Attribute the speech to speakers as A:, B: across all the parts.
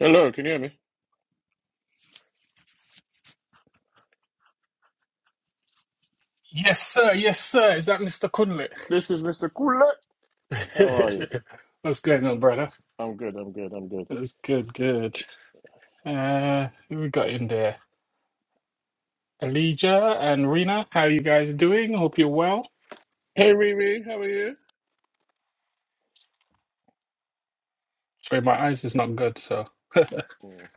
A: Hello, can you hear me?
B: Yes, sir. Yes, sir. Is that Mr. Kunlit?
A: This is Mr. Kula. How are you?
B: What's going on, brother?
A: I'm good, I'm good, I'm good.
B: That's good, good. Uh, who we got in there? Elijah and Rena, how you guys doing? Hope you're well.
A: Hey Riri, how are you?
B: Sorry, my eyes is not good, so.
A: Mm.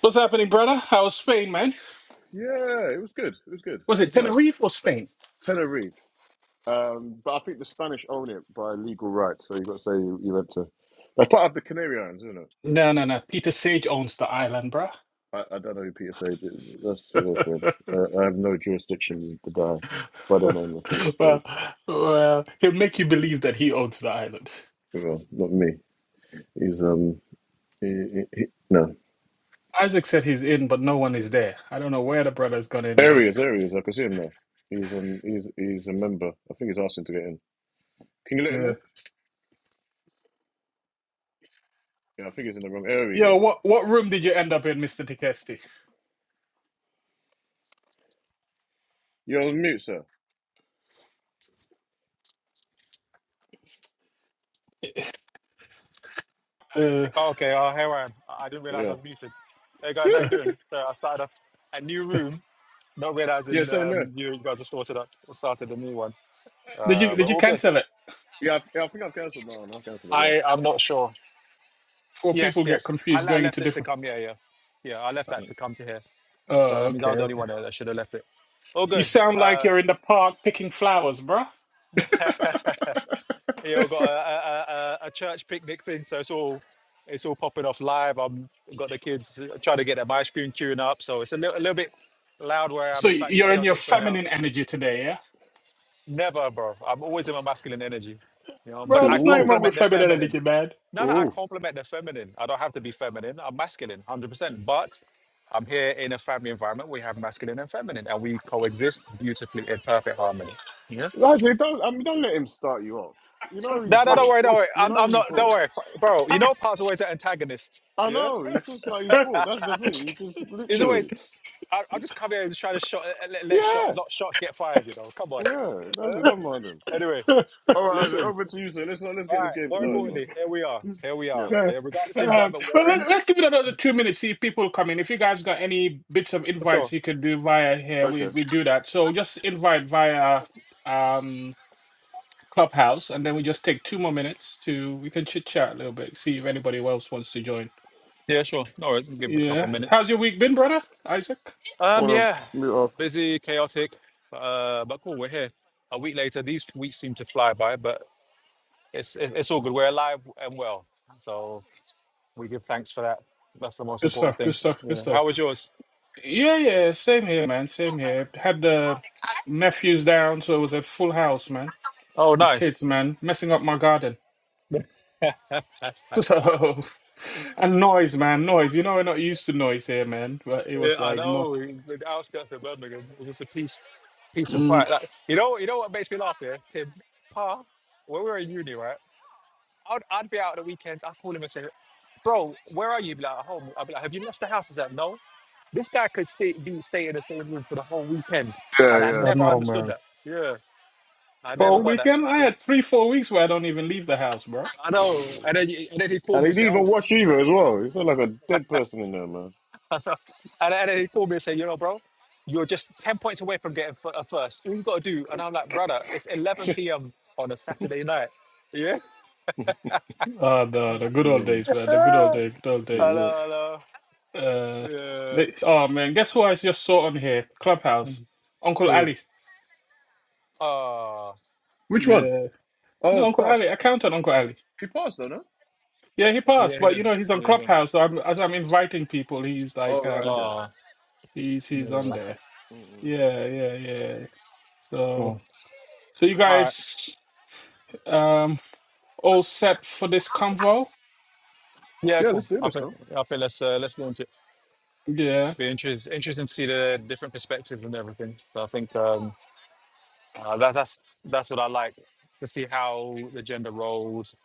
B: What's happening, brother? How's Spain, man?
A: Yeah, it was good. It was good.
B: Was
A: It
B: it
A: was nice.
B: Tenerife or Spain?
A: Tenerife. Um, but I think the Spanish own it by legal rights, so you've got to say you, you went to that's part of the Canary Islands, isn't it?
B: No, no, no. Peter Sage owns the island, bruh.
A: I, I don't know who Peter Sage is. That's your friend. Uh, I have no jurisdiction with the guy by the name of Peter
B: well,
A: Sage.
B: well, he'll make you believe that he owns the island.
A: Well, not me. He's um he, he, he- no.
B: Isaac said he's in, but no one is there. I don't know where the brother's gone in,
A: There
B: man.
A: he is. There he is. I can see him now. He's um he's he's a member. I think he's asking to get in. Can you let him
B: Uh,
A: in? Yeah, I think he's in the wrong. There we
B: Yo,
A: go.
B: what what room did you end up in, Mister Tikesti?
A: You're on mute, sir.
B: Uh,
C: Okay, oh, hey, Ryan. I I didn't realize
A: Yeah.
C: I was muted. Hey, guys, how you doing? So I started off a new room, not
A: Yeah,
C: realizing
A: same here.
C: um, you guys have sorted up or started a new one.
B: did you
C: Uh, but
B: did
A: Yeah.
B: you
C: all good.
B: cancel it?
A: Yeah, I, yeah, I think I've cancelled mine. I've cancelled it,
C: I, I'm not sure.
B: Before
C: Yes,
B: people get
C: yes. I,
B: confused
C: I
B: going into
C: left it to
B: different.
C: come. Yeah, yeah. Yeah, I left
A: yeah.
C: that to come to here. So
B: Oh,
C: that means
B: okay,
C: I was the only
B: okay.
C: one that that should have left it. All
B: You
C: good.
B: sound like
C: Uh,
B: you're in the park picking flowers, bruh.
C: Yeah, we've got a, a, a, a church picnic thing, so it's all it's all popping off live. I'm I've got the kids uh, trying to get them ice cream queuing up, so it's a little, a little bit loud where
B: So
C: I'm slightly
B: you're in your
C: chaotic for now.
B: feminine energy today, yeah,
C: Never, bro. I'm always in my masculine energy, you know. But
B: bro.
A: Mm.
C: I
B: There's nothing
A: Ooh,
B: wrong
C: compliment
B: with
C: the
B: feminine
C: feminine.
B: energy, man.
C: No, no, I
A: ooh.
C: compliment the feminine. I don't have to be feminine. I'm masculine, hundred percent. But I'm here in a family environment. We have masculine and feminine, and we coexist beautifully in perfect harmony. Yeah.
A: Like I say, don't, I mean, don't let him start you off. You know he's
C: No, no, don't
A: bored.
C: worry, don't worry.
A: You
C: I'm,
A: know
C: I'm
A: he's
C: not. Don't
A: bored.
C: worry, bro. You know, Park's always an antagonist.
A: I
C: Yeah,
A: know, he's just like, he's bored. That's the thing. He just
C: he's always.
A: literally.
C: I, I'll just come here and try to shot, let, let shot,
A: Yeah,
C: lot shots get fired. You know, come on.
A: yeah, that's
C: Yeah?
A: it. Don't mind him.
C: Anyway,
A: All right, Isaac,
C: listen.
A: over to you, sir. Let's, let's
C: All
A: get
C: right.
A: this game
C: More
A: started, man.
C: importantly, here we are. Here we are.
A: Yeah,
B: Um,
C: Yeah, regardless of the environment
B: well,
C: we're in,
B: let, let's give it another two minutes. See if people come in. If you guys got any bits of
C: for sure.
B: invites you could do via here, we
A: okay.
B: we do that. So just invite via. um Clubhouse, and then we just take two more minutes to we can chit chat a little bit, see if anybody else wants to join.
C: Yeah, sure. No worries. We'll give it a couple
B: Yeah,
C: of minutes.
B: how's your week been, brother Isaac?
C: Um,
A: on
C: yeah,
A: a mute off.
C: busy, chaotic, uh, but cool. We're here. A week later, these weeks seem to fly by, but it's it- it's all good. We're alive and well. So We give thanks for that. That's the most
B: Good
C: important
B: stuff, good
C: thing.
B: stuff, good
C: Yeah.
B: stuff.
C: How was yours?
B: Yeah, yeah, same here, man. Same here. Had the nephews down, so it was a full house, man,
C: Oh,
B: with
C: nice.
B: kids, man, messing up my garden.
C: yeah,
B: So, and noise, man, noise. You know, we're not used to noise here, man, but it was
C: I
B: like no.
C: know. The outskirts of Birmingham, it was just a peace, peace and
B: Mm,
C: quiet. Like you know, you know what makes me laugh here, Tim. Pa, when we were in uni, right? I'd I'd be out at the weekends. I'd call him and say, "Bro, where are you?" He'd Be like, "At home." I'd be like, "Have you left the house?" He's like, "No." This guy could stay be stay in the same room for the whole weekend, and
A: Yeah,
C: I
A: yeah,
B: Oh
C: never
B: no,
C: understood
B: man.
C: that. Yeah, I
B: For a
C: never
A: yeah.
C: got that.
B: weekend, I
C: Yeah.
B: had three, four weeks where I don't even leave the house, bro.
C: I know. And then he- and then he called
A: And
C: me and
A: he'd
C: said,
A: even
C: "Oh."
A: watch Eva as well. He felt like a dead person in there, man.
C: That's right. And, and then he called me and said, you know, bro, you're just 10 points away from getting f- a first. So All you got to do. And I'm like, brother, it's 11 p.m. on a Saturday night. Yeah.
B: Uh, the the good old
A: yeah,
B: days, man. The good old
C: hello,
B: day, good old
A: this is
B: days.
A: it.
C: hello.
B: Uh,
C: Yeah.
B: they, oh man, guess who I just saw on here? Clubhouse,
C: Mm.
B: Uncle
C: Ooh.
B: Ali.
C: Ah.
A: Which one?
B: Yeah, no,
A: Oh,
B: Uncle Ali,
A: pass.
B: accountant Uncle Ali.
A: He passed, though, no?
B: Yeah, he passed,
C: yeah, he
B: but you
C: did.
B: know he's on
C: Yeah, bro.
B: Clubhouse. So I'm, as I'm inviting people, he's like,
A: Oh, right,
B: um,
A: okay.
C: Ah.
B: he's he's on
C: yeah.
B: there.
A: Mm-mm.
B: Yeah, yeah, yeah. So,
C: Cool.
B: so you
C: All right.
B: guys, um, all set for this convo?
C: Yeah,
A: Yeah,
C: cool.
A: let's do
C: I
A: this,
C: think,
A: man.
C: I think let's uh, let's launch it.
B: Yeah.
C: Be interest, interesting to see the different perspectives and everything. So I think um, Uh, that, that's that's what I like to see how the gender roles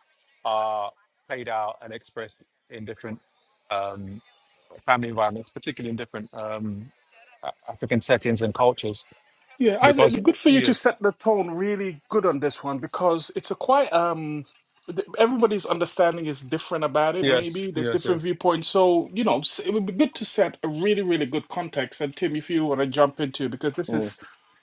C: are played out and expressed in different um, family environments, particularly in different um, A- African settings and cultures.
B: Yeah, Isaac, it'd
C: Because
B: be good for you to
C: yes,
B: set the tone really good on this one because it's a quite um th- everybody's understanding is different about it
C: yes,
B: maybe there's
C: yes, yes.
B: different viewpoints so you know s- it would be good to set a really really good context and tim if you want to jump into because this
A: Mm,
B: is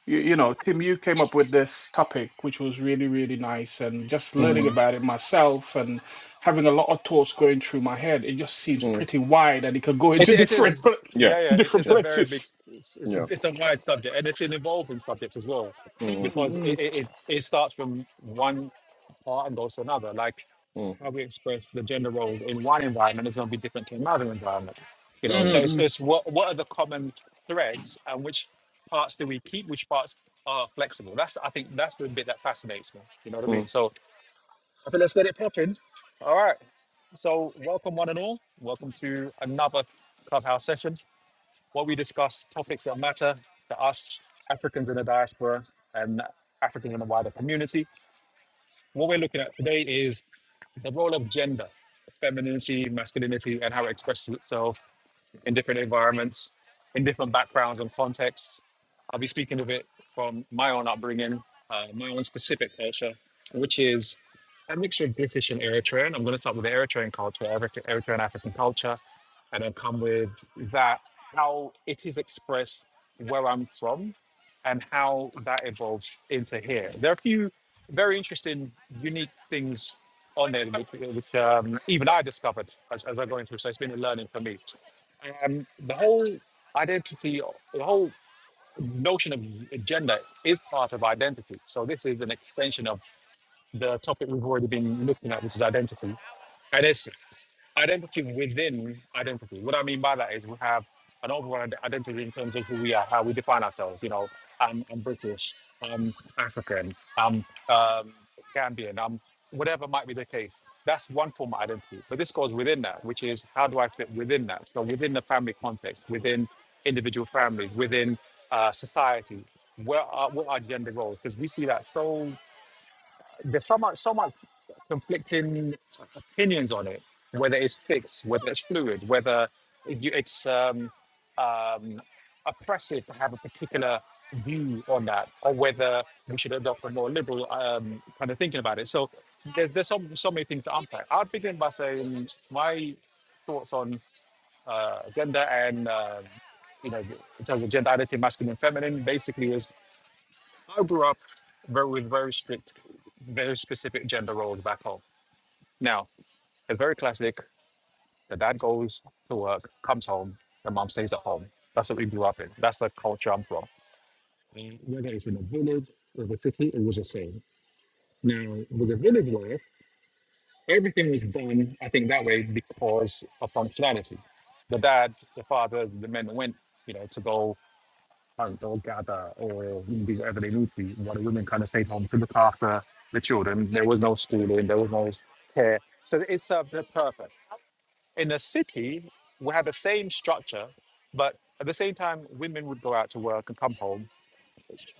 B: you, you know tim you came up with this topic which was really really nice and just learning
C: Mm.
B: about it myself and having a lot of thoughts going through my head it just seems
A: mm.
B: pretty wide and it could go
C: It,
B: into
C: it
B: different
C: is,
B: pla-
A: Yeah,
C: yeah, yeah, it
B: different
C: is
A: yeah,
C: a very big,
B: places
C: it's, it's,
A: yeah.
C: a- it's a wide subject and it's an evolving subject as well
A: Mm,
C: because
B: mm
C: it, it, it it starts from one part and goes to another. Like
A: mm,
C: how we express the gender role in one environment is going to be different to another environment, you
B: mm
C: know. So
A: mm,
B: mm,
C: it's,
B: mm.
C: it's what, what are the common threads and which parts do we keep, which parts are flexible? That's, I think, that's the bit that fascinates me, you know what I mean?
A: mm.
C: So I think let's get it popping. All right. So, welcome one and all. Welcome to another Clubhouse session where we discuss topics that matter to us, Africans in the diaspora, and Africans in the wider community. What we're looking at today is the role of gender, femininity, masculinity, and how it expresses itself in different environments, in different backgrounds and contexts. I'll be speaking of it from my own upbringing, uh, my own specific culture, which is a mixture of British and Eritrean. I'm going to start with the Eritrean culture, Eritrean Eritrean African culture, and then come with that, how it is expressed where I'm from and how that evolves into here. There are a few very interesting, unique things on there, which, which um, even I discovered as, as I go into. it. So it's been a learning for me. And the whole identity, or the whole notion of gender is part of identity. So this is an extension of the topic we've already been looking at, which is identity. And it's identity within identity. What I mean by that is we have an overall ide- identity in terms of who we are, how we define ourselves. You know, I'm, I'm British, I'm African, I'm um, Gambian, I'm whatever might be the case. That's one form of identity. But this goes within that, which is how do I fit within that? So within the family context, within individual families, within uh, society, where are, what are gender roles? Because we see that so there's so much so much conflicting opinions on it, whether it's fixed, whether it's fluid, whether you, it's um, um, oppressive to have a particular view on that, or whether we should adopt a more liberal um, kind of thinking about it. So there's, there's so, so many things to unpack. I'll begin by saying my thoughts on uh, gender and, um you know, in terms of gender identity, masculine and feminine, basically is I grew up very, with very strict, very specific gender roles back home. Now, it's very classic. The dad goes to work, comes home, the mom stays at home. That's what we grew up in. That's the culture I'm from. And whether it's in a village or the city, it was the same. Now, with the village life, everything was done, I think, that way because of functionality. The dad, the father, the men went, you know, to go hunt or gather or do whatever they need to, while the women kind of stayed home to look after the children. There was no schooling, there was no care. So it's uh, the perfect. In a city, we had the same structure, but at the same time, women would go out to work and come home,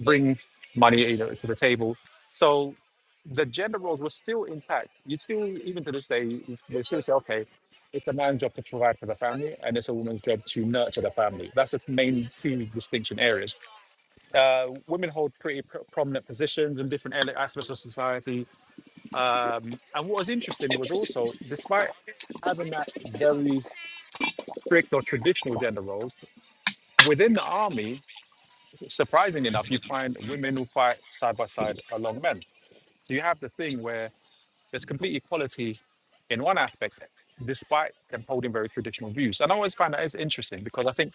C: bring money you know, to the table. So the gender roles were still intact. You still, even to this day, you- they still say, okay, it's a man's job to provide for the family, and it's a woman's job to nurture the family. That's the main two distinction areas. Uh, women hold pretty pr- prominent positions in different ele- aspects of society. Um, and what was interesting was also, despite having that very strict or traditional gender roles. Within the army, surprisingly enough, you find women who fight side by side along men. So you have the thing where there's complete equality in one aspect, despite them holding very traditional views. And I always find that is interesting because I think,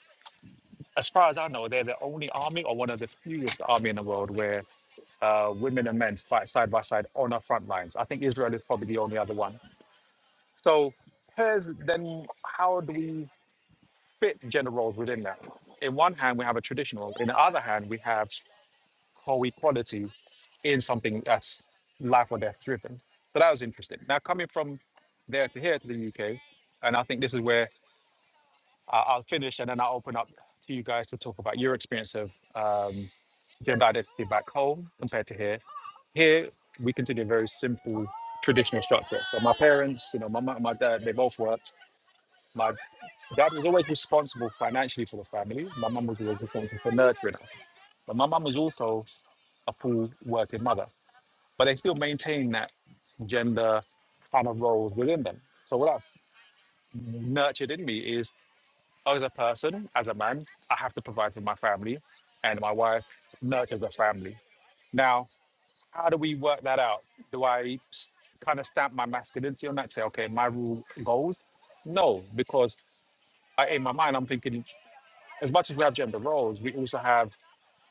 C: as far as I know, they're the only army or one of the fewest army in the world where uh, women and men fight side by side on our front lines. I think Israel is probably the only other one. So, here's then how do we fit gender roles within that. In one hand, we have a traditional. In the other hand, we have co-equality in something that's life or death driven. So that was interesting. Now coming from there to here to the UK, and I think this is where I- I'll finish, and then I'll open up to you guys to talk about your experience of um, gender identity back home compared to here. Here we continue a very simple traditional structure. So my parents, you know, my mum and my dad, they both work. My dad was always responsible financially for the family. My mum was always responsible for nurturing us. But my mum was also a full working mother. But they still maintain that gender kind of roles within them. So what that's nurtured in me is as a person, as a man, I have to provide for my family and my wife nurtures the family. Now, how do we work that out? Do I s- kind of stamp my masculinity on that, say, okay, my rule goes? No, because I, in my mind, I'm thinking as much as we have gender roles, we also have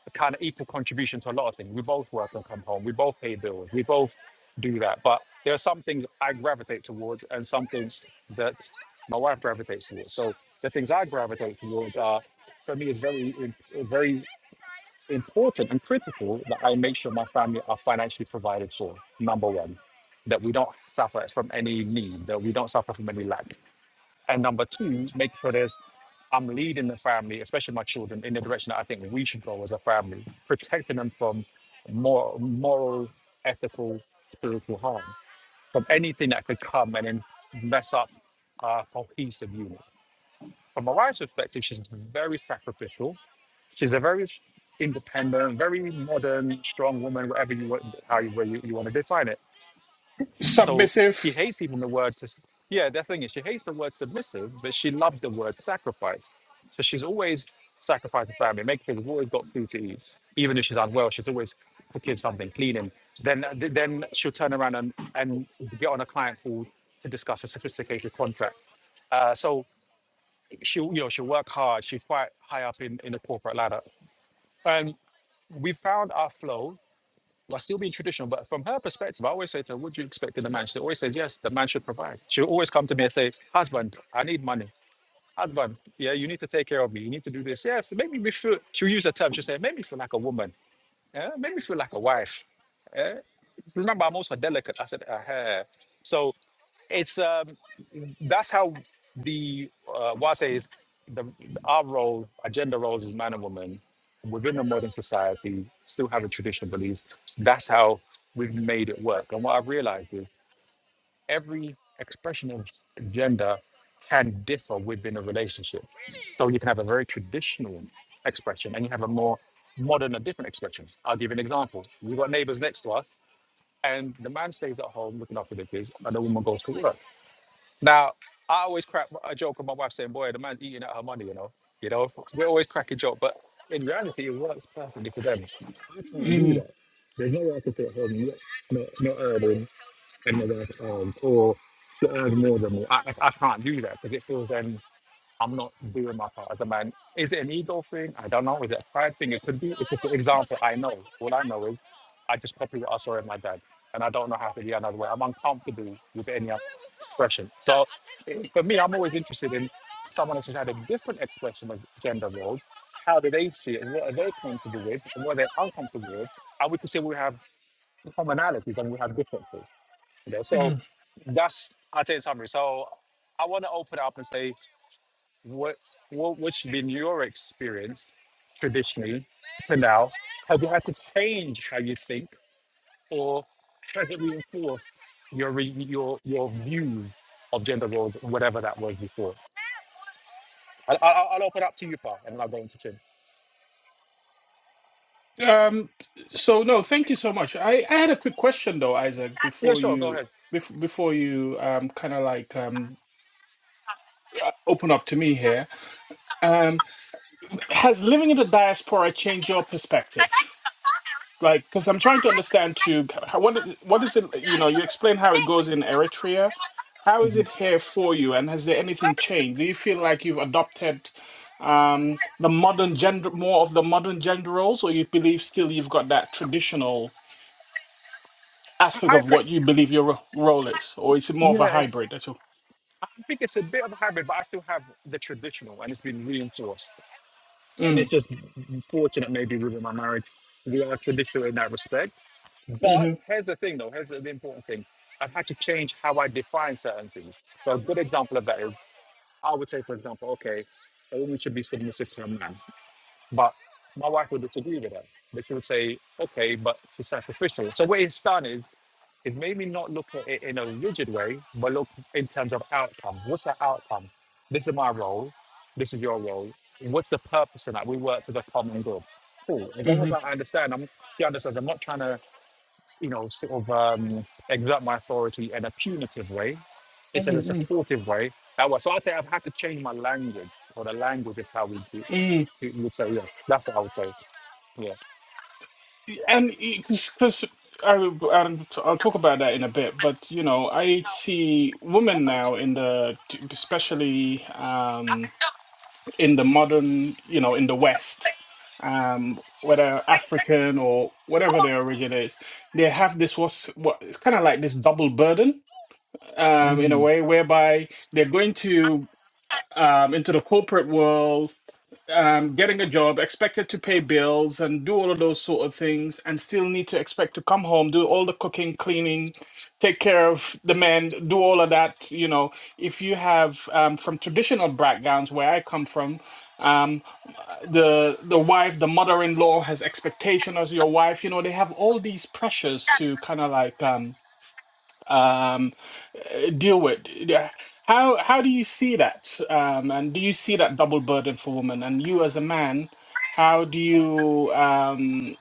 C: a kind of equal contribution to a lot of things. We both work and come home. We both pay bills. We both do that. But there are some things I gravitate towards and some things that my wife gravitates towards. So the things I gravitate towards are, for me, it's very, im- very important and critical that I make sure my family are financially provided for. Number one, that we don't suffer from any need, that we don't suffer from any lack and number two, make sure there's I'm leading the family, especially my children, in the direction that I think we should go as a family, protecting them from more moral, ethical, spiritual harm, from anything that could come and then mess up our cohesive unit. From my wife's perspective, she's very sacrificial. She's a very independent, very modern, strong woman, whatever you want, how you, where you, you want to define it so she
B: submissive.
C: hates even the word. sus- Yeah, the thing is, she hates the word submissive, but she loves the word sacrifice. So she's always sacrificing family, making sure we've always got food to eat. Even if she's unwell, she's always cooking something, cleaning. Then, then she'll turn around and, and get on a client call to discuss a sophisticated contract. Uh, so she, you know, she work hard. She's quite high up in, in the corporate ladder, and we found our flow. Like still being traditional, but from her perspective, I always say to her, "What do you expect in a man?" She always says, "Yes, the man should provide." She'll always come to me and say, "Husband, I need money. Husband, yeah, you need to take care of me. You need to do this. Yes, make me feel." She'll use a term. She'll say, "Make me feel like a woman. Yeah, make me feel like a wife." Yeah? Remember, I'm also delicate. I said, uh So it's um, that's how the uh, why I say is the our role, our gender roles as man and woman within the modern society still have a traditional beliefs. That's how we've made it work. And what I've realized is every expression of gender can differ within a relationship. So you can have a very traditional expression and you have a more modern and different expression. I'll give you an example. We've got neighbors next to us and the man stays at home looking after the kids and the woman goes to work now, I always crack a joke with my wife saying, boy, the man's eating out her money, you know. You know, we always crack a joke, but in reality, it works perfectly for them. I can't do
B: Mm,
C: that. There's no way I can sit at home, not, not, not earning, and my wife earns, or not earn more than me. I, I, I can't do that because it feels then I'm not doing my part as a man. Is it an ego thing? I don't know. Is it a pride thing? It could be. It's just an example I know. All I know is I just copy what I saw in my dad, and I don't know how to be another way. I'm uncomfortable with any other expression. So it- for me, I'm always interested in someone else who's had a different expression of gender roles. How do they see it? and What are they comfortable with? And what are they uncomfortable with? And we can see we have commonalities and we have differences. You so
B: mm.
C: that's I'll tell you in summary. So I want to open up and say what what what's been your experience traditionally to now? Have you had to change how you think? or does it reinforce your re- your your view of gender roles, whatever that was before? I, I, I'll I'll open up to you, Paul, and I'll go into Tim.
B: Um, so no, thank you so much. I, I had a quick question though, Isaac,
C: Yeah,
B: before
C: sure, go
B: you
C: ahead.
B: bef- before you um kind of like um uh, open up to me here. Um, has living in the diaspora changed your perspective? like because i'm trying to understand too how- what is what is it you know you explain how it goes in eritrea how is
C: Mhm.
B: it here for you and has there anything changed do you feel like you've adopted um the modern gender more of the modern gender roles or you believe still you've got that traditional aspect
C: I, I
B: of
C: pre-
B: what you believe your ro- role is or is it more of a
C: yes,
B: hybrid that's all
C: I think it's a bit of a hybrid, but I still have the traditional, and it's been reinforced. And
B: mm,
C: it's just fortunate, maybe within my marriage, we are traditional in that respect. But
B: mm-hmm,
C: here's the thing, though. Here's the important thing. I've had to change how I define certain things. So a good example of that is. I would say, for example, okay, a woman should be submissive to a man, but my wife would disagree with that. But she would say, okay, but it's sacrificial. So where it's done is it made me not look at it in a rigid way, but look in terms of outcome. What's the outcome? This is my role. This is your role. What's the purpose of that? We work for the common good. Cool. As long as
B: mm-hmm,
C: I understand, I'm, she understands, I'm not trying to you know, sort of um, exert my authority in a punitive way It's in a
B: mm-hmm,
C: supportive way. That was, so I'd say I've had to change my language, or the language is how we do. we would say, yeah, that's what I would say. Yeah.
B: and because I, I'll I'll talk about that in a bit, but you know, I see women now in the, especially um, in the modern, you know, in the West, um, whether African or whatever their origin is, they have this what's what it's kind of like this double burden, um, in a
C: Mm.
B: way whereby they're going to uh, um, into the corporate world um, getting a job, expected to pay bills and do all of those sort of things, and still need to expect to come home, do all the cooking, cleaning, take care of the men, do all of that. You know, if you have um, from traditional backgrounds where I come from, um, the the wife, the mother-in-law has expectation of your wife. You know, they have all these pressures to kind of like. Um, um, uh, deal with. Yeah. How how do you see that? Um, and do you see that double burden for women? And you as a man, how do you um,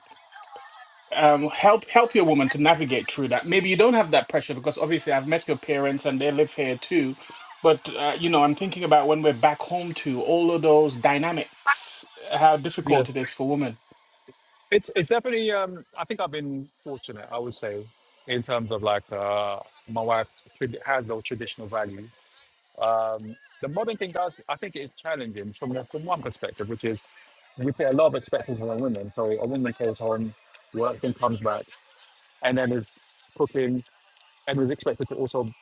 B: um, help help your woman to navigate through that? Maybe you don't have that pressure because obviously I've met your parents and they live here too. But uh, you know, I'm thinking about when we're back home to all of those dynamics, how difficult
C: Yes,
B: it is for women.
C: it's it's definitely. Um, I think I've been fortunate. I would say, in terms of like uh, my wife trad- has those traditional values, Um, the modern thing does, I think, it is challenging from the, from one perspective, which is we put a lot of expectations on women. So a woman goes home, works and comes back, and then is cooking and is expected to also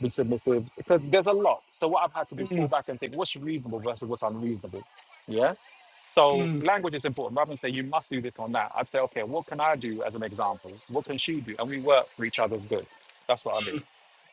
C: be submissive because there's a lot. So what I've had to do
B: Mm,
C: is pull
B: mm.
C: back and think what's reasonable versus what's unreasonable. Yeah. So
B: mm.
C: language is important. Rather than say you must do this or that, I'd say, okay, what can I do as an example? What can she do? And we work for each other's good. That's what I mean.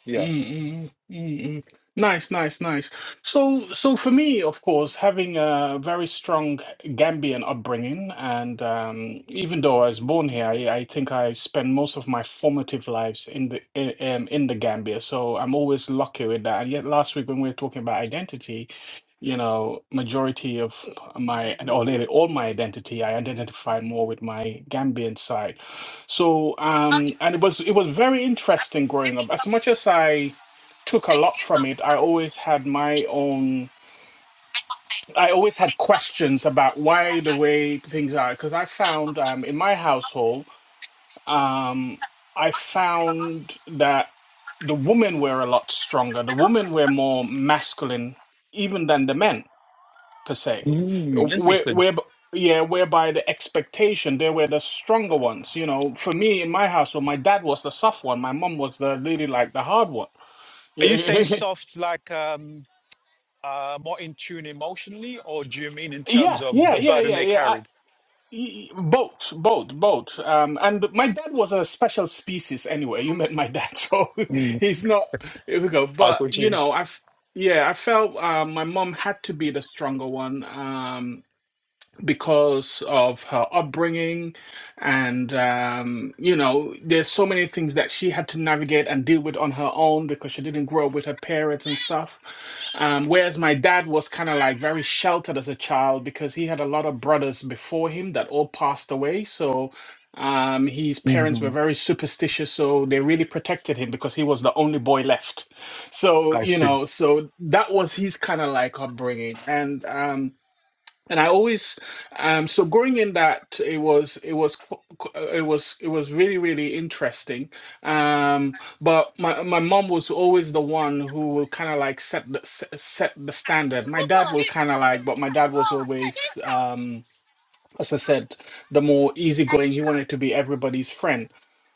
C: Yeah.
B: Mm-mm, mm-mm. Nice, nice, nice. So, so for me, of course, having a very strong Gambian upbringing, and um, even though I was born here, I, I think I spent most of my formative lives in the in, um, in the Gambia. So I'm always lucky with that. And yet, last week when we were talking about identity, you know, majority of my and or nearly all my identity, I identify more with my Gambian side. So, um, and it was it was very interesting growing up. As much as I took a lot from it, I always had my own. I always had questions about why the way things are. Because I found um, in my household, um, I found that the women were a lot stronger. The women were more masculine even than the men per se.
C: Mm,
B: Where,
C: interesting.
B: where, yeah, whereby the expectation they were the stronger ones. You know, for me in my household, my dad was the soft one, my mom was the really like the hard one.
C: Are you saying soft like um, uh, more in tune emotionally, or do you mean in terms
B: Yeah,
C: of
B: yeah,
C: the
B: yeah,
C: burden
B: yeah,
C: they
B: yeah. I,
C: carried?
B: y- y- both, both, both. Um, and my dad was a special species anyway. You met my dad, so
C: Mm.
B: he's not. Here we go.
C: Ah,
B: But you
C: Gucci.
B: know, I've yeah, I felt uh, my mom had to be the stronger one. Um, because of her upbringing and um, you know there's so many things that she had to navigate and deal with on her own because she didn't grow up with her parents and stuff um, whereas my dad was kind of like very sheltered as a child because he had a lot of brothers before him that all passed away so um, his parents were
C: Mhm.
B: very superstitious so they really protected him because he was the only boy left so
C: I
B: you
C: see.
B: know so that was his kind of like upbringing and um, and I always um so going in that it was it was qu- qu- uh, it was it was really really interesting um but my my mom was always the one who will kind of like set the se- set the standard my dad will kind of like but my dad was always um as I said, the more easygoing he wanted to be everybody's friend.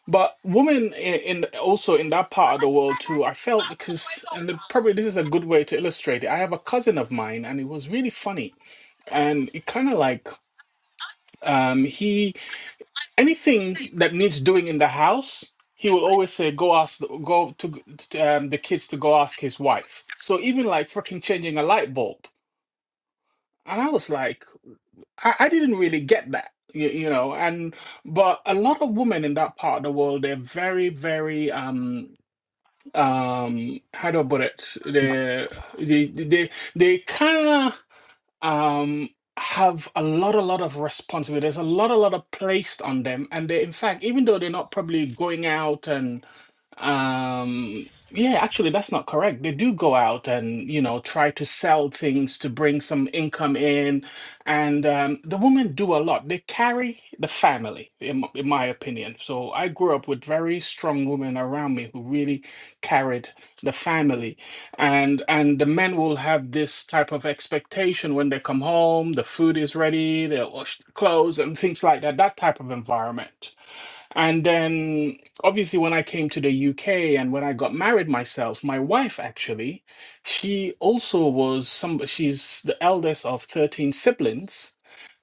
B: But women in, in also in that part of the world too, I felt because, and the- probably this is a good way to illustrate it. I have a cousin of mine, and it was really funny, and it kind of like um, he anything that needs doing in the house, he will always say, "Go ask, the- go to, g- to um, the kids to go ask his wife." So even like fucking changing a light bulb, and I was like. I, I didn't really get that, you, you know, and but a lot of women in that part of the world, they're very, very um um how do I put it? They they they they kind of um have a lot a lot of responsibility. There's a lot a lot of placed on them, and they in fact, even though they're not probably going out and um, yeah, actually, that's not correct. They do go out and, you know, try to sell things to bring some income in. And um, the women do a lot. They carry the family, in, m- in my opinion. So I grew up with very strong women around me who really carried the family. And and the men will have this type of expectation when they come home, the food is ready, they wash the clothes and things like that, that type of environment. And then, obviously, when I came to the UK and when I got married myself, my wife actually, she also was some, she's the eldest of 13 siblings.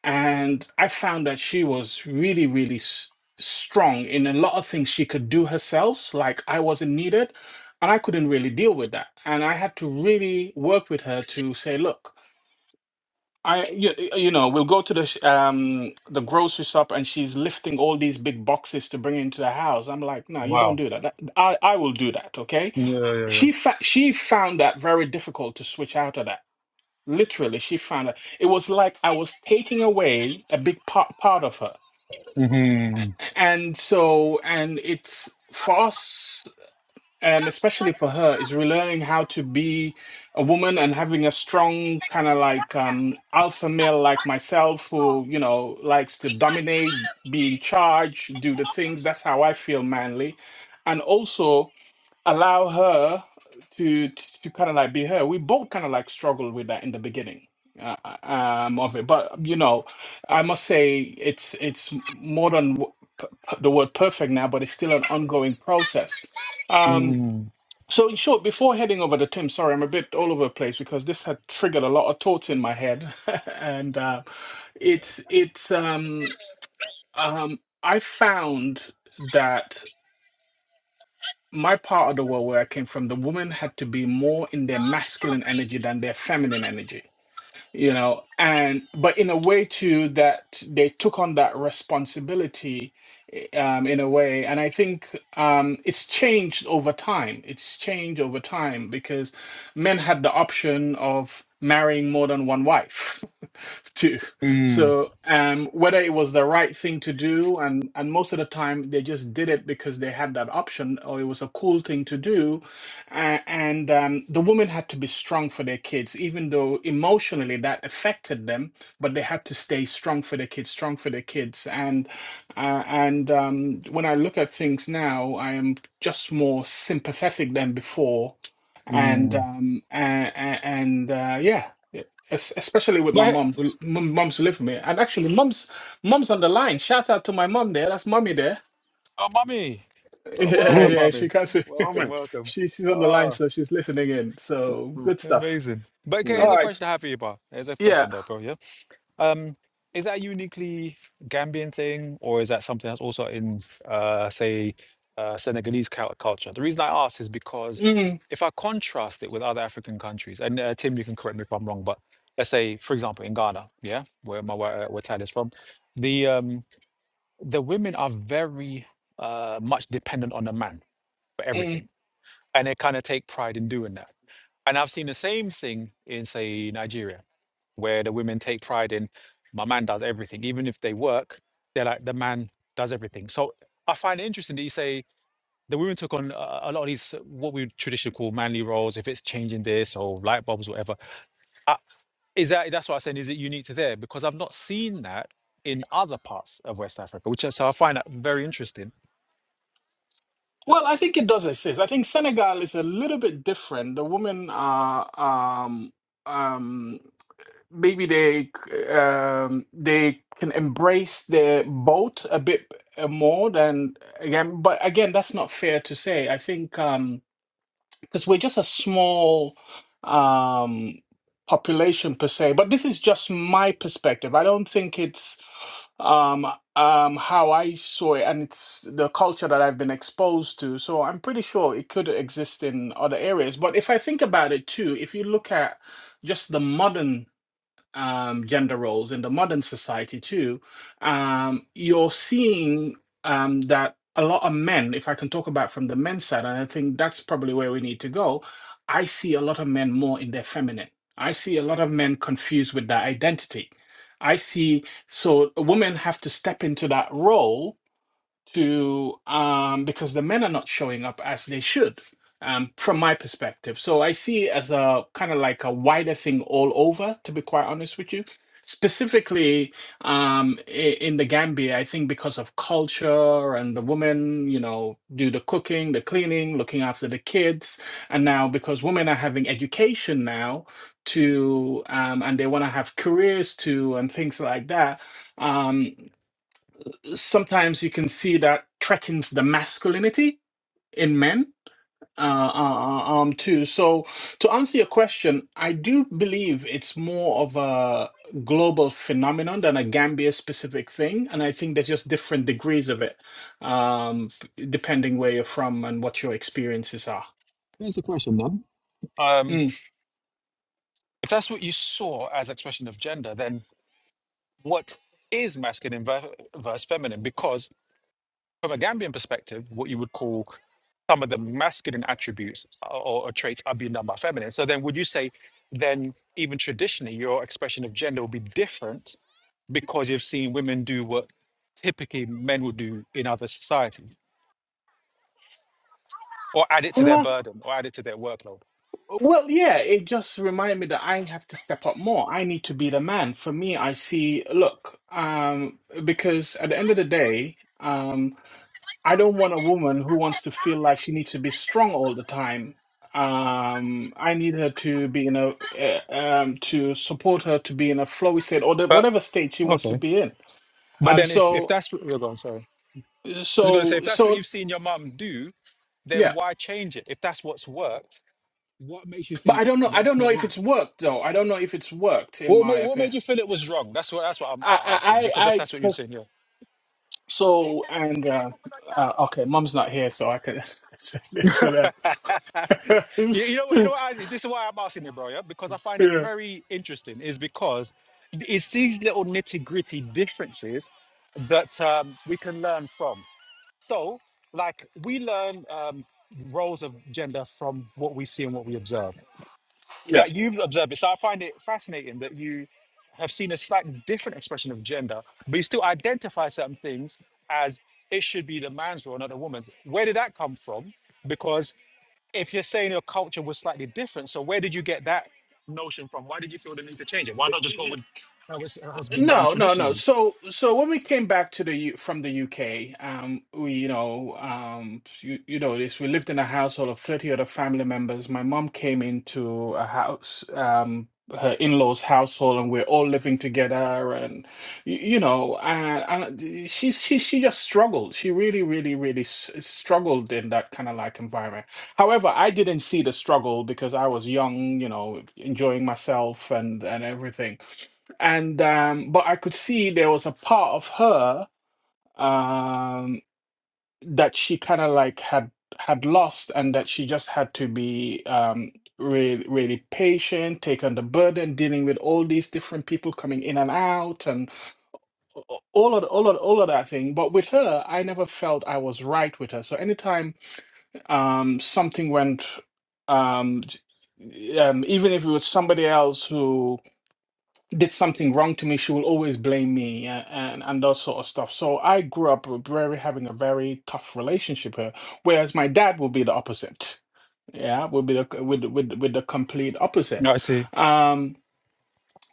B: And I found that she was really, really s- strong in a lot of things she could do herself, like I wasn't needed. And I couldn't really deal with that. And I had to really work with her to say, look, I you, you know we'll go to the sh- um the grocery shop and she's lifting all these big boxes to bring into the house. I'm like, no, you don't
C: Wow.
B: do that. That- I I will do that. Okay.
C: Yeah, yeah,
B: She fa- she found that very difficult to switch out of that. Literally, she found that it was like I was taking away a big part part of her.
C: yeah. hmm
B: And so and it's for us. And especially for her, is relearning how to be a woman and having a strong kind of like um, alpha male like myself who, you know, likes to dominate, be in charge, do the things. That's how I feel manly. And also allow her to, to kind of like be her. We both kind of like struggled with that in the beginning. Uh, um, of it, but you know, I must say it's it's more than w- p- p- the word perfect now, but it's still an ongoing process. Um,
C: hmm
B: so, in short, before heading over to Tim, sorry, I'm a bit all over the place because this had triggered a lot of thoughts in my head, and uh, it's it's um um I found that my part of the world where I came from, the women had to be more in their masculine energy than their feminine energy you know and but in a way too that they took on that responsibility i- um, in a way and i think um, it's changed over time it's changed over time because men had the option of marrying more than one wife too
C: mm
B: so um, whether it was the right thing to do and and most of the time they just did it because they had that option or it was a cool thing to do a- and um, the women had to be strong for their kids, even though emotionally that affected them, but they had to stay strong for their kids, strong for their kids. And uh, and um, when I look at things now, I am just more sympathetic than before, and
C: mm
B: um, and, and uh, yeah. e- es- Especially with my
C: But hey-
B: mom, who- m- moms who live with me, and actually, mums, mums on the line. Shout out to my mom there. That's mommy there.
C: oh, mommy, oh,
B: Yeah,
C: welcome,
B: yeah, she
C: mommy.
B: can not
A: Oh,
C: Welcome,
A: man.
C: welcome.
B: she she's on the line,
C: Oh,
B: so she's listening in. So
A: Mm.
B: good stuff.
C: amazing. But okay,
A: Yeah.
B: All
C: here's a
B: right.
C: question I have for you, Bar. Here's a
B: Yeah.
C: question, though, bro. Yeah. Um, is that a uniquely Gambian thing, or is that something that's also in, uh, say, uh, Senegalese cul- culture? The reason I ask is because
B: Mm,
C: if I contrast it with other African countries, and uh, Tim, you can correct me if I'm wrong, but let's say, for example, in Ghana, yeah, where my wi- uh, where Tad is from, the um, the women are very uh, much dependent on the man for
B: mm.
C: everything, and they kind of take pride in doing that. And I've seen the same thing in, say, Nigeria where the women take pride in my man does everything even if they work they're like the man does everything so i find it interesting that you say the women took on a, a lot of these uh, what we traditionally call manly roles if it's changing this or light bulbs whatever uh, is that that's what i'm saying is it unique to there because i've not seen that in other parts of west africa which is- so i find that very interesting
B: Well, I think it does exist. I think Senegal is a little bit different. The women are um um maybe they um they can embrace their boat a bit uh, more than again, but again, that's not fair to say. I think um because we're just a small um, population per se. But this is just my perspective. I don't think it's um, um, how I saw it, and it's the culture that I've been exposed to. So I'm pretty sure it could exist in other areas. But if I think about it too, if you look at just the modern um, gender roles in the modern society too, um, you're seeing um, that a lot of men, if I can talk about from the men's side, and I think that's probably where we need to go, I see a lot of men more in their feminine. I see a lot of men confused with their identity. I see, so women have to step into that role to um, because the men are not showing up as they should um, from my perspective. So I see it as a kind of like a wider thing all over, to be quite honest with you. Specifically um, i- in the Gambia, I think because of culture and the women, you know, do the cooking, the cleaning, looking after the kids. And now because women are having education now to, um, and they want to have careers too and things like that. Um, sometimes you can see that threatens the masculinity in men uh, uh, uh, um, too. So, to answer your question, I do believe it's more of a global phenomenon than a Gambia specific thing, and I think there's just different degrees of it, um, depending where you're from and what your experiences are.
C: um
B: Mm.
C: if that's what you saw as expression of gender then what is masculine ver- versus feminine Because from a Gambian perspective, what you would call some of the masculine attributes uh, or, or traits are being done by feminine. So then, would you say then even traditionally your expression of gender will be different because you've seen women do what typically men would do in other societies, or add it to their burden, or add it to their workload?
B: Well, yeah, it just reminded me that I have to step up more. I need to be the man. For me, I see, look, um, because at the end of the day, um, I don't want a woman who wants to feel like she needs to be strong all the time. Um, I need her to be in a, uh, um, to support her to be in a flowy state or the,
C: But
B: whatever state she wants to
C: okay,
B: be in.
C: but
B: Um,
C: then if if
B: so,
C: that's what you're going, sorry, I was going to say
B: so,
C: if that's what
B: so,
C: you've seen your mum do, then
B: yeah.
C: why change it? If that's what's worked, what makes you
B: But I
C: think
B: don't know. I don't
C: that's
B: know
C: not
B: if
C: right?
B: it's worked though. I don't know if it's worked in
C: What
B: my
C: made what
B: opinion.
C: made you feel it was wrong? That's what that's what I'm
B: I,
C: uh, asking
B: I,
C: because if
B: I,
C: that's what you're
B: I
C: saying, yeah.
B: So and uh, uh, okay, mom's not here, so I can say this for them.
C: you, you know what you know what I, this is why I'm asking you, bro. Yeah, because I find it
B: yeah,
C: very interesting. Is because it's these little nitty gritty differences that um, we can learn from. So, like we learn um, roles of gender from what we see and what we observe. that you've observed it. So I find it fascinating that you have seen a slightly different expression of gender, but you still identify certain things as it should be the man's role, not the woman's. Where did that come from? Because if you're saying your culture was slightly different, so where did you get that notion from? Why did you feel the need to change it? Why not just go
B: yeah.
C: with how it's- it has been done
B: No, no, no.
C: traditionally?
B: So, so when we came back to the U from the UK, um, we, you know, um, you, you know this. We lived in a household of 30 other family members. My mom came into a house, um, her in-laws' household, and we're all living together. And you, you know, and, and she, she, she just struggled. She really, really, really s struggled in that kind of like environment. However, I didn't see the struggle because I was young, you know, enjoying myself and and everything and um but i could see there was a part of her um that she kind of like had had lost and that she just had to be um really really patient take on the burden dealing with all these different people coming in and out and a- all of all of all of that thing but with her i never felt i was right with her so anytime um something went um j- um even if it was somebody else who. did something wrong to me, she will always blame me and, and and that sort of stuff. So I grew up with very having a very tough relationship here, whereas my dad would be the opposite. Yeah, would be the c- with with with the complete opposite.
C: No, I see.
B: Um,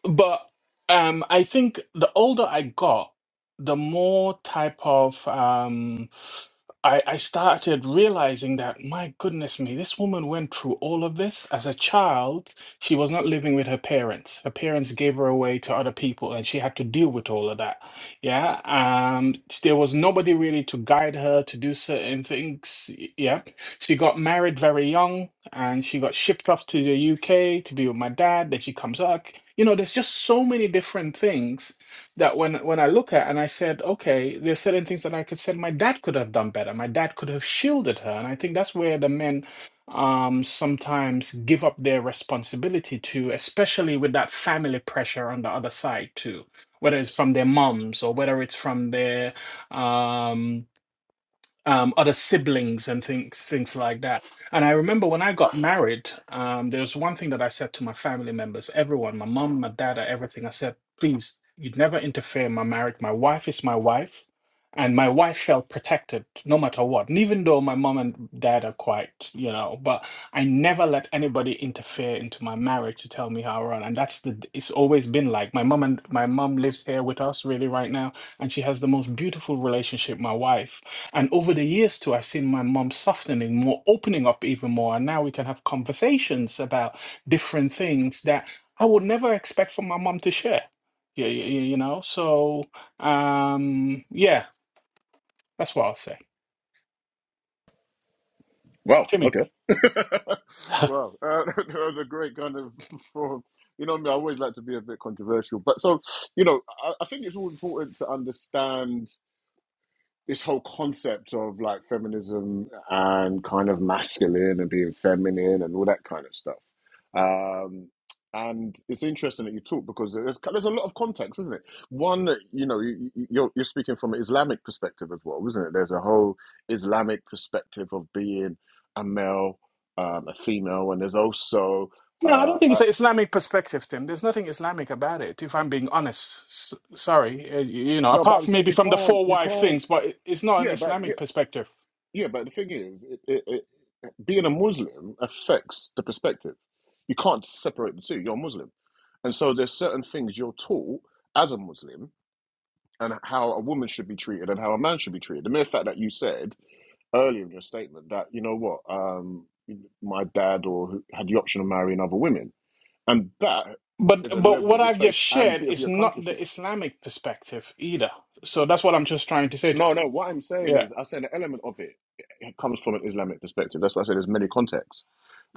B: but um, I think the older I got, the more type of um, I, I started realizing that my goodness me, this woman went through all of this as a child. She was not living with her parents. Her parents gave her away to other people, and she had to deal with all of that. Yeah, um, there was nobody really to guide her to do certain things. Yeah, she got married very young and she got shipped off to the UK to be with my dad. Then she comes back. You know, there's just so many different things that when when I look at and I said, okay, there's certain things that I could say my dad could have done better. My dad could have shielded her. And I think that's where the men um sometimes give up their responsibility to, especially with that family pressure on the other side too, whether it's from their moms or whether it's from their um um, other siblings and things things like that. And I remember when I got married, um, there was one thing that I said to my family members, everyone, my mom, my dad, everything. I said, please, you'd never interfere in my marriage. My wife is my wife, and my wife felt protected no matter what. And even though my mom and dad are quite, you know, but I never let anybody interfere into my marriage to tell me how I run. And that's the it's always been like my mom and my mom lives here with us really right now and she has the most beautiful relationship my wife and over the years too i've seen my mom softening more opening up even more and now we can have conversations about different things that i would never expect from my mom to share yeah you, you, you know so um yeah that's what i'll say
A: Wow.
B: Timmy.
A: Okay. wow. Uh, that was a great kind of form. You know what I mean? I always like to be a bit controversial, but so you know, I, I think it's all important to understand this whole concept of like feminism and kind of masculine and being feminine and all that kind of stuff. Um, and it's interesting that you talk because there's there's a lot of context, isn't it? One, you know, you, you- are you're speaking from an Islamic perspective as well, isn't it? There's a whole Islamic perspective of being a male, um, a female, and there's also
B: No, I don't
A: uh,
B: think it's
A: uh,
B: an Islamic perspective, Tim. There's nothing Islamic about it, if I'm being honest. S- sorry, uh, y- you know,
A: no. But
B: apart
A: I'm
B: from
A: saying
B: maybe
A: you
B: from the
A: can't,
B: four
A: you
B: wife
A: can't.
B: things, but it- it's not an
A: Yeah, but yeah,
B: Islamic perspective.
A: Yeah, but the thing is, it, it, it, being a Muslim affects the perspective. You can't separate the two. You're a Muslim, and so there's certain things you're taught as a Muslim and how a woman should be treated and how a man should be treated. The mere fact that you said earlier in your statement that you know what, um, my dad or who had the option of marrying other women, and that
B: But
A: is a
B: but
A: level
B: what
A: of your
B: I've just
A: faith and a
B: shared
A: bit of
B: is
A: your
B: not the
A: countryship.
B: Islamic perspective either. So that's what I'm just trying to say.
A: No, no. What I'm saying
B: Yeah.
A: is, I said an element of it, it comes from an Islamic perspective. That's why I said there's many contexts.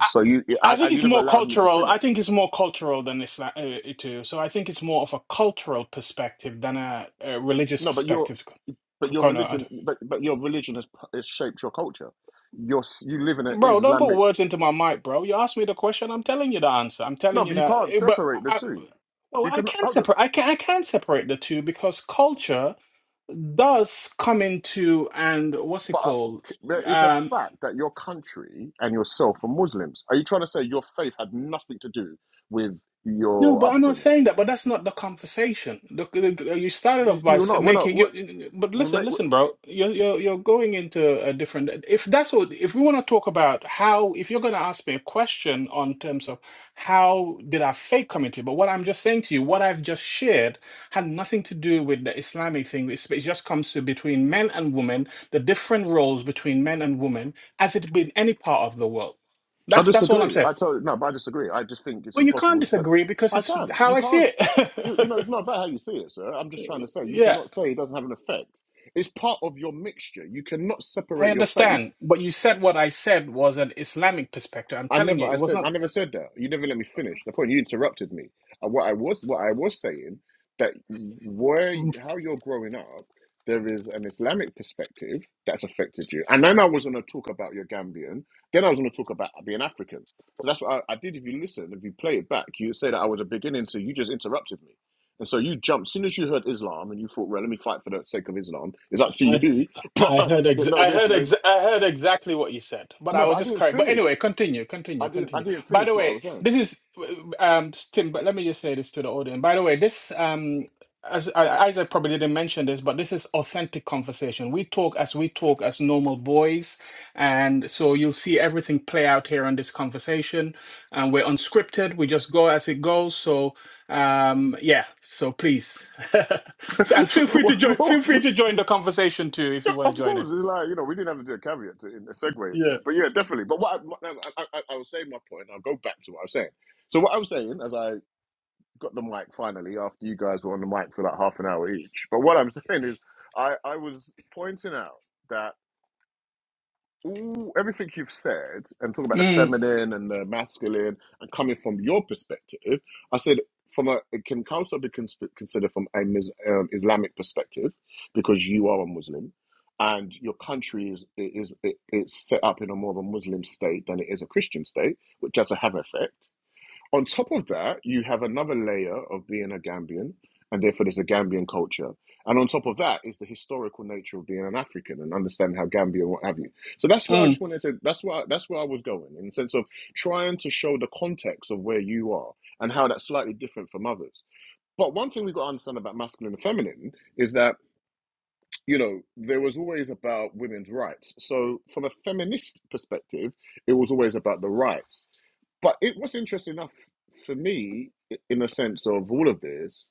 B: I,
A: you,
B: I
A: I, I,
B: think
A: you
B: it's
A: never
B: more
A: allowed me to
B: cultural. I
A: finish.
B: think it's more cultural than Islam uh, it too. So I think it's more of a cultural perspective than a, a religious
A: No, but your,
B: perspective. K-
A: but your
B: Kono, I don't-
A: religion, but but your religion has, p- has shaped your culture. You're, s- you live in an
B: Bro, don't put
A: Islamic.
B: words into my mic, bro. You asked me the question, I'm telling you the answer. I'm
A: No,
B: telling you
A: but you
B: that.
A: can't
B: eh, But I,
A: separate the
B: I-
A: two.
B: well,
A: You
B: I
A: can
B: can
A: hold on.
B: separate. I can. I can separate the two because culture does come into and what's it
A: But uh,
B: called?
A: there is a
B: Um,
A: fact that your country and yourself are Muslims. Are you trying to say your faith had nothing to do with
B: No,
A: your
B: but I'm not
A: upbringing?
B: saying that. But that's not the conversation. Look, you started off
A: We-
B: by
A: We're
B: s-
A: not. We're not.
B: making
A: We're,
B: you. But
A: we
B: listen,
A: make.
B: listen, bro. You're you're you're going into a different. If that's what, if we want to talk about how, if you're going to ask me a question on terms of how did I fake community, but what I'm just saying to you, what I've just shared had nothing to do with the Islamic thing. It's, it just comes to between men and women, the different roles between men and women, as it be in any part of the world.
A: I
B: That's that's all I'm
A: disagree.
B: saying.
A: I totally no, but I disagree. I just think it's
B: Well, you can't
A: impossible to say.
B: disagree because
A: I
B: it's
A: can.
B: how
A: You
B: I see
A: can't. You, you know,
B: it.
A: it's not about how you see it, sir. I'm just trying to say you
B: yeah,
A: cannot say it doesn't have an effect. It's part of your mixture. You cannot
B: I
A: separate your faith
B: understand. But you said what I said was an Islamic perspective. I'm
A: I
B: telling
A: never,
B: you, it
A: I
B: was
A: said,
B: not
A: I never said that. You never let me finish. The point you interrupted me. And what I was, what I was saying, that where, you- how you're growing up, there is an Islamic perspective that's affected you. And then I was going to talk about your Gambian. Then I was going to talk about being African. So that's what I, I did. If you listen, if you play it back, you say that I was a beginning to. You just interrupted me. And so you jumped. As soon as you heard Islam, and you thought, "Well, let me fight for the sake of Islam." It's up to
B: I
A: you.
B: I
A: But
B: heard ex-
A: no,
B: I
A: this
B: heard
A: is
B: ex- I heard exactly what you said, but I
A: no. But
B: was
A: I
B: just
A: didn't
B: correct. But
A: finish.
B: anyway, continue, continue,
A: I didn't. I
B: continue.
A: didn't
B: By the
A: finish what I
B: way,
A: was saying.
B: this is um Tim. But let me just say this to the audience. By the way, this um as I- Isaac probably didn't mention this, but this is authentic conversation. We talk as we talk as normal boys, and so you'll see everything play out here on this conversation. And we're unscripted. We just go as it goes. So um yeah so please and feel free to
A: well,
B: join feel
A: well,
B: free to join the conversation too if you want to
A: of
B: join
A: course,
B: it
A: it's like you know we didn't have to do a caveat to in a segue into
B: yeah
A: that, but yeah, definitely. But what I, I, I, I was saying, my point, and I'll go back to what I was saying. So what I was saying, as I got the mic finally after you guys were on the mic for like half an hour each, but what I'm saying is, I I was pointing out. that. all everything you've said and talk about the
B: mm,
A: feminine and the masculine and coming from your perspective, I said from a it can also be cons- considered from a mis, um, Islamic perspective because you are a Muslim and your country is is it, it's set up in a more of a Muslim state than it is a Christian state, which has a have effect. On top of that, you have another layer of being a Gambian, and therefore there's a Gambian culture. And on top of that is the historical nature of being an African and understanding how Gambia and what have you. So that's where I just
B: mm,
A: wanted to. That's where I, that's where I was going in the sense of trying to show the context of where you are and how that's slightly different from others. But one thing we got to understand about masculine and feminine is that you know there was always about women's rights. So from a feminist perspective, it was always about the rights but it was interesting enough for me i- in the sense of all of this,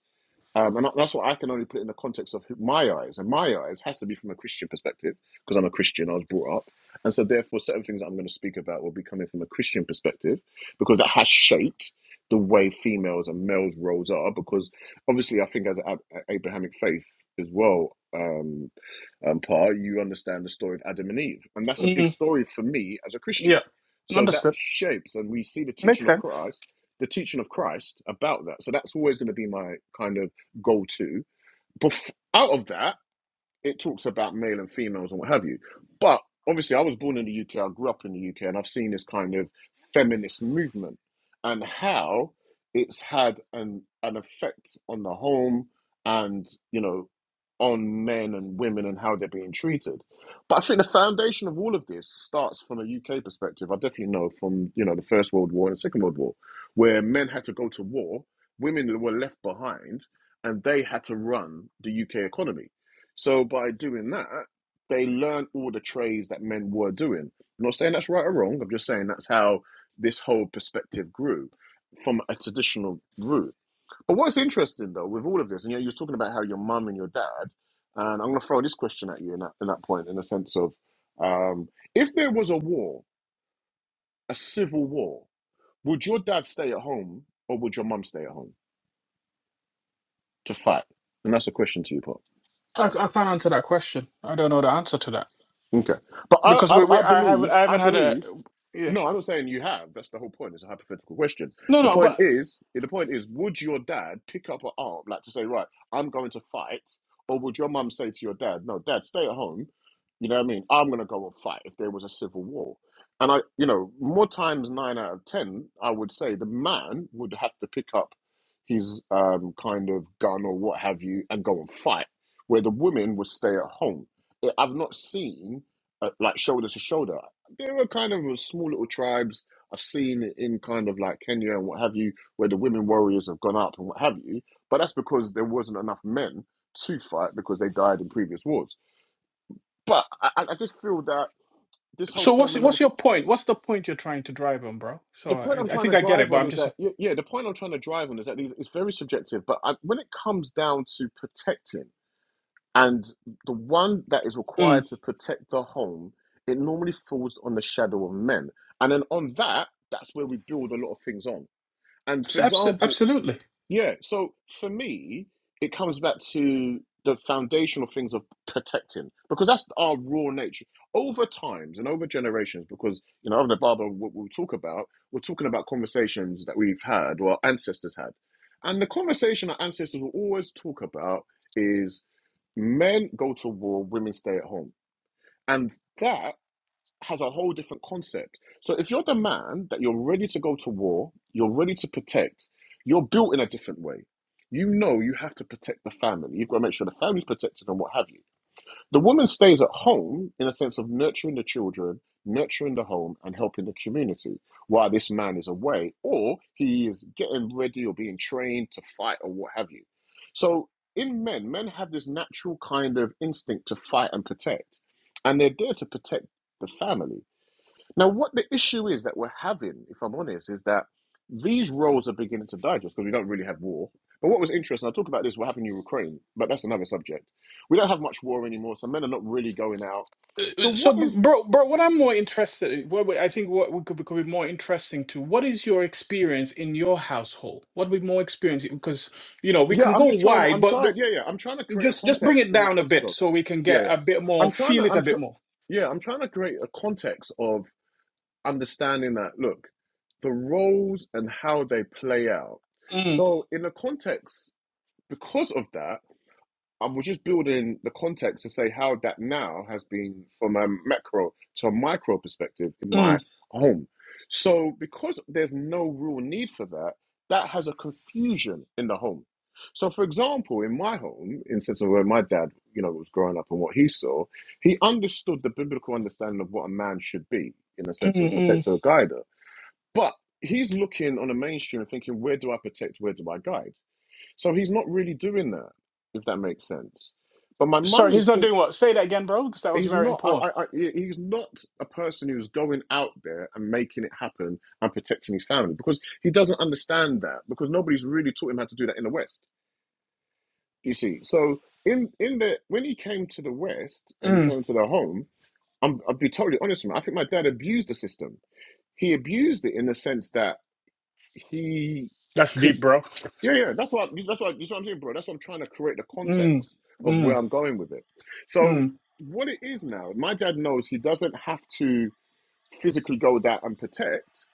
A: um, and that's what I can only put in the context of who- my eyes. And my eyes has to be from a Christian perspective because I'm a Christian. I was brought up, and so therefore certain things that I'm going to speak about will be coming from a Christian perspective because that has shaped the way females and males roles are. Because obviously, I think as an Ab- Abrahamic faith as well. Um, um, par, you understand the story of Adam and Eve. And that's a big
B: mm,
A: story for me as a Christian.
B: yeah
A: So that
B: understood
A: shapes, and we see the
B: makes
A: teaching of
B: sense
A: Christ, the teaching of Christ about that. So that's always going to be my kind of go to. But out of that, it talks about male and females and what have you. But obviously, I was born in the UK, I grew up in the UK, and I've seen this kind of feminist movement and how it's had an an effect on the home and you know on men and women and how they're being treated. But I think the foundation of all of this starts from a UK perspective. I definitely know from you know the First World War and the Second World War, where men had to go to war, women were left behind, and they had to run the UK economy so by doing that, they learned all the trades that men were doing. I'm not saying that's right or wrong. I'm just saying that's how this whole perspective grew from a traditional route. But what's interesting though with all of this, and you know, you were talking about how your mum and your dad, and I'm going to throw this question at you in that, in that point, in the sense of um, if there was a war, a civil war, would your dad stay at home or would your mum stay at home to fight? And that's a question to you, Pop.
B: I, I can't answer that question i don't know the answer to that
A: Okay, but I,
B: because we,
A: I,
B: we
A: I
B: i haven't
A: believe,
B: i
A: I
B: haven't had a
A: believe
B: yeah
A: No, I'm not saying you have. That's the whole point. It's a hypothetical question.
B: no
A: The
B: no
A: point
B: but
A: is, the point is, would your dad pick up an arm, like to say, right, I'm going to fight, or would your mum say to your dad, no, dad, stay at home. You know what I mean? I'm going to go and fight if there was a civil war. And I, you know, more times nine out of ten, I would say the man would have to pick up his um, kind of gun or what have you and go and fight, where the women would stay at home. I- I've not seen uh, like shoulder to shoulder there are kind of small little tribes I've seen in kind of like Kenya and what have you, where the women warriors have gone up and what have you. But that's because there wasn't enough men to fight because they died in previous wars. But I, I just feel that this whole
B: so what's
A: feminine
B: what's your
A: thing.
B: point what's the point you're trying to drive on bro
A: The
B: so
A: point
B: i,
A: I'm
B: I
A: trying
B: think
A: to
B: i get it
A: drive
B: but
A: on
B: i'm
A: is
B: just
A: that yeah, yeah the point I'm trying to drive on is that it's very subjective. But I, when it comes down to protecting. And the one that is required
B: mm,
A: to protect the home, it normally falls on the shadow of men. And then on that, that's where we build a lot of things on. And for
B: abso-
A: example,
B: absolutely
A: yeah. So for me, it comes back to the foundational things of protecting because that's our raw nature. Over times and over generations, because you know, over the Bible, what we talk about, we're talking about conversations that we've had or our ancestors had, and the conversation our ancestors will always talk about is men go to war, women stay at home, and that has a whole different concept. So if you're the man that you're ready to go to war, you're ready to protect, you're built in a different way. You know you have to protect the family. You've got to make sure the family's protected and what have you. The woman stays at home in a sense of nurturing the children, nurturing the home, and helping the community while this man is away or he is getting ready or being trained to fight or what have you. So in men, men have this natural kind of instinct to fight and protect, and they're there to protect the family. Now, what the issue is that we're having, if I'm honest, is that these roles are beginning to digest because we don't really have war. But what was interesting, I'll talk about this, what happened in Ukraine, but that's another subject. We don't have much war anymore, so men are not really going out. So
B: So,
A: what
B: br-
A: is,
B: bro, bro, what I'm more interested in, what we- I think what we could, could be more interesting to, what is your experience in your household? What would be more experience? Because, you know, we
A: yeah,
B: can go
A: I'm just trying,
B: wide,
A: I'm
B: but, but
A: trying, yeah, yeah, I'm trying to create a
B: just just bring it
A: context in the
B: down a
A: sense
B: bit
A: of,
B: so we can
A: yeah,
B: get
A: yeah.
B: a bit more,
A: I'm trying
B: feel
A: to,
B: it a
A: I'm, tr-
B: bit more.
A: yeah, I'm trying to create a context of understanding that, look, the roles and how they play out.
B: Mm,
A: So in the context, because of that, I was just building the context to say how that now has been from a macro to a micro perspective in my
B: mm,
A: home. So, because there's no real need for that, that has a confusion in the home. So, for example, in my home, in sense of where my dad, you know, was growing up and what he saw, he understood the biblical understanding of what a man should be in a sense of
B: mm, mm.
A: protector or guider. But he's looking on the mainstream and thinking, where do I protect? Where do I guide? So he's not really doing that, if that makes sense. But my mum
B: Sorry,
A: is
B: he's not
A: think
B: doing what? Say that again, bro, because that was
A: he's
B: very
A: not. I,
B: important.
A: I, I, he's not a person who's going out there and making it happen and protecting his family because he doesn't understand that because nobody's really taught him how to do that in the West. You see, so in in the when he came to the West and he
B: Mm,
A: came to the home, I'm, I'll be totally honest with you. I think my dad abused the system. He abused it in the sense that he
B: that's
A: could
B: deep, bro.
A: Yeah, yeah. That's what that's what that's what I'm saying, bro. That's what I'm trying to create the
B: Mm,
A: context of where
B: mm,
A: I'm going with it. So
B: mm.
A: what it is now, my dad knows he doesn't have to physically go out and protect,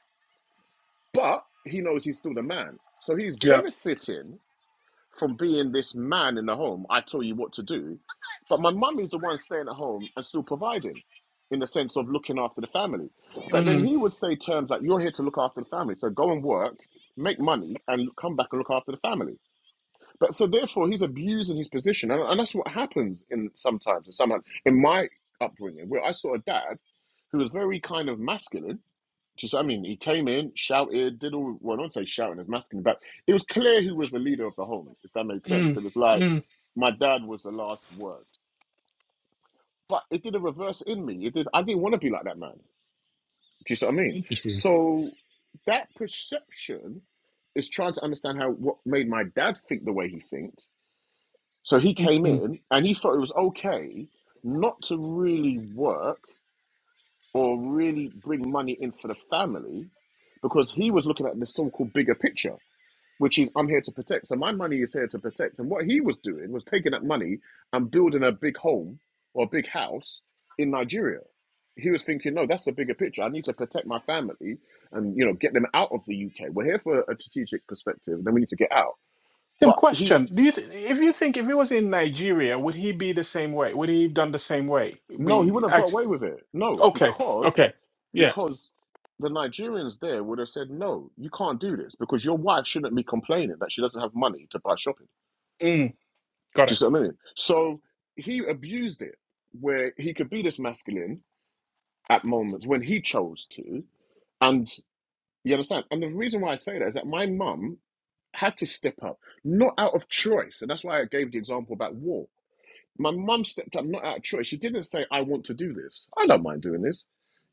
A: but he knows he's still the man. So he's
B: Yeah.
A: benefiting from being this man in the home. I tell you what to do. But my mum is the one staying at home and still providing in the sense of looking after the family. But then
B: Mm,
A: he would say terms like, you're here to look after the family. So go and work, make money, and come back and look after the family. But so therefore, he's abusing his position, and, and that's what happens in sometimes. And somehow in my upbringing, where I saw a dad who was very kind of masculine. Just, I mean, he came in, shouted, did all. Well, I don't say shouting as masculine, but it was clear who was the leader of the home, if that made sense.
B: mm,
A: It was like
B: mm,
A: my dad was the last word, but it did a reverse in me. It did. I didn't want to be like that man. Do you see what I mean? So that perception is trying to understand how what made my dad think the way he thinks So he came
B: mm.
A: in and he thought it was okay not to really work or really bring money in for the family because he was looking at the so called bigger picture, which is I'm here to protect. So my money is here to protect. And what he was doing was taking that money and building a big home or a big house in Nigeria. He was thinking, no, that's the bigger picture. I need to protect my family and you know get them out of the UK. We're here for a strategic perspective, then we need to get out.
B: Tim,
A: But he
B: question: Do you, th- if you think if he was in Nigeria, would he be the same way? Would he have done the same way?
A: no, he
B: Be
A: wouldn't have got
B: act-
A: away with it. No,
B: okay,
A: because
B: okay, yeah,
A: because the Nigerians there would have said, no, you can't do this because your wife shouldn't be complaining that she doesn't have money to buy shopping.
B: mm, got
A: Do you
B: it.
A: see what I mean? So he abused it where he could be this masculine at moments when he chose to. And you understand? And the reason why I say that is that my mum had to step up, not out of choice. And that's why I gave the example about war. My mum stepped up, not out of choice. She didn't say, I want to do this. I don't mind doing this.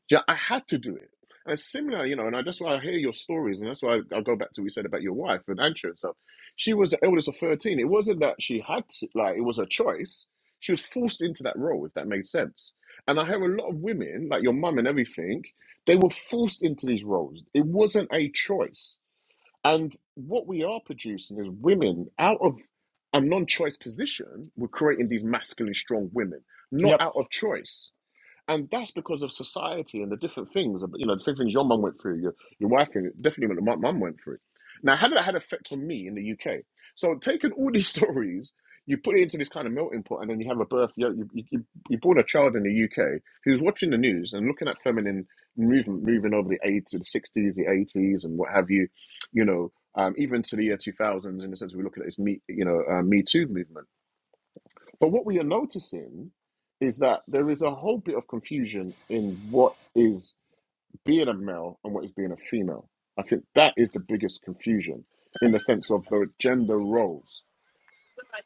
A: Yeah, I had to do it. And similar, you know, and I, that's why I hear your stories, and that's why I, will go back to what you said about your wife and Antra and stuff. She was the eldest of thirteen. It wasn't that she had to, like it was a choice. She was forced into that role, if that made sense. And I hear a lot of women, like your mum and everything, they were forced into these roles. It wasn't a choice. And what we are producing is women out of a non-choice position. We're creating these masculine, strong women, not
B: Yep,
A: out of choice. And that's because of society and the different things, you know, the different things your mum went through, your, your wife, and definitely what my mum went through. Now, how did that had effect on me in the UK? So, taking all these stories, you put it into this kind of melting pot, and then you have a birth. You, you, you, you born a child in the UK who's watching the news and looking at feminine movement moving over the 80s, the 60s, the 80s, and what have you, you know, um, even to the year 2000s, in the sense we look looking at this Me, you know, uh, Me Too movement but what we are noticing is that there is a whole bit of confusion in what is being a male and what is being a female. I think that is the biggest confusion in the sense of the gender roles.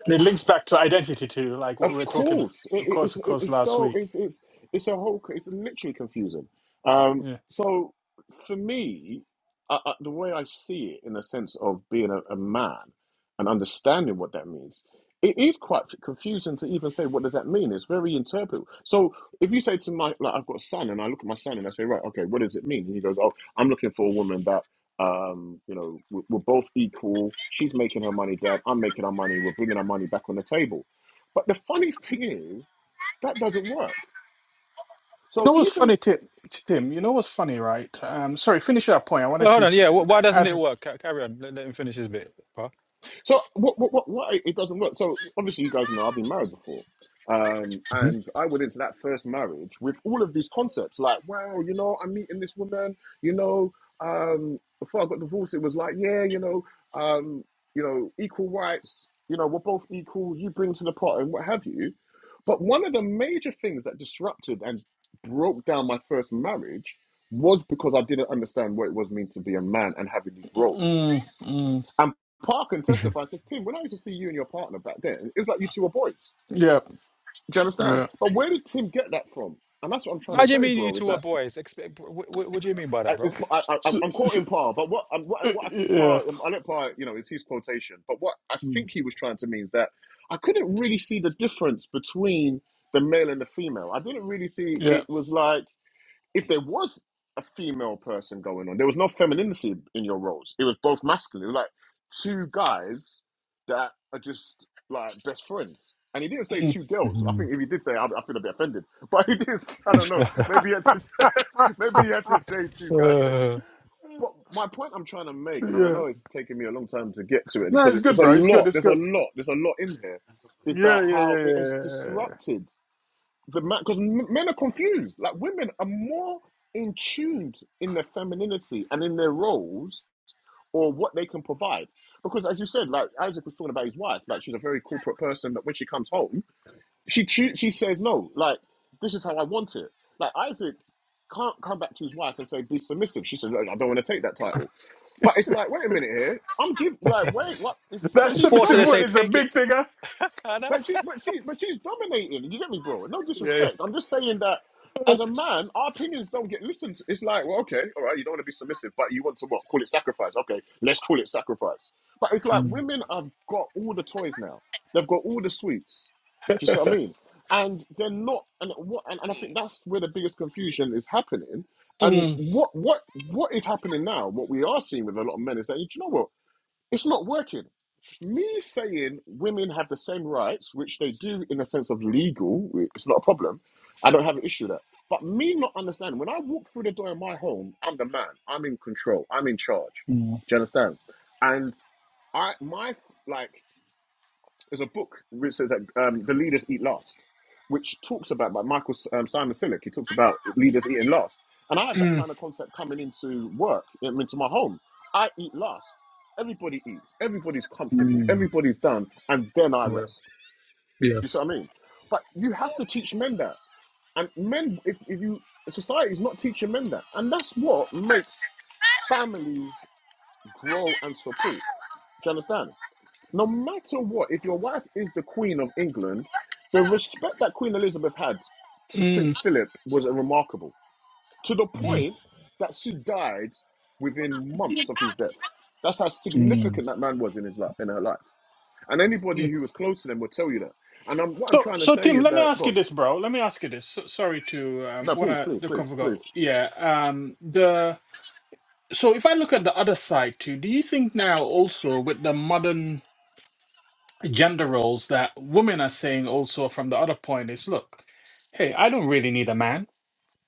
B: and it links back to identity too, like what we
A: Of
B: were talking about,
A: course, it,
B: of
A: it-
B: course, of
A: it's it-
B: course,
A: it's
B: last
A: so
B: week.
A: it's it's it's a whole c- it's literally confusing. Um,
B: Yeah,
A: so for me, I, I, the way I see it, in the sense of being a, a man and understanding what that means, it is quite confusing to even say what does that mean. It's very interpretable. So if you say to my like I've got a son and I look at my son and I say right okay what does it mean and he goes oh I'm looking for a woman that um you know we're, we're both equal she's making her money dad I'm making our money we're bringing our money back on the table but the funny thing is, that doesn't work.
B: you
A: So
B: know what's
A: even
B: funny, Tim? Tim, you know what's funny, right? Um, sorry, finish that point. I
C: Well,
B: wanted
C: hold
B: to
C: on. Yeah,
B: sh-
C: wh- why doesn't it
B: add.
C: work? Ca- Carry on. Let, let him finish his bit. Bro.
A: So what, what, what, why it doesn't work? So obviously you guys know I've been married before, um,
C: Mhm.
A: and I went into that first marriage with all of these concepts like, wow, you know, I'm meeting this woman, you know. Um, before I got divorced, it was like, yeah, you know, um, you know, equal rights, you know, we're both equal. You bring to the pot and what have you. But one of the major things that disrupted and broke down my first marriage was because I didn't understand what it was meant to be a man and having these roles.
B: Mm, mm,
A: And Park can testify, says, Tim, when I used to see you and your partner back then, it was like you two were boys.
B: yeah,
A: Do you understand?
B: yeah,
A: But where did Tim get that from? And that's what I'm trying to
C: How do you
A: say,
C: mean you
A: bro, is
C: two are
A: that
C: boys? Expect, wh- wh- what do you mean by that,
A: I, it's,
C: bro?
A: I, I, I'm
B: S-
A: I'm
B: s-
A: quoting Parr, but what, I'm,
B: uh,
A: what, what I think
B: yeah,
A: Parr, I let Parr, you know, it's his quotation, but what I think he was trying to mean is that I couldn't really see the difference between the male and the female. I didn't really see
B: yeah.
A: it was like, if there was a female person going on, there was no femininity in your roles. It was both masculine. It was like two guys that are just like best friends. And he didn't say
B: Mm.
A: two girls. I
C: Mhm.
A: think if he did say, I, I feel a bit offended. But he did. I don't know. Maybe he had to. Say, maybe he had to say two guys. But my point I'm trying to make, and I
B: yeah.
A: know it's taken me a long time to get to it
B: No,
A: because
B: it's
A: it's, it's
B: good,
A: a
B: bro. It's good.
A: lot.
B: It's
A: There's a
B: good.
A: lot. There's a lot in here. Is
B: Yeah,
A: that
B: yeah, yeah,
A: how
B: yeah.
A: it has
B: yeah. yeah,
A: disrupted? the man because men are confused like women are more in tuned in their femininity and in their roles or what they can provide because as you said like isaac was talking about his wife like she's a very corporate person but when she comes home she choo- she says no like this is how i want it like isaac can't come back to his wife and say be submissive she says "No, i don't want to take that title but it's like wait a minute here i'm giving. like wait what
B: yeah.
A: it's, but
B: That
A: she's
C: Unfortunately,
B: submissive
C: they
B: word
C: say
A: dominating
B: is a
C: take it.
B: big thing. Huh?
C: I know.
A: but she, but she, but she's dominating. You get me, bro? No
C: Yeah.
A: disrespect. I'm just saying that
B: Mm,
A: as a man, our opinions don't get listened. to. It's like, well, okay, all right, you don't want to be submissive, but you want to what? Call it sacrifice. Okay, let's call it sacrifice. But it's like
C: Mm,
A: women have got all the toys now. They've got all the sweets. Do you see what I mean? And they're not. And what? And, and I think that's where the biggest confusion is happening. And
B: mm,
A: what what what is happening now? What we are seeing with a lot of men is that you know what? It's not working. Me saying women have the same rights, which they do in the sense of legal, it's not a problem. I don't have an issue with that. But me not understanding, when I walk through the door of my home, I'm the man. I'm in control. I'm in charge.
C: mm,
A: Do you understand? And I, my, like, there's a book which says that um, the leaders eat last, which talks about by Michael um, Simon Sinek. He talks about leaders eating last, and I have that kind of concept coming into work, um, into my home. I eat last. Everybody eats. Everybody's comfortable.
C: mm,
A: Everybody's done, and then I
C: yeah,
A: rest. Do
C: yeah,
A: you see what I mean? But you have to teach men that, and men, if, if you society is not teaching men that, and that's what makes families grow and support. Do you understand? no matter what, if your wife is the Queen of England, the respect that Queen Elizabeth had to Prince
B: mm,
A: Philip was remarkable. To the
B: mm,
A: point that she died within months of his death. That's how
C: mm,
A: significant that man was in his life, in her life. And anybody
B: mm.
A: who was close to them would tell you that. And I'm, what I'm
B: So,
A: trying to
B: so
A: say
B: Tim,
A: is
B: let me
A: that,
B: ask
A: go
B: you
A: on.
B: this, bro. Let me ask you this. So, sorry to um,
A: No, please,
B: wanna
A: please,
B: the
A: please,
B: go.
A: please.
B: Yeah. Um. The so if I look at the other side too, do you think now also with the modern gender roles that women are saying also from the other point is look, hey, I don't really need a man.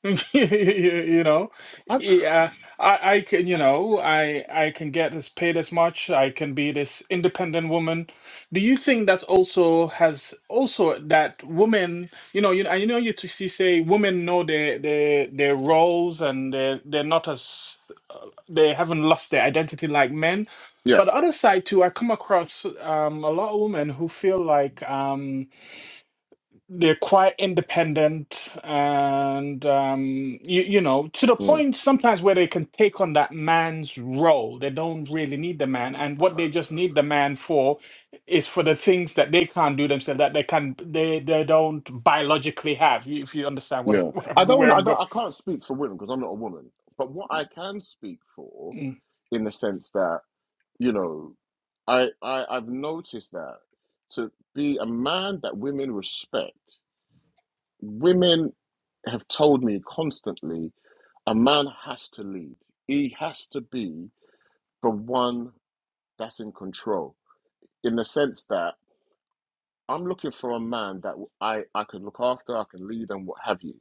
B: you know
A: I,
B: yeah i i can you know i i can get this paid as much i can be this independent woman do you think that's also has also that women you know you know you know you to see say women know their their their roles and they're they're not as uh, they haven't lost their identity like men
A: yeah,
B: but the other side too i come across um a lot of women who feel like um, they're quite independent and um you, you know to the
A: mm,
B: point sometimes where they can take on that man's role they don't really need the man and what they just need the man for is for the things that they can't do themselves that they can they they don't biologically have if you understand what I,
A: yeah.
B: where I'm,
A: I don't, want
B: where
A: I
B: I'm going
A: don't, I can't speak for women because I'm not a woman. But what I can speak for,
B: Mm,
A: in the sense that You know, I, I I've noticed that to be a man that women respect, women have told me constantly, a man has to lead. He has to be the one that's in control. In the sense that I'm looking for a man that I I can look after, I can lead, and what have you.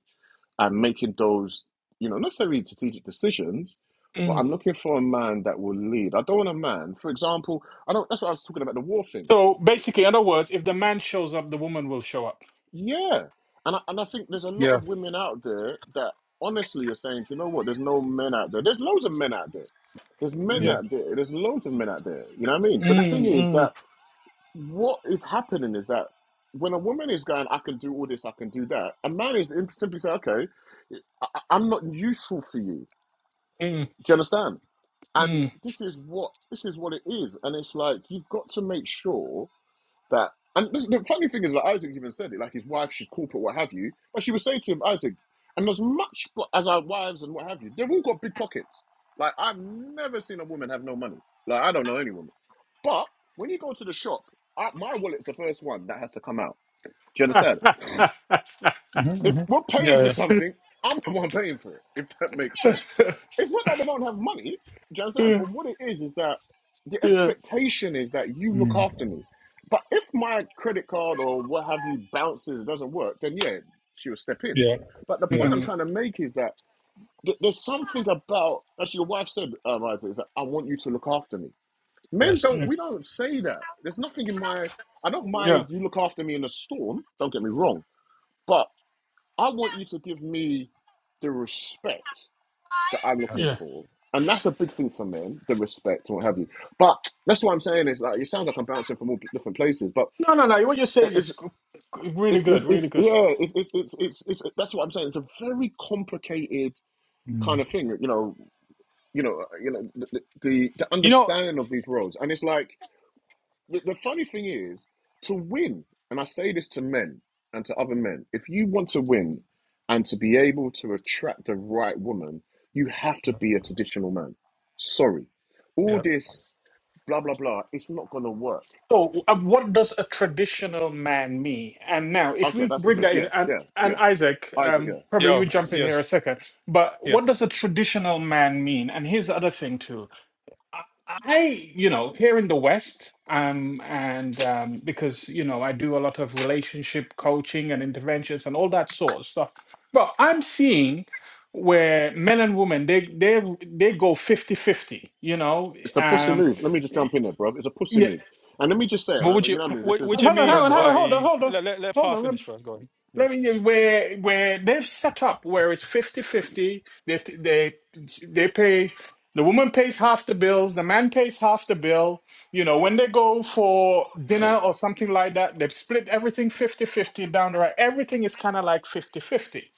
A: I'm making those, you know, not necessarily strategic decisions, but
B: mm.
A: I'm looking for a man that will lead. I don't want a man, for example, I don't. That's what I was talking about the war thing
B: so basically in other words if the man shows up the woman will show up
A: Yeah. And I, and I think there's a lot
C: yeah,
A: of women out there that honestly are saying, "Do you know what, there's no men out there. There's loads of men out there. There's men
B: yeah
C: mm,
A: out there. There's loads of men out there. You know what I mean? But the thing is
B: mm, mm,
A: that what is happening is that when a woman is going, I can do all this, I can do that, a man is im- simply saying, okay, I, I- I'm not useful for you.
B: mm,
A: Do you understand? And
B: mm.
A: this is what this is what it is. And it's like you've got to make sure that and this, the funny thing is that Isaac even said it, like his wife should corporate, what have you. But she would say to him, Isaac, and as much as our wives and what have you, they've all got big pockets. Like I've never seen a woman have no money. Like I don't know any woman. But when you go to the shop, I, my wallet's the first one that has to come out. Do you understand?
C: mhm,
A: if
C: mhm,
A: we're paying
C: yeah,
A: for
C: yeah,
A: something, I'm the one paying for it, if that makes sense. Yeah. It's not that we don't have money, do you understand?
B: yeah
A: But what it is, is that the
B: yeah.
A: expectation is that you look
C: mm,
A: after me. But if my credit card or what have you bounces, it doesn't work, then yeah, she'll step in.
C: yeah,
A: But the
C: yeah,
A: point I'm
B: Mm.
A: trying to make is that th- there's something about, as your wife said, um, Isaac, is that I want you to look after me. Men
C: yes,
B: mm.
A: don't, we don't say that. There's nothing in my, I don't
B: Yeah,
A: mind you look after me in a storm, don't get me wrong. but. I want you to give me the respect that I'm looking
C: yes,
B: yeah.
A: for. And that's a big thing for men, the respect and what
C: yeah,
A: have you. But that's what I'm saying is like it sounds like I'm bouncing from all different places, but
B: No, no, no. What you're saying
A: it's
B: is g- g- really
A: it's
B: good,
A: it's,
B: really
A: it's
B: good.
A: yeah, it's it's, it's it's it's that's what I'm saying. It's a very complicated kind
C: mm,
A: of thing, you know. You know, you know the the, the
C: You know,
A: understanding of these roles, and it's like The, the funny thing is, to win, and I say this to men and to other men, if you want to win and to be able to attract the right woman, you have to
C: yeah,
A: be a traditional man. Sorry. All
C: yeah,
A: this blah, blah, blah, it's not going to work.
B: So, um, what does a traditional man mean? And now, if
A: Okay,
B: we
A: that's a
B: bring
A: good.
B: that in,
A: Yeah,
B: and,
A: yeah,
B: and
A: yeah.
B: Isaac,
A: Isaac,
B: um,
A: yeah.
B: probably
C: yeah,
B: you jump in here a
C: yes,
B: second, but
C: yeah,
B: what does a traditional man mean? And here's the other thing, too. I, I, you know, here in the West, um, and um, because you know, I do a lot of relationship coaching and interventions and all that sort of stuff. But I'm seeing where men and women they they they go fifty-fifty. you know.
A: It's a pussy
B: Um,
A: move. Let me just
B: y-
A: jump in there, bro. It's a pussy
B: yeah,
A: move. And let me just say it. and
C: what
A: I-
C: would
A: You
C: you
A: know what I mean? This
C: what
A: is.
C: what
B: hang
C: you
B: on, hang
C: mean
B: on, hang
A: oh,
B: on, hold on,
C: by
B: hold on,
C: let let, let Pa
B: hold on.
C: finish first, go ahead.
B: Let me
C: Yeah.
B: where where they've set up where it's fifty fifty 50 they they they pay the woman pays half the bills, the man pays half the bill. You know, when they go for dinner or something like that, they split everything fifty fifty down the right. Everything is kind of like fifty fifty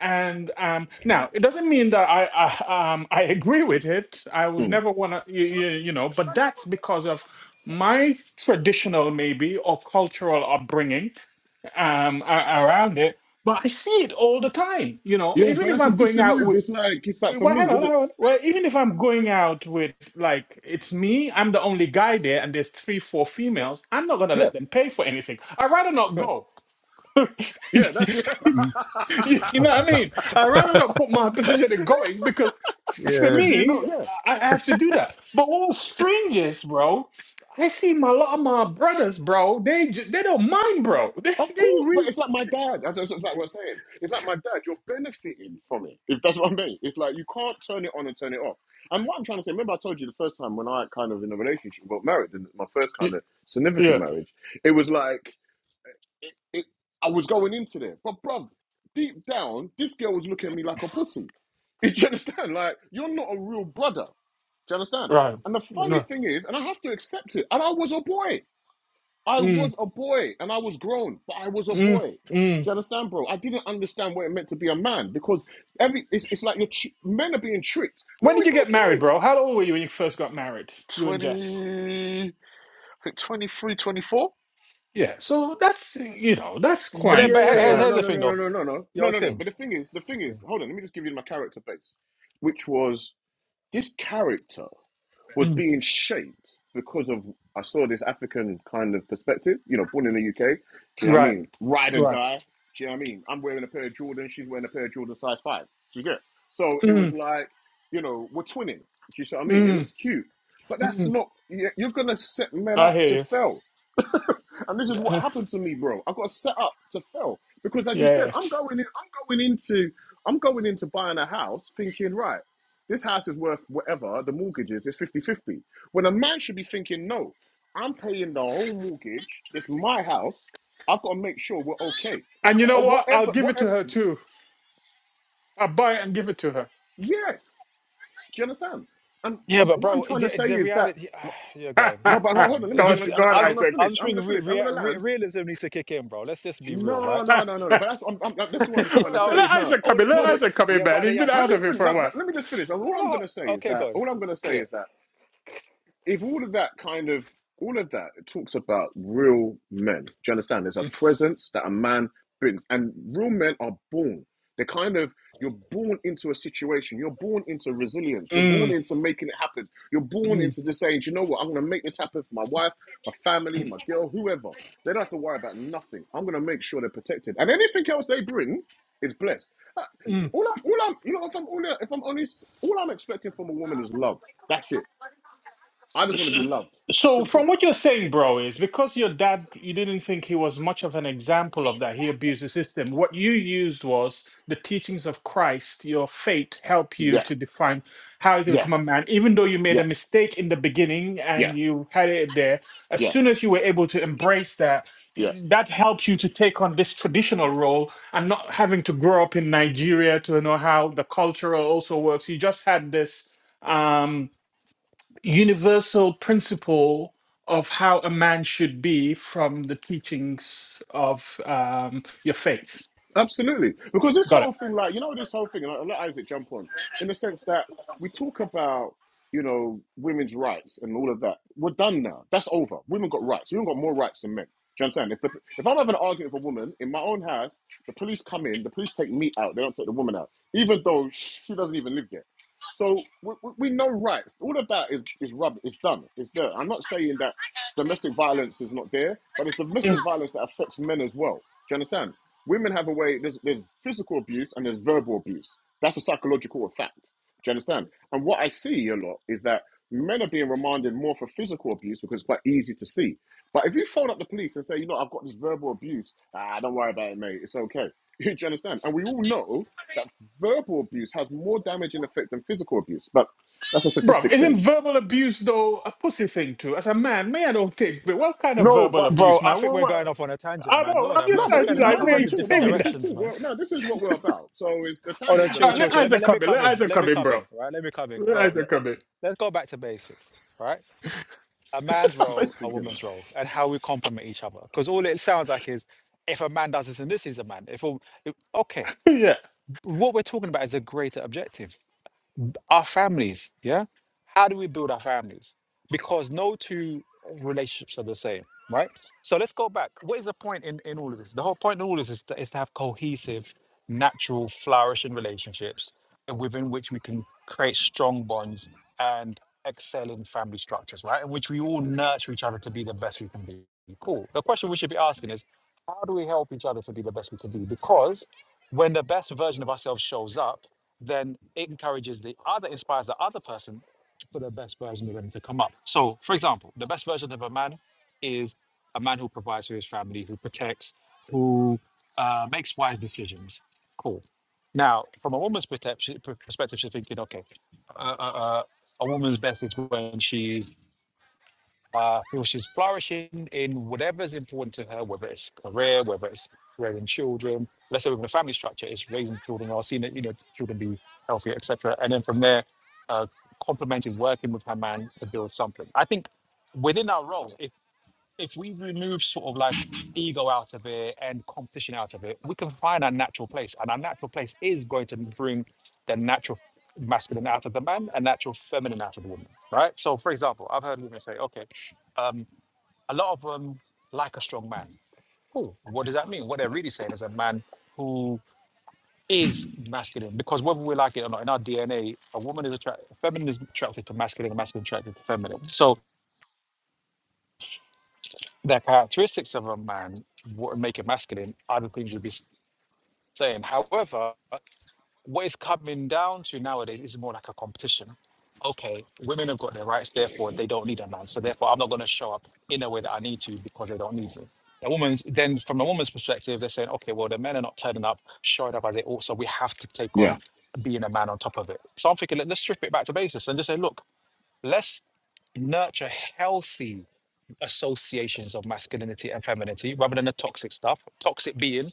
B: And um, now it doesn't mean that I, I um I agree with it. I would
A: mm.
B: never want to you, you, you know, but that's because of my traditional maybe or cultural upbringing um a- around it but i see it all the time you know
A: Yeah,
B: even
A: but
B: if
A: that's a
B: i'm going
A: pussy
B: out
A: move.
B: with
A: It's like, it's like for
B: well,
A: me,
B: hang on,
A: would
B: hang
A: it?
B: on. well even if i'm going out with like it's me i'm the only guy there and there's three four females i'm not gonna
A: Yeah,
B: let them pay for anything i'd rather not
A: yeah.
B: go
A: Yeah, that's it.
B: you
C: mm,
B: know what i mean i'd rather not put my position in going because f- for
A: Because you
B: me
A: know,
B: i
A: yeah.
B: I have to do that but all strangers bro I see my lot of my brothers, bro. They j- they don't mind, bro. They
A: Of
B: they
A: course, but
B: really.
A: it's like my dad. That's, that's like what I'm saying. It's like my dad. You're benefiting from it, if that's what I mean. It's like you can't turn it on and turn it off. And what I'm trying to say, remember I told you the first time when I kind of in a relationship got married, in my first kind of
B: Yeah,
A: significant marriage, it was like it, it, I was going into there, but bruv, deep down, this girl was looking at me like a pussy. Do you understand? Like you're not a real brother. Do you understand?
B: right.
A: And the funny
B: No.
A: thing is, and I have to accept it. And I was a boy. I
B: Mm,
A: was a boy and I was grown, but I was a boy.
B: mm, mm.
A: Do you understand, bro? I didn't understand what it meant to be a man because every it's, it's like you're tr- men are being tricked. No,
B: When did you
A: it's
B: get married,
A: okay.
B: bro? How old were you when you first got married? You and Jess.
A: 20, I think 23, 24.
B: Yeah. So that's you know that's
C: But then but
B: quite
A: Yeah,
C: here-
A: yeah,
C: here's
A: no,
B: uh,
C: here's
A: no,
C: the
A: no,
C: thing
A: no, no,
C: though.
A: no, no, no, no,
C: Yo,
A: no, no.
C: Tim.
A: But the thing is, the thing is, hold on, let me just give you my character base, which was This character was
B: mm,
A: being shaped because of I saw this African kind of perspective. You know, born in the UK. Do you know what I
B: right,
A: mean? Ride and
B: right.
A: die. Do you know what I mean? I'm wearing a pair of Jordan. She's wearing a pair of Jordan size five. Do you get? it? So it was
B: Mm,
A: like, you know, we're twinning. Do you see what I mean? It
B: mm,
A: looks cute, but that's
B: mm.
A: not. you- You're gonna set men
B: I
A: up
B: hear
A: to
B: you.
A: fail And this is what
B: yeah,
A: happened to me, bro. I got set up to fail because, as you said,
B: yeah.
A: I'm going in. I'm going into. I'm going into buying a house thinking, right, this house is worth whatever the mortgage is. It's fifty-fifty. When a man should be thinking, no, I'm paying the whole mortgage. It's my house. I've got to make sure we're okay.
B: And you know
A: Uh,
B: what? I'll
A: Whatever,
B: give it to
A: whatever.
B: her too. I'll buy it and give it to
A: Yes, do you understand? And
C: Yeah,
A: um,
C: but
A: what I'm
C: bro, it-
A: trying to say
C: it's the
A: is that.
C: reality.
A: uh,
C: Yeah, go on,
A: No,
B: her.
A: but
C: go
A: hold on.
C: on.
A: Let me.
C: It's
A: I'm
B: God,
C: just
A: gonna. I'm,
B: God,
C: I'm,
A: I'm
C: j-
A: gonna
B: Isaac.
C: I'm
A: finish.
C: just
A: I'm gonna
C: thinking re,
A: finish. I'm
C: rea-
A: gonna land.
C: re, realism needs to kick in, bro. Let's just be real,
A: No,
C: right?
B: Bro,
A: no, no, no, no. But that's I'm, I'm, like, this is what I'm
C: you
A: trying to
C: know what I
A: say.
C: mean?
B: let
A: No,
B: Isaac
C: All
B: come in.
C: this,
B: Let
C: all
A: no. But
C: this.
B: Isaac come in,
C: Yeah,
B: man.
C: but they
B: He's
C: had
B: been
C: ha-
A: let
B: out
A: me
B: of it
A: fin-
B: for a
A: like,
B: while.
A: let, let me just finish. And all
C: no,
A: I'm
C: no.
A: gonna say is
C: Okay,
A: that
C: go on.
A: all I'm gonna say
C: Yeah,
A: is that if all of that kind of all of that it talks about real men do you understand there's a presence that a man brings and real men are born they're kind of you're born into a situation you're born into resilience you're born
B: Mm,
A: into making it happen you're born
B: mm,
A: into just saying "Do you know what i'm going to make this happen for my wife my family my girl whoever they don't have to worry about nothing i'm going to make sure they're protected and anything else they bring is blessed Uh,
B: mm.
A: all, I, all i'm you know if i'm all, if i'm honest all i'm expecting from a woman is love that's it I just want to be
B: S-
A: loved.
B: So, from
A: Simple.
B: what you're saying, bro, is because your dad, you didn't think he was much of an example of that. He abused the system. What you used was the teachings of Christ, your faith, help you
A: Yeah,
B: to define how to
A: yeah,
B: become a man. Even though you made a
A: yeah,
B: mistake in the beginning and
A: yeah,
B: you had it there, as
A: yeah,
B: soon as you were able to embrace that,
A: yeah.
B: that helps you to take on this traditional role and not having to grow up in Nigeria to know how the cultural also works. You just had this. Um, universal principle of how a man should be from the teachings of um, your faith.
A: Absolutely, because this
B: Got it.
A: whole thing, like you know, this whole thing, and I'll let Isaac jump on, in the sense that we talk about, you know, women's rights and all of that. We're done now. That's over. Women got rights. Women got more rights than men. Do you understand? If the if I'm having an argument with a woman in my own house, the police come in, the police take me out. They don't take the woman out, even though she doesn't even live there. So we, we know rights. All of that is is rubbish. It's done. It's there. I'm not saying that domestic violence is not there, but it's
B: Yeah.
A: domestic violence that affects men as well. Do you understand? women have a way there's there's physical abuse and there's verbal abuse that's a psychological effect do you understand and what i see a lot is that men are being remanded more for physical abuse because it's quite easy to see but if you phone up the police and say you know i've got this verbal abuse ah don't worry about it mate it's okay do you understand and we all know that verbal abuse has more damaging effect than physical abuse but that's a
B: Bro,
A: statistic thing
B: isn't verbal abuse though a pussy thing too? As a man, may I don't take. But what kind of
A: no
B: verbal
A: but
C: bro.
B: abuse,
C: I
B: man?
C: think
B: Well,
C: we're going
B: well,
C: off on a tangent,
B: I
C: man.
B: know.
C: Lord
B: I'm
C: have
B: just
A: no,
C: mercy,
A: but
C: you're
B: trying
A: this
B: to
C: going in
A: is
C: like
B: like
C: a
A: man
B: where are
A: then
B: you
C: hundred
A: too.
C: different
B: going
A: No,
B: with
A: this
B: that.
A: is
C: directions,
A: too.
C: man.
A: Well, no, this is what we're about. So it's the
C: Oh no,
A: tangent is a
B: All
C: chill,
B: right,
C: chill,
B: let
A: tangent.
C: chill. Let me,
B: Isaac
C: let me
B: come in.
C: come
B: Let
C: in.
B: Isaac
C: Let
B: come
C: me
B: in,
C: come
B: bro.
C: in, right? Let me come in,
B: Let
C: bro.
B: Isaac
C: Look,
B: come in.
C: let's go back to basics, right? a man's role, a
A: Basically.
C: woman's role, and how we complement each other. Because all it sounds like is if a man does this and this, he's a man. If a, if- okay,
B: yeah.
C: what we're talking about is a greater objective our families yeah how do we build our families because no two relationships are the same right so let's go back what is the point in, in all of this the whole point in all of this is to, is to have cohesive natural flourishing relationships within which we can create strong bonds and excel in family structures right in which we all nurture each other to be the best we can be cool the question we should be asking is how do we help each other to be the best we can be because when the best version of ourselves shows up, then it encourages the other, inspires the other person for the best version of them to come up. So, for example, the best version of a man is a man who provides for his family, who protects, who uh, makes wise decisions. Cool. Now, from a woman's perception- per- perspective, she's thinking, okay, uh, uh, uh, a woman's best is when she's uh, feel she's flourishing in whatever's important to her, whether it's career, whether it's raising children. Let's say within the family structure, it's raising children or seeing that you know children be healthy, etc. And then from there, uh, complementing working with her man to build something. I think within our roles, if we remove sort of like ego out of it and competition out of it, we can find our natural place. And our natural place is going to bring the natural masculine out of the man and natural feminine out of the woman, right? So, for example, I've heard women say, okay, um, a lot of them like a strong man. Cool. What does that mean? What they're really saying is a man who is masculine because whether we like it or not in our dna a a woman is attracted feminine is attracted to masculine and masculine attracted to feminine so the characteristics of a man what make it masculine are the things you would be saying. However, what it's coming down to nowadays is more like a competition. Okay, women have got their rights, therefore they don't need a man. So therefore, I'm not going to show up in a way that I need to because they don't need me. A woman's then from a woman's perspective, they're saying, okay, well the men are not turning up, showing up as they ought, so we have to take
A: yeah.
C: on being a man on top of it. So I'm thinking, let- let's strip it back to basis and just say, look, let's nurture healthy associations of masculinity and femininity rather than the toxic stuff. Toxic being,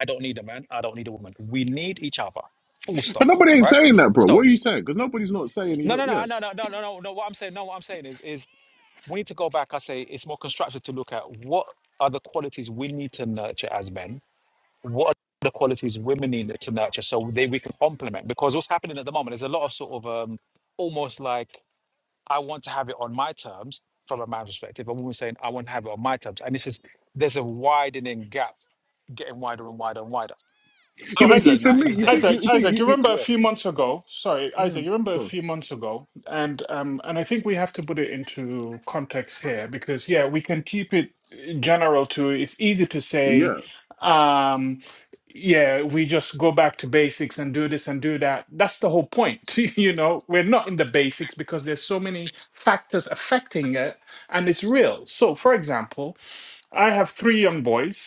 C: I don't need a man, I don't need a woman. We need each other. Full
A: But
C: stop.
A: nobody ain't
C: Right?
A: saying that, bro.
C: So
A: What are you saying? Because nobody's not saying you
C: no no
A: don't.
C: no
A: Yeah,
C: no no no no no no what I'm saying, no, what I'm saying is is we need to go back. I say it's more constructive to look at what are the qualities we need to nurture as men? What are the qualities women need to nurture so they we can complement because what's happening at the moment is a lot of sort of um almost like I want to have it on my terms from a man's perspective. A woman saying, I want to have it on my terms. And this is, there's a widening gap getting wider and wider and wider.
B: So
A: yeah.
C: I'm
A: But you see,
B: Isaac,
C: seeing
A: for
C: that in
A: me,
C: this
A: you
C: day and
A: see,
B: Isaac,
A: you, you
C: age.
A: see,
B: Isaac,
A: you,
B: you
A: you,
B: remember a
C: Yeah.
B: few months ago? Sorry, Isaac,
C: Mm.
B: you remember a
A: go on.
B: few months ago, and um, and I think we have to put it into context here because yeah, we can keep it uh, general to it's easy to say,
A: Yeah,
B: um, yeah, we just go back to basics and do this and do that. That's the whole point, you know. We're not in the basics because there's so many factors affecting it, and it's real. So, for example, I have three young boys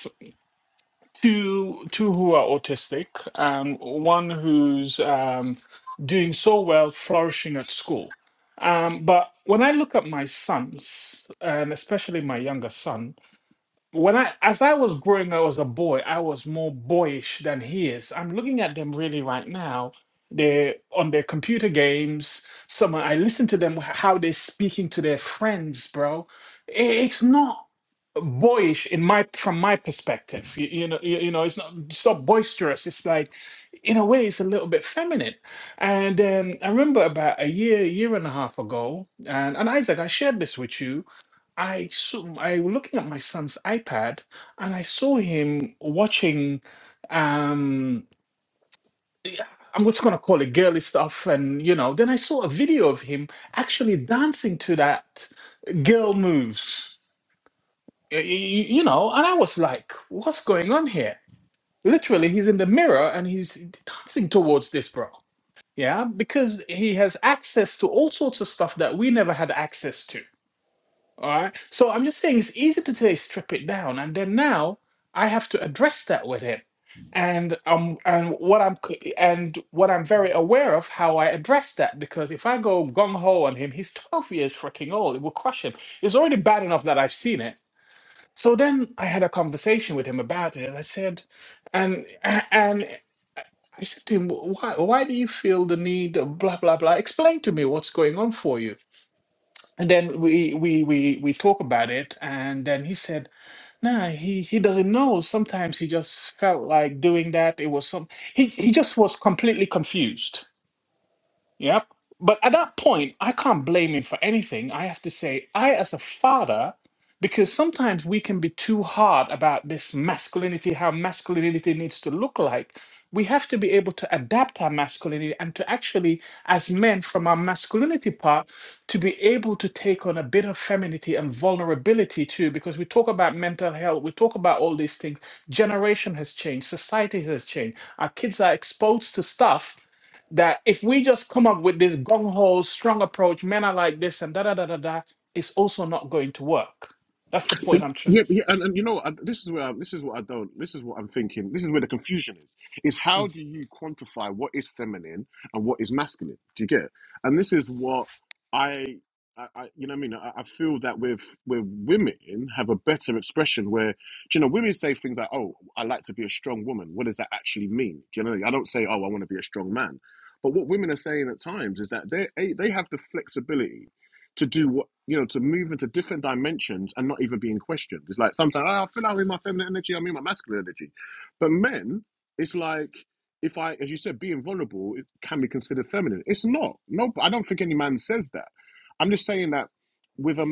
B: two two who are autistic and one who's um, doing so well flourishing at school um, but when i look at my sons and especially my younger son when I as I was growing up as a boy, I was more boyish than he is. I'm looking at them really right now. They're on their computer games. Some I listen to them how they're speaking to their friends, bro. I- It's not boyish in my from my perspective. You, you know, you, you know, it's not it's not boisterous. It's like in a way, it's a little bit feminine. And um, I remember about a year, year and a half ago, and, and Isaac, I shared this with you I saw, I was looking at my son's iPad and I saw him watching um yeah, I'm just gonna call it girly stuff and you know, then I saw a video of him actually dancing to that girl moves. y- y- y- You know, and I was like, what's going on here? Literally, he's in the mirror and he's dancing towards this bro. Yeah, because he has access to all sorts of stuff that we never had access to All right. So I'm just saying it's easy to today strip it down, and then now I have to address that with him, and um, and what I'm c- and what I'm very aware of how I address that because if I go gung ho on him, he's 12 years freaking old. It will crush him. It's already bad enough that I've seen it. So then I had a conversation with him about it, and I said, and a- and I said to him, why why do you feel the need of blah blah blah? Explain to me what's going on for you. And then we we we we talk about it, and then he said, "Nah, he he doesn't know. Sometimes he just felt like doing that. It was some he he just was completely confused." Yep. But at that point, I can't blame him for anything. I have to say, I, as a father, because sometimes we can be too hard about this masculinity, how masculinity needs to look like. We have to be able to adapt our masculinity and to actually, as men, from our masculinity part, to be able to take on a bit of femininity and vulnerability too, because we talk about mental health, we talk about all these things. Generation has changed, society has changed, our kids are exposed to stuff that if we just come up with this gung ho, strong approach, men are like this and da da da da da, it's also not going to work. That's the
A: But
B: point I'm trying.
A: yeah, but yeah and, and you know, I, this is where I, this is what I don't. This is what I'm thinking. This is where the confusion is. Is how
B: Mm,
A: do you quantify what is feminine and what is masculine? Do you get? And this is what I, I, I you know, what I mean, I, I feel that with with women have a better expression where, do you know, women say things like, "Oh, I like to be a strong woman." What does that actually mean? Do you know? I don't say, "Oh, I want to be a strong man." But what women are saying at times is that they they have the flexibility to do what you know to move into different dimensions and not even being questioned. It's like sometimes "Oh, I feel I'm in my feminine energy, I'm in my masculine energy, but men, it's like if I, as you said, being vulnerable it can be considered feminine. It's not. No, I don't think any man says that. I'm just saying that with a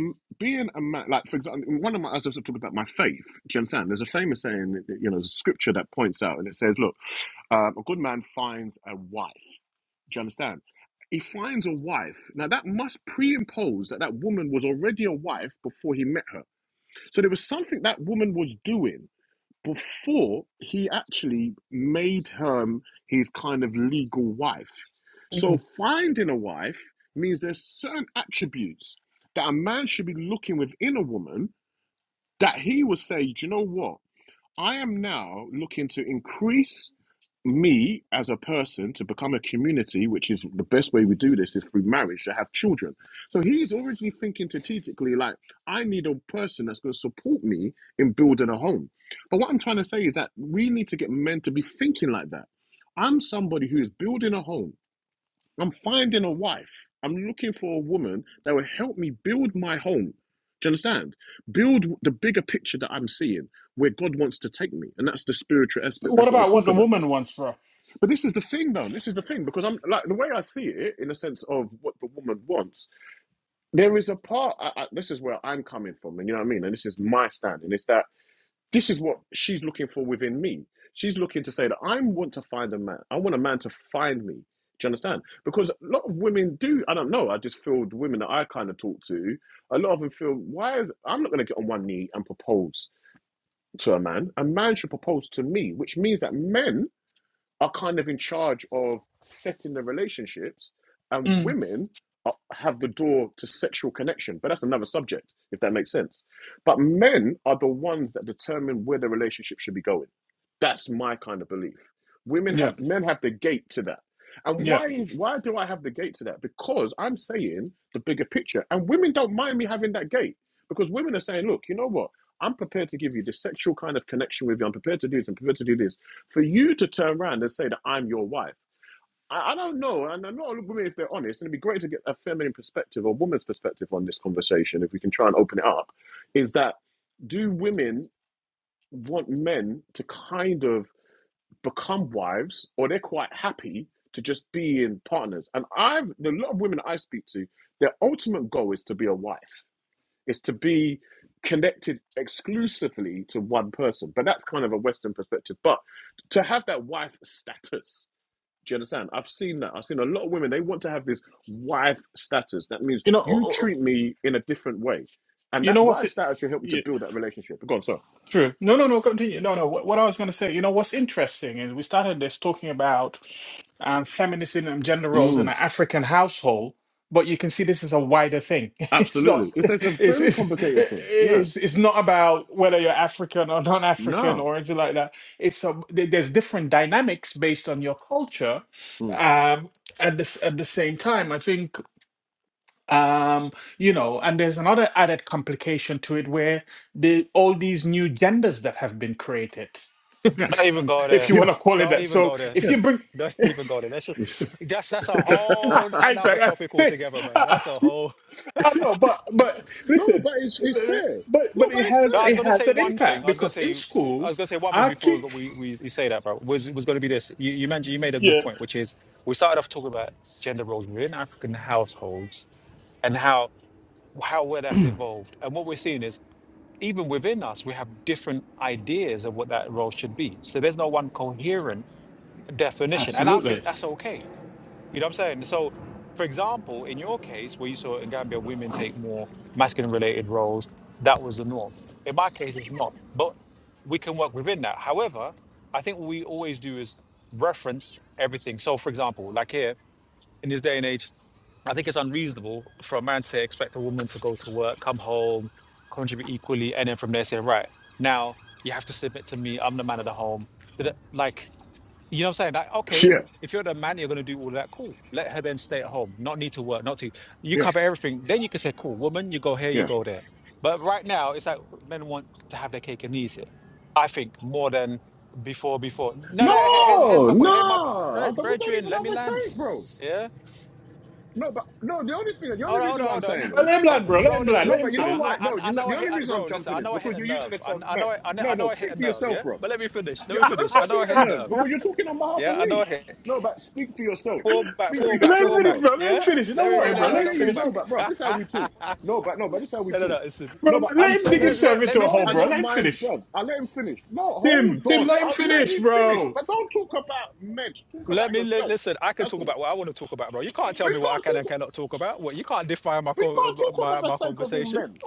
A: being a man, like for example, one of my I was also talking about my faith. Do you understand? There's a famous saying, you know, there's a scripture that points out, and it says, "Look, um, a good man finds a wife." Do you understand? He finds a wife. Now, that must pre-impose that that woman was already a wife before he met her. So there was something that woman was doing before he actually made her his kind of legal wife. So
B: mm.
A: finding a wife means there's certain attributes that a man should be looking within a woman that he would say, Do you know what? I am now looking to increase me as a person to become a community, which is the best way we do this is through marriage to have children. So he's already thinking strategically, like, I need a person that's going to support me in building a home. But what I'm trying to say is that we need to get men to be thinking like that. I'm somebody who is building a home, I'm finding a wife, I'm looking for a woman that will help me build my home. Do you understand? Build the bigger picture that I'm seeing where God wants to take me. And that's the spiritual aspect.
B: What
A: That's what I
B: about what
A: talk
B: the
A: about.
B: woman wants, bro?
A: But this is the thing, though. This is the thing because I'm like the way I see it, in the sense of what the woman wants. There is a part. I, I, this is where I'm coming from, and you know what I mean. And this is my standing. It's that this is what she's looking for within me. She's looking to say that I want to find a man. I want a man to find me. Do you understand? Because a lot of women do. I don't know. I just feel the women that I kind of talk to. A lot of them feel why is I'm not going to get on one knee and propose to a man. A man should propose to me, which means that men are kind of in charge of setting the relationships, and
B: Mm.
A: women are, have the door to sexual connection. But that's another subject, if that makes sense. But men are the ones that determine where the relationship should be going. That's my kind of belief. Women
B: Yeah,
A: have men have the gate to that. And
B: yeah.
A: why is why do I have the gate to that? Because I'm saying the bigger picture, and women don't mind me having that gate because women are saying, look, you know what? I'm prepared to give you this sexual kind of connection with you. I'm prepared to do this. I'm prepared to do this for you to turn around and say that I'm your wife, I, I don't know. And I know all women, if they're honest, and it'd be great to get a feminine perspective or woman's perspective on this conversation, if we can try and open it up, is that do women want men to kind of become wives or they're quite happy to just be in partners? And I've, a lot of women I speak to, their ultimate goal is to be a wife is to be connected exclusively to one person. But that's kind of a Western perspective. But to have that wife status, do you understand? I've seen that. I've seen a lot of women, they want to have this wife status. That means
B: You know,
A: you
B: uh, uh,
A: treat me in a different way. And
B: you
A: that
B: know what's
A: wife
B: it?
A: status should help you to
B: Yeah,
A: build that relationship. Go on, sir.
B: true. No, no, no. Continue. No, no. What, what I was going to say. You know what's interesting is we started this talking about um, feminism and gender roles in
A: Mm,
B: an African household. But you can see this is a wider thing. It's not.
A: absolutely. It's, it's a
B: It's
A: very
B: it's
A: complicated thing. Yeah.
B: it's, it's not about whether you're African or non-African
A: No.
B: or anything like that. It's a, there- there's different dynamics based on your culture.
A: Mm.
B: Um, at this at the same time, I think um, you know, and there's another added complication to it where the all these new genders that have been created,
A: Yeah.
C: Don't even go
B: if
C: there.
B: you
A: Yeah.
B: want to call it
C: Don't
B: that.
C: even
B: So
C: go there.
B: if
A: Yeah.
B: you bring
C: Don't even go there. That's just, that's that's a whole
B: Isaac,
C: another
B: I
C: topic altogether, man.
B: think.
C: That's a whole.
B: I know, but but
A: no,
B: listen,
A: but it's, it's fair.
B: but
A: No,
B: but it
A: but it's
B: has
C: No, I was
B: it
A: fair.
C: gonna
B: has
C: say
B: an
C: one
B: impact
C: thing. I was gonna
B: because in
C: say I was
B: schools,
C: gonna say one thing
B: I
C: before
B: keep
C: we we, we say that, bro. Was was gonna be this. You you mentioned you made a good
B: yeah,
C: point, which is we started off talking about gender roles within African households and how how well that's evolved. And what we're seeing is even within us, we have different ideas of what that role should be. So there's no one coherent definition, and I
B: absolutely.
C: think that's okay. You know what I'm saying? So, for example, in your case, where you saw in Gambia women take more masculine-related roles, that was the norm. In my case, it's not, but we can work within that. However, I think what we always do is reference everything. So, for example, like here in this day and age, I think it's unreasonable for a man to expect a woman to go to work, come home, contribute equally, and then from there say, right, now you have to submit to me. I'm the man of the home. Did it- Like, you know what I'm saying? Like, okay,
A: Yeah.
C: if you're the man, you're going to do all that. Cool. Let her then stay at home, not need to work, not to. You
A: Yeah.
C: cover everything. Then you can say, cool, woman, you go here, you
A: Yeah.
C: go there. But right now, it's like men want to have their cake and eat it. I think more than before, before. No, no, he- here's, here's
A: No,
C: my
A: no.
C: point. Here's my point.
A: I
C: Bre-
A: thought we don't
C: Brethren,
A: even
C: let
A: have
C: me
A: a
C: land.
A: cake, bro.
C: Yeah.
A: No, but no. The only thing, the
C: Hold
A: only
C: on, hold
A: reason
C: on,
A: what I'm
C: hold on
A: saying
B: Well,
A: is,
B: let him
A: uh,
B: land, bro. Let
C: bro.
B: him land.
A: no,
B: Let
C: Listen,
B: him
A: but you
C: I
A: know
B: finish.
A: why?
B: Bro.
C: I
A: No,
C: I
A: you
C: I
A: know
C: know I
A: the
C: hit,
A: only
C: I-
A: reason I'm
C: bro. Listen,
A: jumping
C: I
A: is
C: know I hit
A: because
C: a
A: you're using the
C: nerve. I
A: term
C: I
A: men.
C: know I I know I
A: No, no.
C: know I hit a
A: Speak for
C: nerve.
A: yourself,
C: Yeah,
A: bro.
C: but let me finish. Let
A: Yeah,
C: me
A: no, of
C: finish. I
A: course you
C: know I
A: hit a
C: hit a
A: nerve
C: nerve.
A: because you're talking on behalf of
C: Yeah, I know I
A: me.
C: hit.
A: No, but speak for yourself.
C: Fall back,
A: Speak for
C: fall back,
B: Let him
A: yourself,
C: fall
B: finish,
C: back.
A: bro.
B: bro. Let him
C: Yeah,
B: finish.
C: let
B: Don't
C: me
A: No,
B: worry,
C: no
A: but
C: no
B: bro.
A: I
C: no
B: Let him
A: hear
C: no
A: you.
C: fall
B: finish,
C: back.
A: No, but bro, this how we talk. No, but no, but this how we
C: no no no.
A: talk.
C: Listen,
A: No,
B: bro.
A: but I'm
B: Let him dig
A: saying
C: let
B: himself
C: let let
B: into a
C: me
A: no.
B: hole,
A: I
B: bro.
C: finish.
A: don't
B: Let him
A: mind,
B: finish.
A: bro. I let him finish. No, hold
B: Tim, Tim,
A: on.
B: let him
A: I'll let
B: finish,
A: you finish,
B: bro.
A: but don't talk about men. Talk
C: Let
A: about
C: me li-
A: yourself.
C: listen. I can
A: That's
C: talk
A: all.
C: about what I want to talk about, bro. You can't
A: But
C: tell me
A: you
C: what I
A: can't
C: can and
A: talk.
C: cannot talk about. What you can't define my
A: But you
C: co-
A: can't talk on
C: my
A: the
C: my
A: sake of all
C: conversation.
A: men.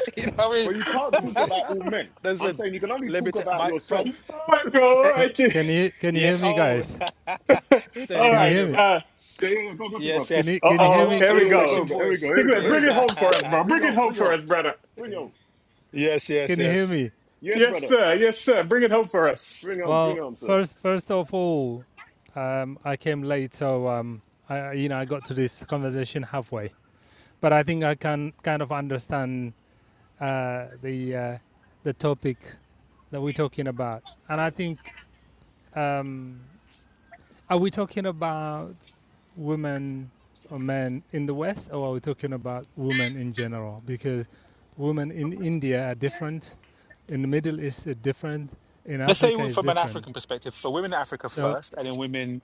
C: you know what
A: But you can't talk
C: I
A: about
C: mean?
A: all men. I'm
C: listen,
A: saying you can only
C: let me
A: talk
C: tell
A: about
C: my
A: yourself.
C: from.
B: All right, bro. All
D: Can,
B: right, Tim.
D: can you can you hear
C: Yes.
D: me,
C: Oh,
D: guys?
C: hey, Tony,
B: all
D: Can
C: how
D: you
C: you
B: right.
D: hear
C: doing,
D: me?
C: bro?
B: Uh,
A: Yeah, yeah, yeah. Go, go, through,
C: Yes,
A: bro.
D: Can
C: yes.
D: you
B: uh
D: can
C: I,
D: you
C: I
D: hear
B: oh,
D: me?
B: here
C: welcome
A: Yeah,
B: we
A: yeah, yeah.
B: go.
A: Go,
C: refreshing
A: go. Here we go.
C: voice.
A: Here we go.
B: Tiglet,
A: Here
C: Yeah.
A: we
B: bring it
A: go.
B: home for us, bro.
A: Bring it
B: Bring it
A: home.
B: home
A: Bring it
B: for
A: home.
B: us, brother.
A: Bring it home.
C: yes, yes,
D: Can you hear
C: yes.
D: me?
A: Yes,
B: Yes,
A: brother.
B: sir. Yes, sir. Bring it home for us.
A: Bring it home. Bring
D: Well,
A: it home, sir.
D: first first of all, um, I came late, so um, I you know I got to this conversation halfway, but I think I can kind of understand uh, the uh, the topic that we're talking about, and I think um, Are we talking about women or men in the West, or are we talking about women in general? Because women in India are different, in the Middle East is different, in
C: Let's say
D: Africa
C: we-
D: is
C: from an
D: different.
C: African perspective, for women in Africa
D: So
C: first, and then women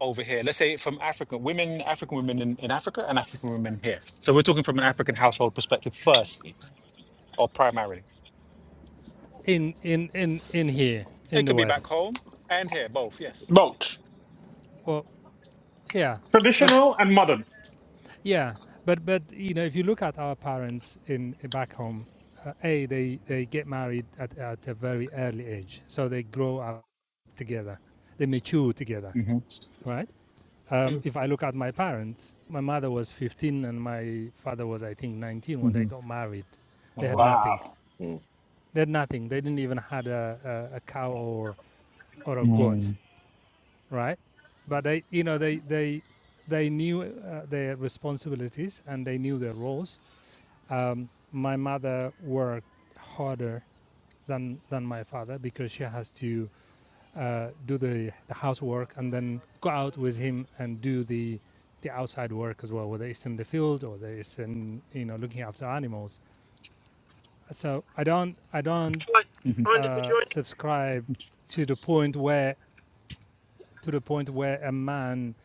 C: over here. Let's say from African women, African women in, in Africa, and African women here. So we're talking from an African household perspective first, or primarily.
D: in in in in here in
C: It
D: the
C: could be back
D: West,
C: home and here, both. Yes.
B: Boat.
D: well, yeah, but
B: Traditional and modern.
D: yeah, but but you know, if you look at our parents in back home, uh, a they they get married at at a very early age, so they grow up together, they mature together,
C: hmm
D: right? Um,
B: Mm.
D: if I look at my parents, my mother was 15 and my father was, I think, 19 when they
C: hmm
D: got married. They had
C: Oh.
D: nothing.
B: Wow.
A: Hmm.
D: They had nothing. They didn't even had a, a, a cow or or a goat,
C: mm
D: right? But they, you know, they they they knew uh, their responsibilities and they knew their roles. Um, my mother worked harder than than my father because she has to uh, do the, the housework, and then go out with him and do the the outside work as well, whether it's in the field or whether it's in you know looking after animals. So I don't I don't
C: Mhm.
D: uh, subscribe to the point where to the point where a man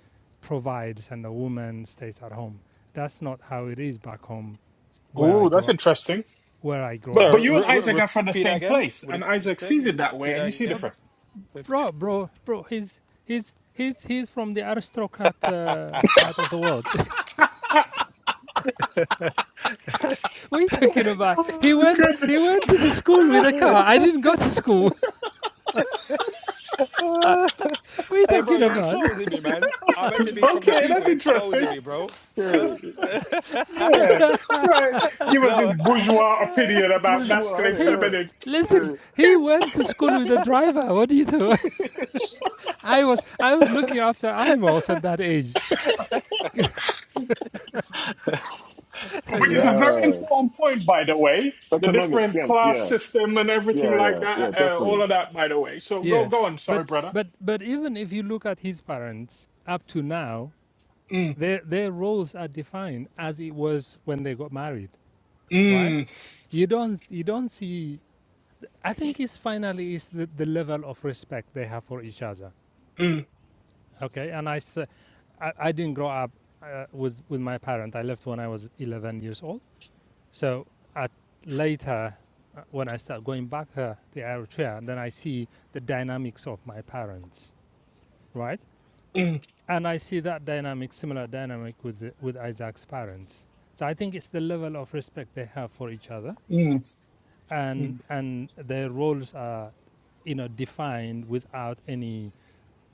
D: provides and a woman stays at home. That's not how it is back home where I
B: Oh, that's
D: grew up.
B: interesting.
D: Where I grew
B: But
D: up,
B: but
C: So
B: you and
C: re-
B: Isaac
C: re-
B: are from the
C: repeat that
B: same
C: again.
B: place,
C: What
B: and
C: did you just
B: Isaac
C: say?
B: sees it that way,
C: Repeat
B: and
C: that
B: you see
C: again.
B: different.
D: bro, bro, bro. He's he's he's he's from the aristocrat uh, part of the world. What are you talking about? He
B: Oh
D: went he
B: goodness.
D: went to the school with a car. I didn't go to school.
C: hey,
D: What are you
C: bro,
D: talking
C: you're
D: about?
C: exposing me, man. I meant to be from the
B: okay,
C: people.
B: that's
C: You're exposing
B: interesting.
C: me, bro.
A: Yeah,
C: Uh,
A: yeah.
B: Yeah, right. Give us
C: no.
B: this
C: uh,
B: bourgeois opinion about
A: Which one?
B: masculine,
D: He
A: Yeah.
B: feminine,
D: listen,
A: Yeah.
D: he
B: Okay.
D: went to school with a driver. What do you do? I was I was looking after animals at that age.
B: which is
D: yeah?
B: a very
A: Yeah.
B: important point, by the way. The
A: Economic
B: different
A: sense.
B: class
A: Yeah.
B: system and everything
A: Yeah.
B: like
A: Yeah. Yeah.
B: that, uh, all
A: Definitely.
B: of that, by the way. So go,
D: Yeah.
B: go on.
D: But
B: Sorry, brother.
D: but but even if you look at his parents up to now,
B: Mm,
D: their their roles are defined as it was when they got married, right?
B: mm,
D: You don't you don't see I think it's finally is the, the level of respect they have for each other
B: mm,
D: Okay, and I s- I, I didn't grow up uh, with with my parent. I left when I was 11 years old. So at later, uh, when I start going back uh, to Eritrea, then I see the dynamics of my parents, right?
B: mm,
D: And I see that dynamic, similar dynamic with the, with Isaac's parents. So I think it's the level of respect they have for each other,
B: mm.
D: and
B: Mm.
D: and their roles are, you know, defined without any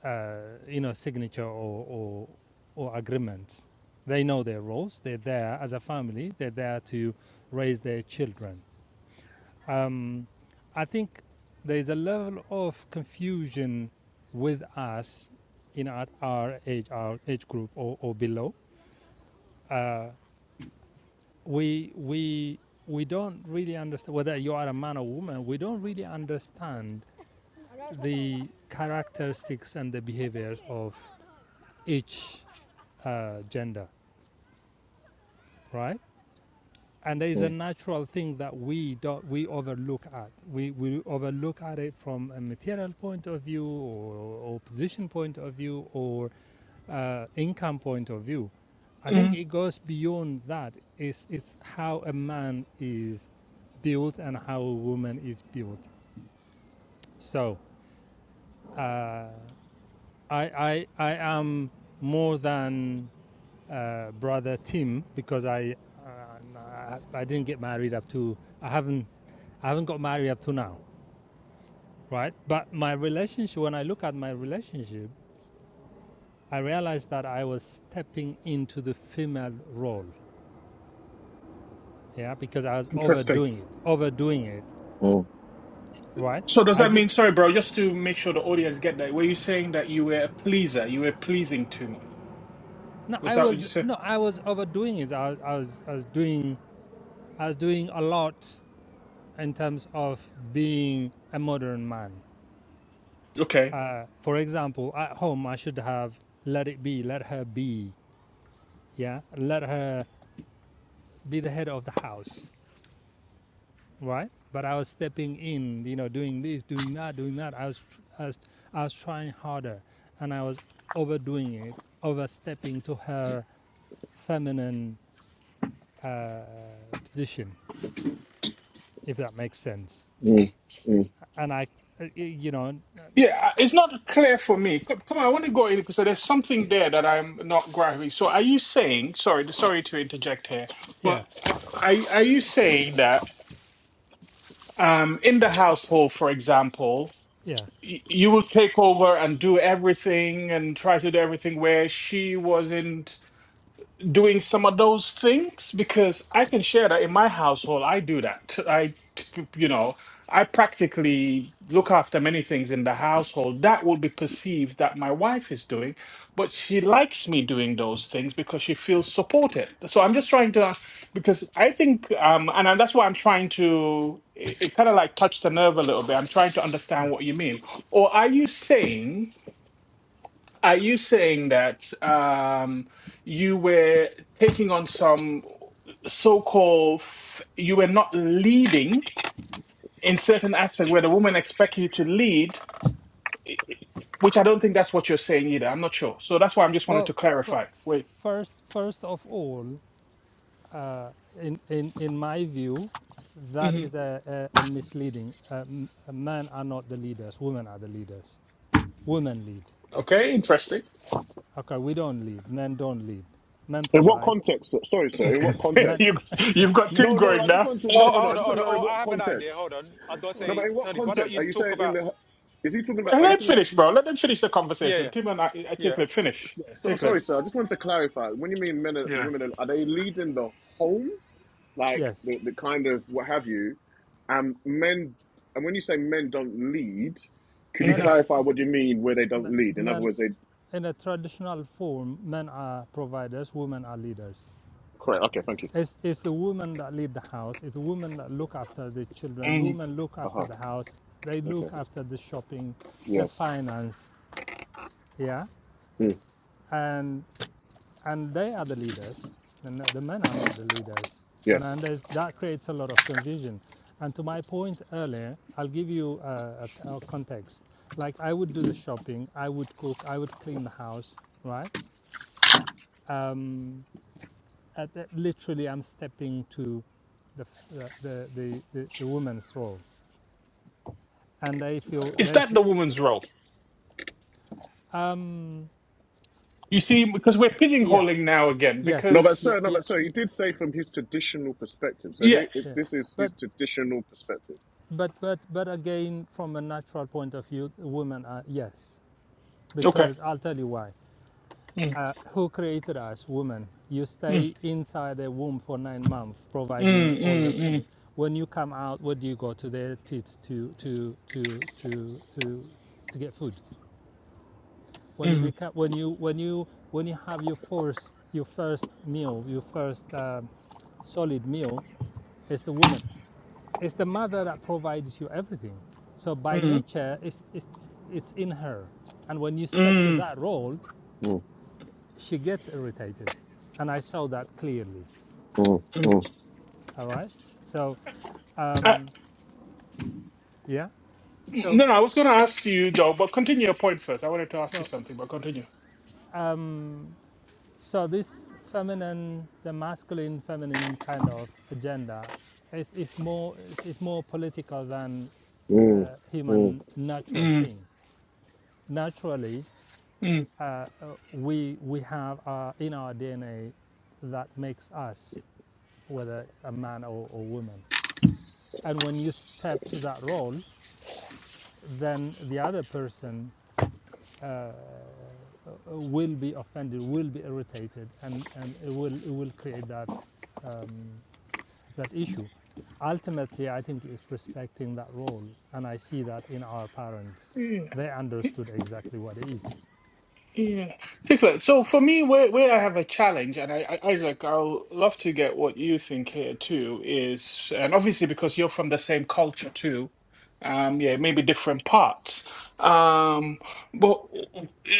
D: uh, you know, signature or, or, or agreement. They know their roles. They're there as a family. They're there to raise their children. Um, I think there is a level of confusion with us in at our age, our age group or, or below. Uh, we we we don't really understand whether you are a man or woman. We don't really understand the characteristics and the behaviors of each uh, gender, right? And there is a
A: Mm,
D: natural thing that we don't we overlook at. We, we overlook at it from a material point of view, or, or position point of view, or uh, income point of view. I think
B: Mm.
D: it goes beyond that. It's, it's how a man is built and how a woman is built. So uh, I, I, I am more than uh, brother Tim because I, uh, I didn't get married up to I haven't I haven't got married up to now, right? But my relationship when I look at my relationship, I realized that I was stepping into the female role, yeah, because I was
B: Interesting.
D: overdoing it, overdoing it,
A: mm,
D: right?
B: So does
D: I
B: that
D: did
B: mean, sorry, bro, just to make sure the audience get that, were you saying that you were a pleaser? You were pleasing too much?
D: no,
B: Was
D: I
B: that what you
D: was
B: said?
D: no, I was overdoing it. I, I was I was doing I was doing a lot in terms of being a modern man
B: Okay.
D: Uh, for example, at home, I should have let it be, let her be, yeah, let her be the head of the house, right? But I was stepping in, you know, doing this, doing that, doing that. I was, I was, I was trying harder, and I was overdoing it, overstepping to her feminine uh, position, if that makes sense.
A: mm, mm.
D: And I, uh, you know, uh,
B: Yeah, I- it's not clear for me. C- Come on, I want to go in because there's something there that I'm not grasping. So are you saying, sorry, sorry to interject here, but
D: yeah,
B: are, are you saying that um, in the household, for example,
D: yeah,
B: y- you will take over and do everything and try to do everything where she wasn't doing some of those things because I can share that in my household. I do that. I, t- you know, I practically look after many things in the household that will be perceived that my wife is doing, but she likes me doing those things because she feels supported. So I'm just trying to, uh, because I think, um, and I- that's why I'm trying to, it, it kind of like touched the nerve a little bit. I'm trying to
D: yeah.
B: understand what you mean. Or are you saying? Are you saying that um, you were taking on some so-called, f- you were not leading in certain aspect where the woman expect you to lead, i- i- which I don't think that's what you're saying either. I'm not sure. So that's why I'm just wanted
D: Well,
B: to
D: f-
B: clarify. Wait.
D: first, first of all, uh, in, in, in my view, that
B: hmm
D: is a, a, a misleading. Um, men are not the leaders, women are the leaders. Women lead.
B: Okay, interesting.
D: Okay, we don't lead, men don't lead. Men
A: In what
D: provide.
A: context? sir? Sorry, sir. In what
D: Men,
A: context?
B: you, you've got Tim
A: No, no.
B: going
A: I just
B: now.
A: want to. No,
C: Oh,
A: no, no. I
C: hold on,
A: just
C: hold
A: want
C: on.
A: to know in
C: Oh, I
A: what
C: have an idea.
A: context.
C: Hold on. I was gonna
A: No, but
C: say,
A: in what
C: Tony, why don't
A: context
C: you
A: are you
C: talk
A: saying? In
C: about?
A: the is he talking about?
B: But
A: Are
B: let
A: you
C: Uh,
B: him
A: talking about?
B: finish, bro. Let them finish the
C: yeah,
B: conversation.
C: yeah,
B: Tim and I, I
C: yeah,
B: take let finish. Yeah,
A: So,
B: take
D: okay,
A: sorry,
B: let.
A: sir. I just want to clarify. When you mean men and
C: yeah,
A: women, are they leading the home? like
D: yes,
A: the, the kind of what have you. And men, and when you say men don't lead, could you
D: men are,
B: Mhm.
A: clarify what you mean where they don't lead? In other
D: men,
A: words, they
D: in a traditional form, men are providers, women are leaders.
A: correct. Okay, thank you.
D: It's, it's the women that lead the house, it's the women that look after the children,
B: Mhm.
D: women look
A: Uh
D: after
A: huh.
D: the house, they look
A: Okay.
D: after the shopping, the
A: Yes.
D: finance, yeah?
A: Mm,
D: and and they are the leaders and the men are not the leaders and,
A: yes.
D: and there's, that creates a lot of confusion and to my point earlier i'll give you a, a, a context like i would do the shopping i would cook i would clean the house right um, at, the- literally i'm stepping to the, the, the, the, the, the woman's role and they feel
B: Is
D: they
B: that
D: feel,
B: the woman's role?
D: um,
B: You see, because we're
D: yes
B: pigeonholing now again,
D: yes
A: No, but
B: because
D: yeah,
A: sir, no,
D: yeah
A: but sir, he
D: yeah
A: did say from his traditional perspective. So
B: yeah,
A: here, it's
D: yeah.
A: this is
D: but
A: his traditional perspective.
D: But but but again, from a natural point of view, women are yes,
B: okay.
D: because I'll tell you why.
B: Mm,
D: Uh, who created us, women? You
B: mm,
D: stay inside a womb for nine months,
B: mm,
D: providing all of it.
B: mm,
D: When you come out, where do you go to their tits to to to to to to get food? When you
B: mm, mm,
D: become when you when you when you have your first your first meal, your first um, solid meal, it's the woman. it's the mother that provides you everything. So by
B: mm,
D: nature, it's, it's, it's in her. And when you step to
B: mm.
D: that role,
A: Mm,
D: she gets irritated. And I saw that clearly.
A: mm,
B: mm.
A: mm,
D: All right. So,
B: Uh,
D: um, yeah. So,
B: no, no, I was going to ask you though, but continue your point first. I wanted to ask you
D: so,
B: something, but continue.
D: um, so this feminine, the masculine, feminine kind of agenda is, is more is, is more political than uh,
A: mm, mm,
D: human natural
B: Mm,
D: thing. Naturally,
B: mm.
D: uh, uh, we, we have uh, in our DNA that makes us, whether a man or, or woman. And when you step to that role, then the other person uh, uh, will be offended, will be irritated, and, and it, will, it will create that, um, that issue. Ultimately, I think it's respecting that role, and I see that in our parents. They
B: Yeah.
D: understood exactly what it is.
B: Yeah, particular. So for me, where where I have a challenge, and I, I Isaac, I'll love to get what you think here too, is and obviously because you're from the same culture too, um, yeah, maybe different parts. Um, but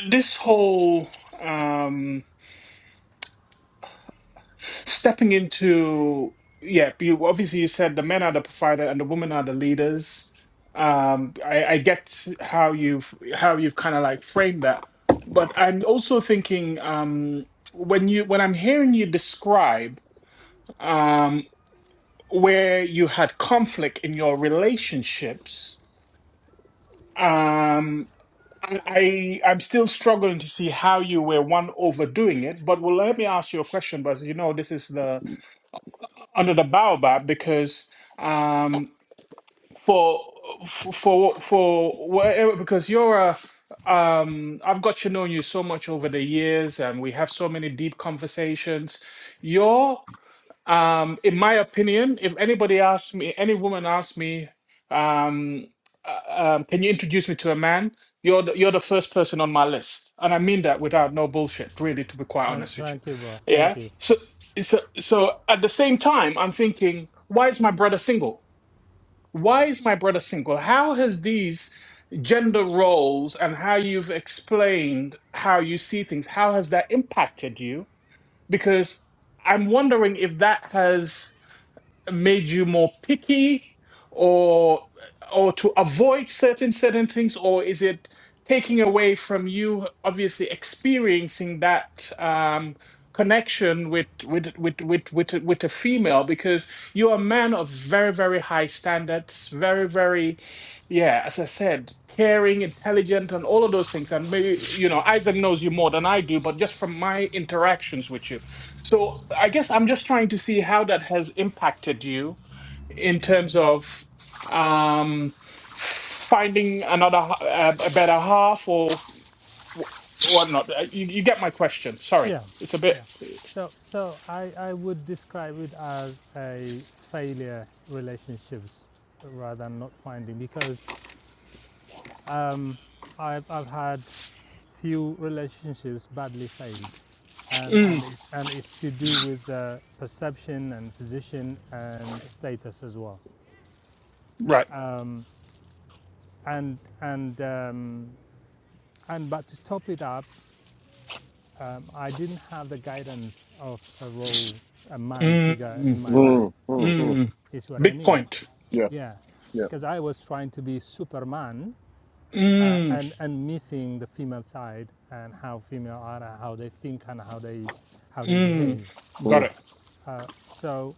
B: this whole um stepping into yeah you obviously you said the men are the provider and the women are the leaders um i i get how you've how you've kind of like framed that but i'm also thinking um when you when i'm hearing you describe um where you had conflict in your relationships um I I- I'm still struggling to see how you were one overdoing it, but well, let me ask you a question. But you know, this is the under the baobab because um for for for for whatever because you're a um I've got to know you so much over the years and we have so many deep conversations. Your um in my opinion if anybody asks me any woman asks me um uh, um, can you introduce me to a man you're the, you're the first person on my list and i mean that without no bullshit really to be quite
D: Thank,
B: honest with you
D: thank you, bro.
B: yeah
D: Thank you.
B: so so so at the same time i'm thinking why is my brother single why is my brother single how has these gender roles and how you've explained how you see things how has that impacted you because i'm wondering if that has made you more picky or or to avoid certain certain things or is it taking away from you obviously experiencing that um connection with with with with with, a- with a female because you're a man of very very high standards very very yeah as i said caring intelligent and all of those things and maybe you know isaac knows you more than i do but just from my interactions with you so I guess I'm just trying to see how that has impacted you in terms of um, finding another h- a, a better half or wh- whatnot. Uh, You, you get my question. Sorry,
D: Yeah,
B: it's a
D: yeah.
B: bit
D: So, so I, I would describe it as a failure relationships rather than not finding because um, I've, I've had few relationships badly failed, and and
B: mm,
D: it, and it's to do with uh, perception and position and status as well.
B: right.
D: Um, and and um, and but to top it up, um, I didn't have the guidance of a role, a man figure in
B: Mm,
D: my life
A: mm, mm, mm.
B: mm,
D: is what I
B: big
D: mean.
B: point.
A: Yeah,
D: Yeah,
A: yeah,
D: because I was trying to be Superman uh,
B: Mm,
D: and and missing the female side and how female are and how they think and how they how they
B: mm,
D: behave.
B: got it.
A: mm.
D: Uh, so,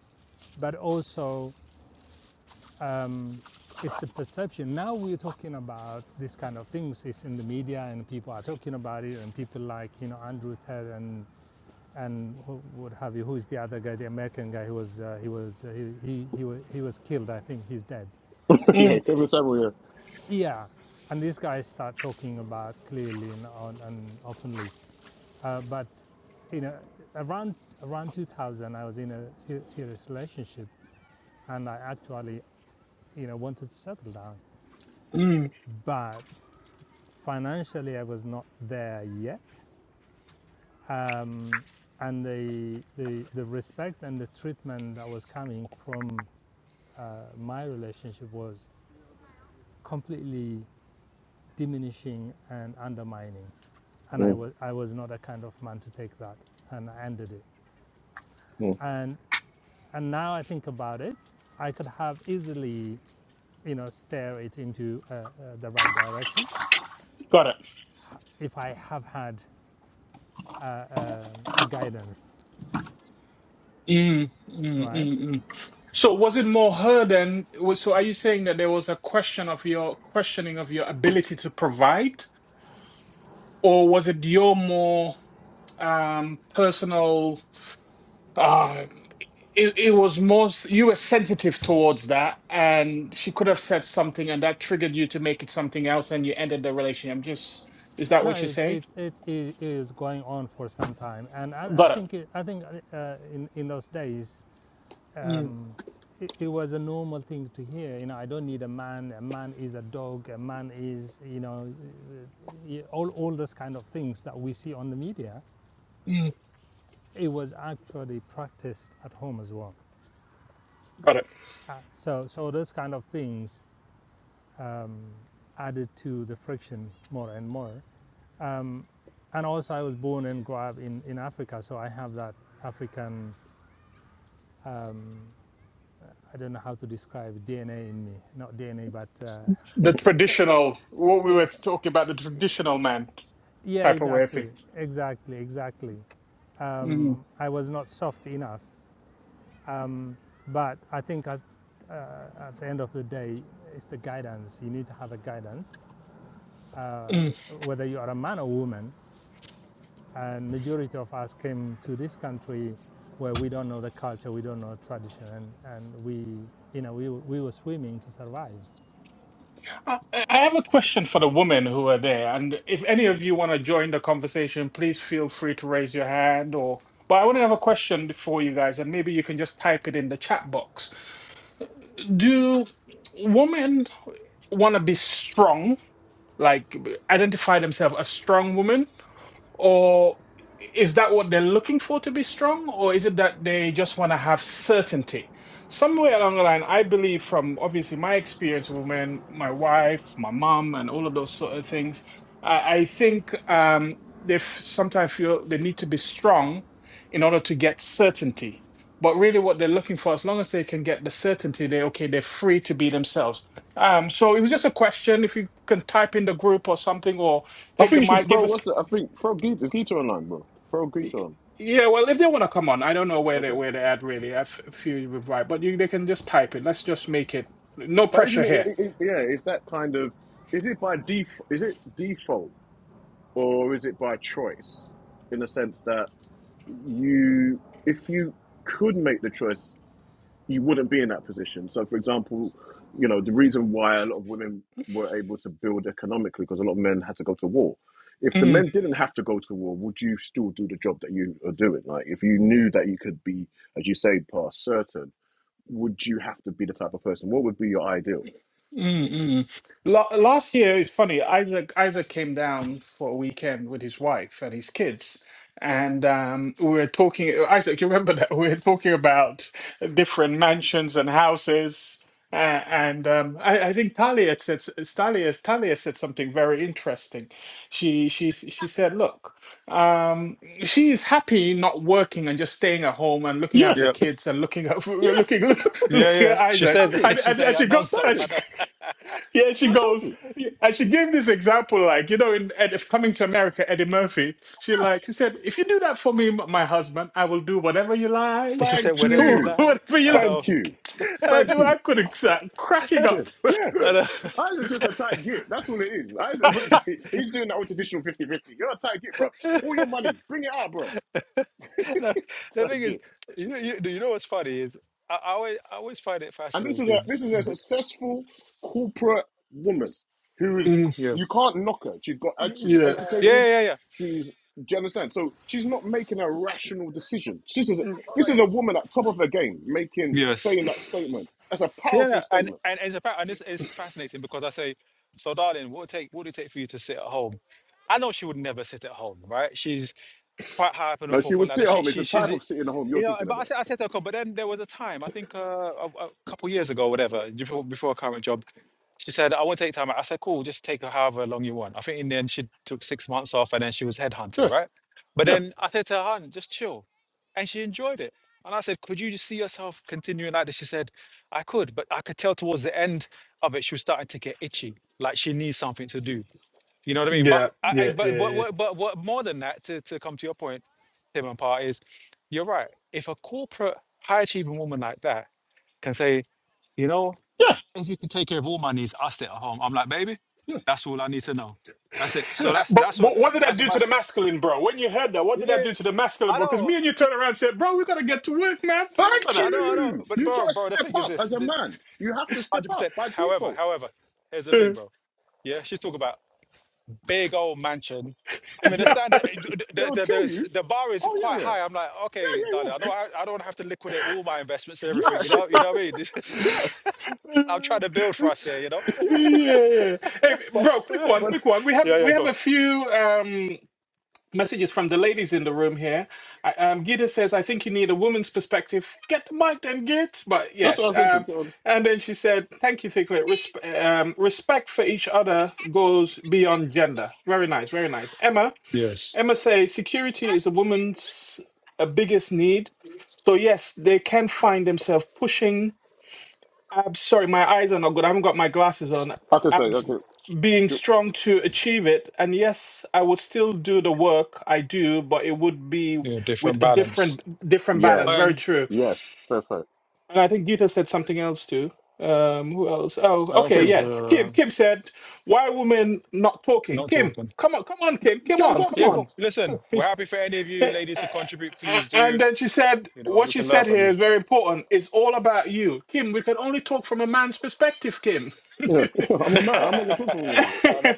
D: but also um, it's the perception. Now we're talking about this kind of things. It's in the media and people are talking about it and people like you know Andrew Ted and and who, what have you? Who is the other guy? The American guy who was uh, he was uh, he, he he was he was killed. I think he's dead.
A: yeah.
B: Mm,
A: Kevin Samuel.
D: Yeah, and these guys start talking about clearly and, and openly. Uh, but you know, around around 2000, I was in a se- serious relationship, and I actually you know wanted to settle down,
B: mm,
D: but financially I was not there yet. Um, and the, the the respect and the treatment that was coming from uh, my relationship was completely diminishing and undermining and
A: Yeah.
D: I
A: Mm,
D: was I was not a kind of man to take that, and I ended it.
A: mm.
D: And and now I think about it, I could have easily, you know, steer it into uh, uh, the right direction
B: got it.
D: if I have had uh, uh, a guidance,
B: Mm, mm, mm,
D: right?
B: mm. So was it more her than? was- So are you saying that there was a question of your questioning of your ability to provide, or was it your more um, personal? Uh, it, it was more s- you were sensitive towards that, and she could have said something, and that triggered you to make it something else, and you ended the relationship. Just is that
D: No,
B: what you
D: it,
B: say?
D: it, it, it is going on for some time, and I, I
B: Got it.
D: think it, I think uh, in in those days
B: Mm,
D: um, it, it was a normal thing to hear. You know, I don't need a man. A man is a dog. A man is, you know, uh, uh, all all those kind of things that we see on the media.
B: mm,
D: It was actually practiced at home as well.
B: got it.
D: Uh, so so those kind of things um, added to the friction more and more. Um, and also, I was born and grew up in in Africa, so I have that African. Um, I don't know how to describe DNA in me, not DNA, but uh,
B: The traditional, what we
D: yeah,
B: were talking about, the traditional man
D: Yeah,
B: type of way of thing.
D: exactly, exactly, exactly.
B: Mm,
D: Um, I was not soft enough, um, but I think at, uh, at the end of the day, it's the guidance. You need to have a guidance, uh,
B: mm.
D: whether you are a man or woman. And majority of us came to this country where we don't know the culture, we don't know tradition, and, and we, you know, we, we were swimming to survive.
B: I I have a question for the women who are there, and if any of you want to join the conversation, please feel free to raise your hand. Or, but I want to have a question for you guys, and maybe you can just type it in the chat box. Do women want to be strong, like b- identify themselves as strong women, or is that what they're looking for to be strong? Or is it that they just want to have certainty? Somewhere along the line, I believe from obviously my experience with men, my wife, my mom, and all of those sort of things, I, I think um, they f- sometimes feel they need to be strong in order to get certainty. But really, what they're looking for, as long as they can get the certainty, they okay, they're free to be themselves. Um, so it was just a question. If you can type in the group or something, or
A: I
B: take
A: think
B: the
A: you should
B: mic,
A: throw
B: give us
A: what's it? I think throw Gita, Gita online, bro. Throw
B: Y-
A: Gita on.
B: Yeah, well, if they want to come on, I don't know where they
A: Okay,
B: where they're at really. I f- feel you're right, but you, they can just type it. Let's just make it no
A: but isn't
B: pressure
A: it,
B: here.
A: it, it? Yeah, it's that kind of. Is it by def? Is it default or is it by choice? In the sense that you, if you could make the choice you wouldn't be in that position. So, for example, you know, the reason why a lot of women were able to build economically because a lot of men had to go to war. If the men didn't have to go to war, would you still do the job that you are doing? Like, if you knew that you could be, as you say, past certain, would you have to be the type of person? What would be your ideal?
B: Mm, mm. La last year, it's funny. Isaac Isaac came down for a weekend with his wife and his kids, and um, we were talking. Isaac, you remember that we were talking about different mansions and houses. Uh, and um, I, I think Talia had said s- Talia Talia said something very interesting. She she s- she said, "Look, um, she is happy not working and just staying at home and looking after
A: Yeah,
B: the
C: yeah,
B: kids and looking at
A: yeah,
B: looking look,
C: yeah,
B: looking
C: yeah.
B: at
C: She
B: Isaac."
C: said,
A: standard,
B: And,
C: she
B: and,
C: said
B: and she
C: that
B: goes,
C: nonstop.
B: And
C: I
B: she
A: standard.
C: know.
B: Yeah, she
A: I told you.
B: goes, and she gave this example, like, you know, in Ed, if coming to America, Eddie Murphy, she
A: Yeah.
B: like, she said, if you do that for me, m- my husband, I will do whatever you
C: She
B: like.
C: said
A: Thank
C: whatever
B: Who-
C: you
A: you,
C: like.
B: whatever you
C: I
B: like.
A: thank
C: know.
A: you,
B: I
A: thank
B: do,
A: you.
B: I couldn't stop cracking
A: Yeah,
B: up.
A: yeah.
C: I know.
A: Isaac's just a tight git. That's all it is. Isaac wants to, he's doing that with traditional 5050 You're a tight git, bro. All your money, bring it out, bro.
C: no, the
A: Tight
C: thing is,
A: git.
C: you know, you, do you know what's funny is I, I always I always find it
A: And this is a
C: fascinating.
A: this is a
C: th-
A: successful corporate woman who is
B: Mm,
C: Yeah.
A: you can't knock her. She's got she's
B: yeah.
A: educated.
C: Yeah, yeah, yeah.
A: She's do you understand? So she's not making a rational decision. This is a,
B: Mm,
A: this is a woman at top of her game making
C: Yes.
A: saying that statement. That's a
C: Yeah, no,
A: powerful
C: and,
A: statement.
C: and it's about and it's, it's fascinating because I say, so darling, what would it take what would it take for you to sit at home? I know she would never sit at home, right? She's quite high up in the
A: No, she will
C: corporate ladder.
A: sit at
C: She,
A: home. It's
C: she,
A: a
C: she's,
A: type
C: a-
A: of sitting at home
C: you
A: you're
C: know.
A: talking
C: But I
A: about.
C: said, I said to her, but then there was a time, I think uh, a, a couple years ago, whatever, before before her current job, she said, I won't take time. out." I said, cool, just take her however long you want. I think in the end, she took six months off, and then she was headhunted,
A: Yeah,
C: right? But
A: yeah,
C: then I said to her, hun, just chill, and she enjoyed it. And I said, could you just see yourself continuing like this? She said, I could, but I could tell towards the end of it, she was starting to get itchy, like she needs something to do. You know what I mean? But
B: Yeah.
C: I, I
B: Yeah. Yeah.
C: but what
B: Yeah.
C: what but what more than that, to, to come to your point, Tim and Par, is you're right. If a corporate high achieving woman like that can say, you know,
A: yeah,
C: if you can take care of all my needs, I'll stay at home. I'm like, baby,
A: yeah,
C: that's all I need to know. That's it. So
A: yeah.
B: Uh,
C: that's
B: But,
C: that's what
B: but what did that
C: that's
B: do
C: my
B: to the masculine, bro? When you heard that, what did that do
C: yeah.
B: to the masculine,
C: I
B: bro? Because
C: know,
B: me and you turn around and said, bro, we got to get to work, man.
A: Thank
B: Remember
C: I know, I
A: you.
C: know. But
A: You
C: bro,
A: got to
C: bro, the
A: step
C: thing is
A: up
C: this,
A: as a
C: this
A: man. You have to step
C: hundred
A: up
C: percent.
A: by
C: However,
A: default.
C: however, here's the
B: that.
C: thing, bro. Yeah, she's talking about big old mansion. I mean, the
A: Yeah,
C: standard,
A: they
C: the
A: will
C: the
A: kill
C: the,
A: you.
C: the bar is
A: Oh yeah,
C: quite
A: yeah,
C: high. I'm like, okay,
A: yeah,
C: darling, I don't I don't wanna have to liquidate all my investments and
A: yeah,
C: everything. You
A: yeah,
C: know, you know what I mean? This is,
A: yeah,
C: I'm trying to build for us here. You know?
A: yeah, yeah.
B: Yeah. Hey,
A: But
B: bro, quick one,
A: but
B: quick one. We
C: yeah,
B: have
C: yeah,
B: we have
C: go.
B: a few um messages from the ladies in the room here. I, um Gita says, I think you need a woman's perspective. Get the mic then, Git. But
A: that's
B: yes,
A: what I said to
B: um
A: Kim.
B: and then she said, Thank you, Thiklet. Resp- um, respect for each other goes beyond gender. Very nice, very nice. Emma,
C: Yes,
B: Emma says security is a woman's uh, biggest need. So yes, they can find themselves pushing Abs, sorry, my eyes are not good. I haven't got my glasses on.
A: I can say
B: Abs,
A: okay.
B: being strong to achieve it. And yes, I would still do the work I do, but it would be
C: yeah,
B: with
C: different
B: a
C: balance.
B: different different balance.
A: Yes,
B: Very
C: And
B: true.
A: yes, fair, fair.
B: And I think Gita said something else too. Um, who else? Oh,
C: I don't
B: okay,
C: feel
A: Kim,
C: it's
B: yes. Kim.
C: uh,
B: Kim said, "Why are women not talking?"
C: not
B: Kim,
C: talking.
B: come on, come on, Kim, come
A: jump
B: on,
A: up,
B: come
C: Yeah,
A: Kim.
B: on.
C: cool. Listen, we're happy for any of you ladies to contribute. Please do.
B: And then she said,
C: You know, we
B: What you
C: can learn
B: said
C: from
B: here
C: you.
B: is very important. It's all about you. Kim, we can only talk from a man's perspective, Kim. and
A: Yeah, I'm a man. I'm not gonna talk for women.
C: I know,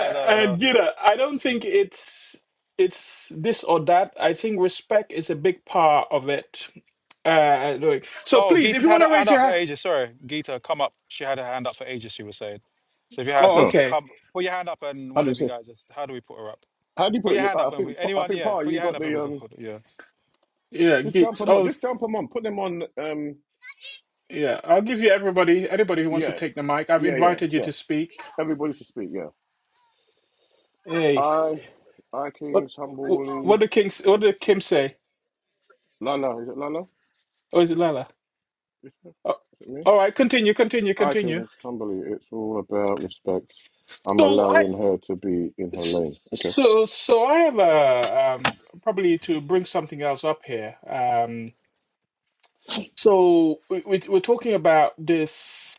C: I know, I know.
B: you know, I don't think it's it's this or that. I think respect is a big part of it. Uh like- so
C: Oh,
B: please, if
C: Geeta's
B: you
C: had
B: want
C: her
B: to
C: hand
B: raise your
C: up for
B: hand.
C: ages. Sorry, Geeta, come up. She had her hand up for ages. She was saying. So if you
B: Oh,
C: have
A: Oh,
B: okay.
C: come, put your hand up, and
A: I
C: one of
A: didn't
C: you
A: say.
C: guys. is- How do we put her up?
A: How do you
C: Put
A: put
C: your
A: it?
C: hand
A: I
C: up, and
A: think
C: we
A: I
C: anyone.
A: think
C: Yeah,
A: Pa,
C: put
A: you
C: your hand
A: got
C: up, and we
A: the
C: can
A: um.
C: put. it, Yeah.
B: Yeah,
A: Just jump
B: Gits.
A: them on.
B: Oh,
A: Just jump them on. Put them on. Um.
B: yeah. I'll give you everybody, anybody who wants to
A: Yeah.
B: take the mic. I've
A: Yeah. Yeah.
B: invited you
A: Yeah.
B: to speak.
A: Everybody should speak. Yeah.
B: Hey.
A: I, I
B: What
A: Kings
B: what
A: humbly.
B: did King what did Kim say?
A: Lala, is it Lala?
B: Or is it Lala?
A: Is it is
B: Oh,
A: it me?
B: all right, continue, continue,
A: I
B: continue.
A: Kings humbly. It's all about respect. I'm
B: So I
A: allowing her to be in her
B: s-
A: lane. Okay,
B: so so I have a um probably to bring something else up here. Um, so we, we we're talking about this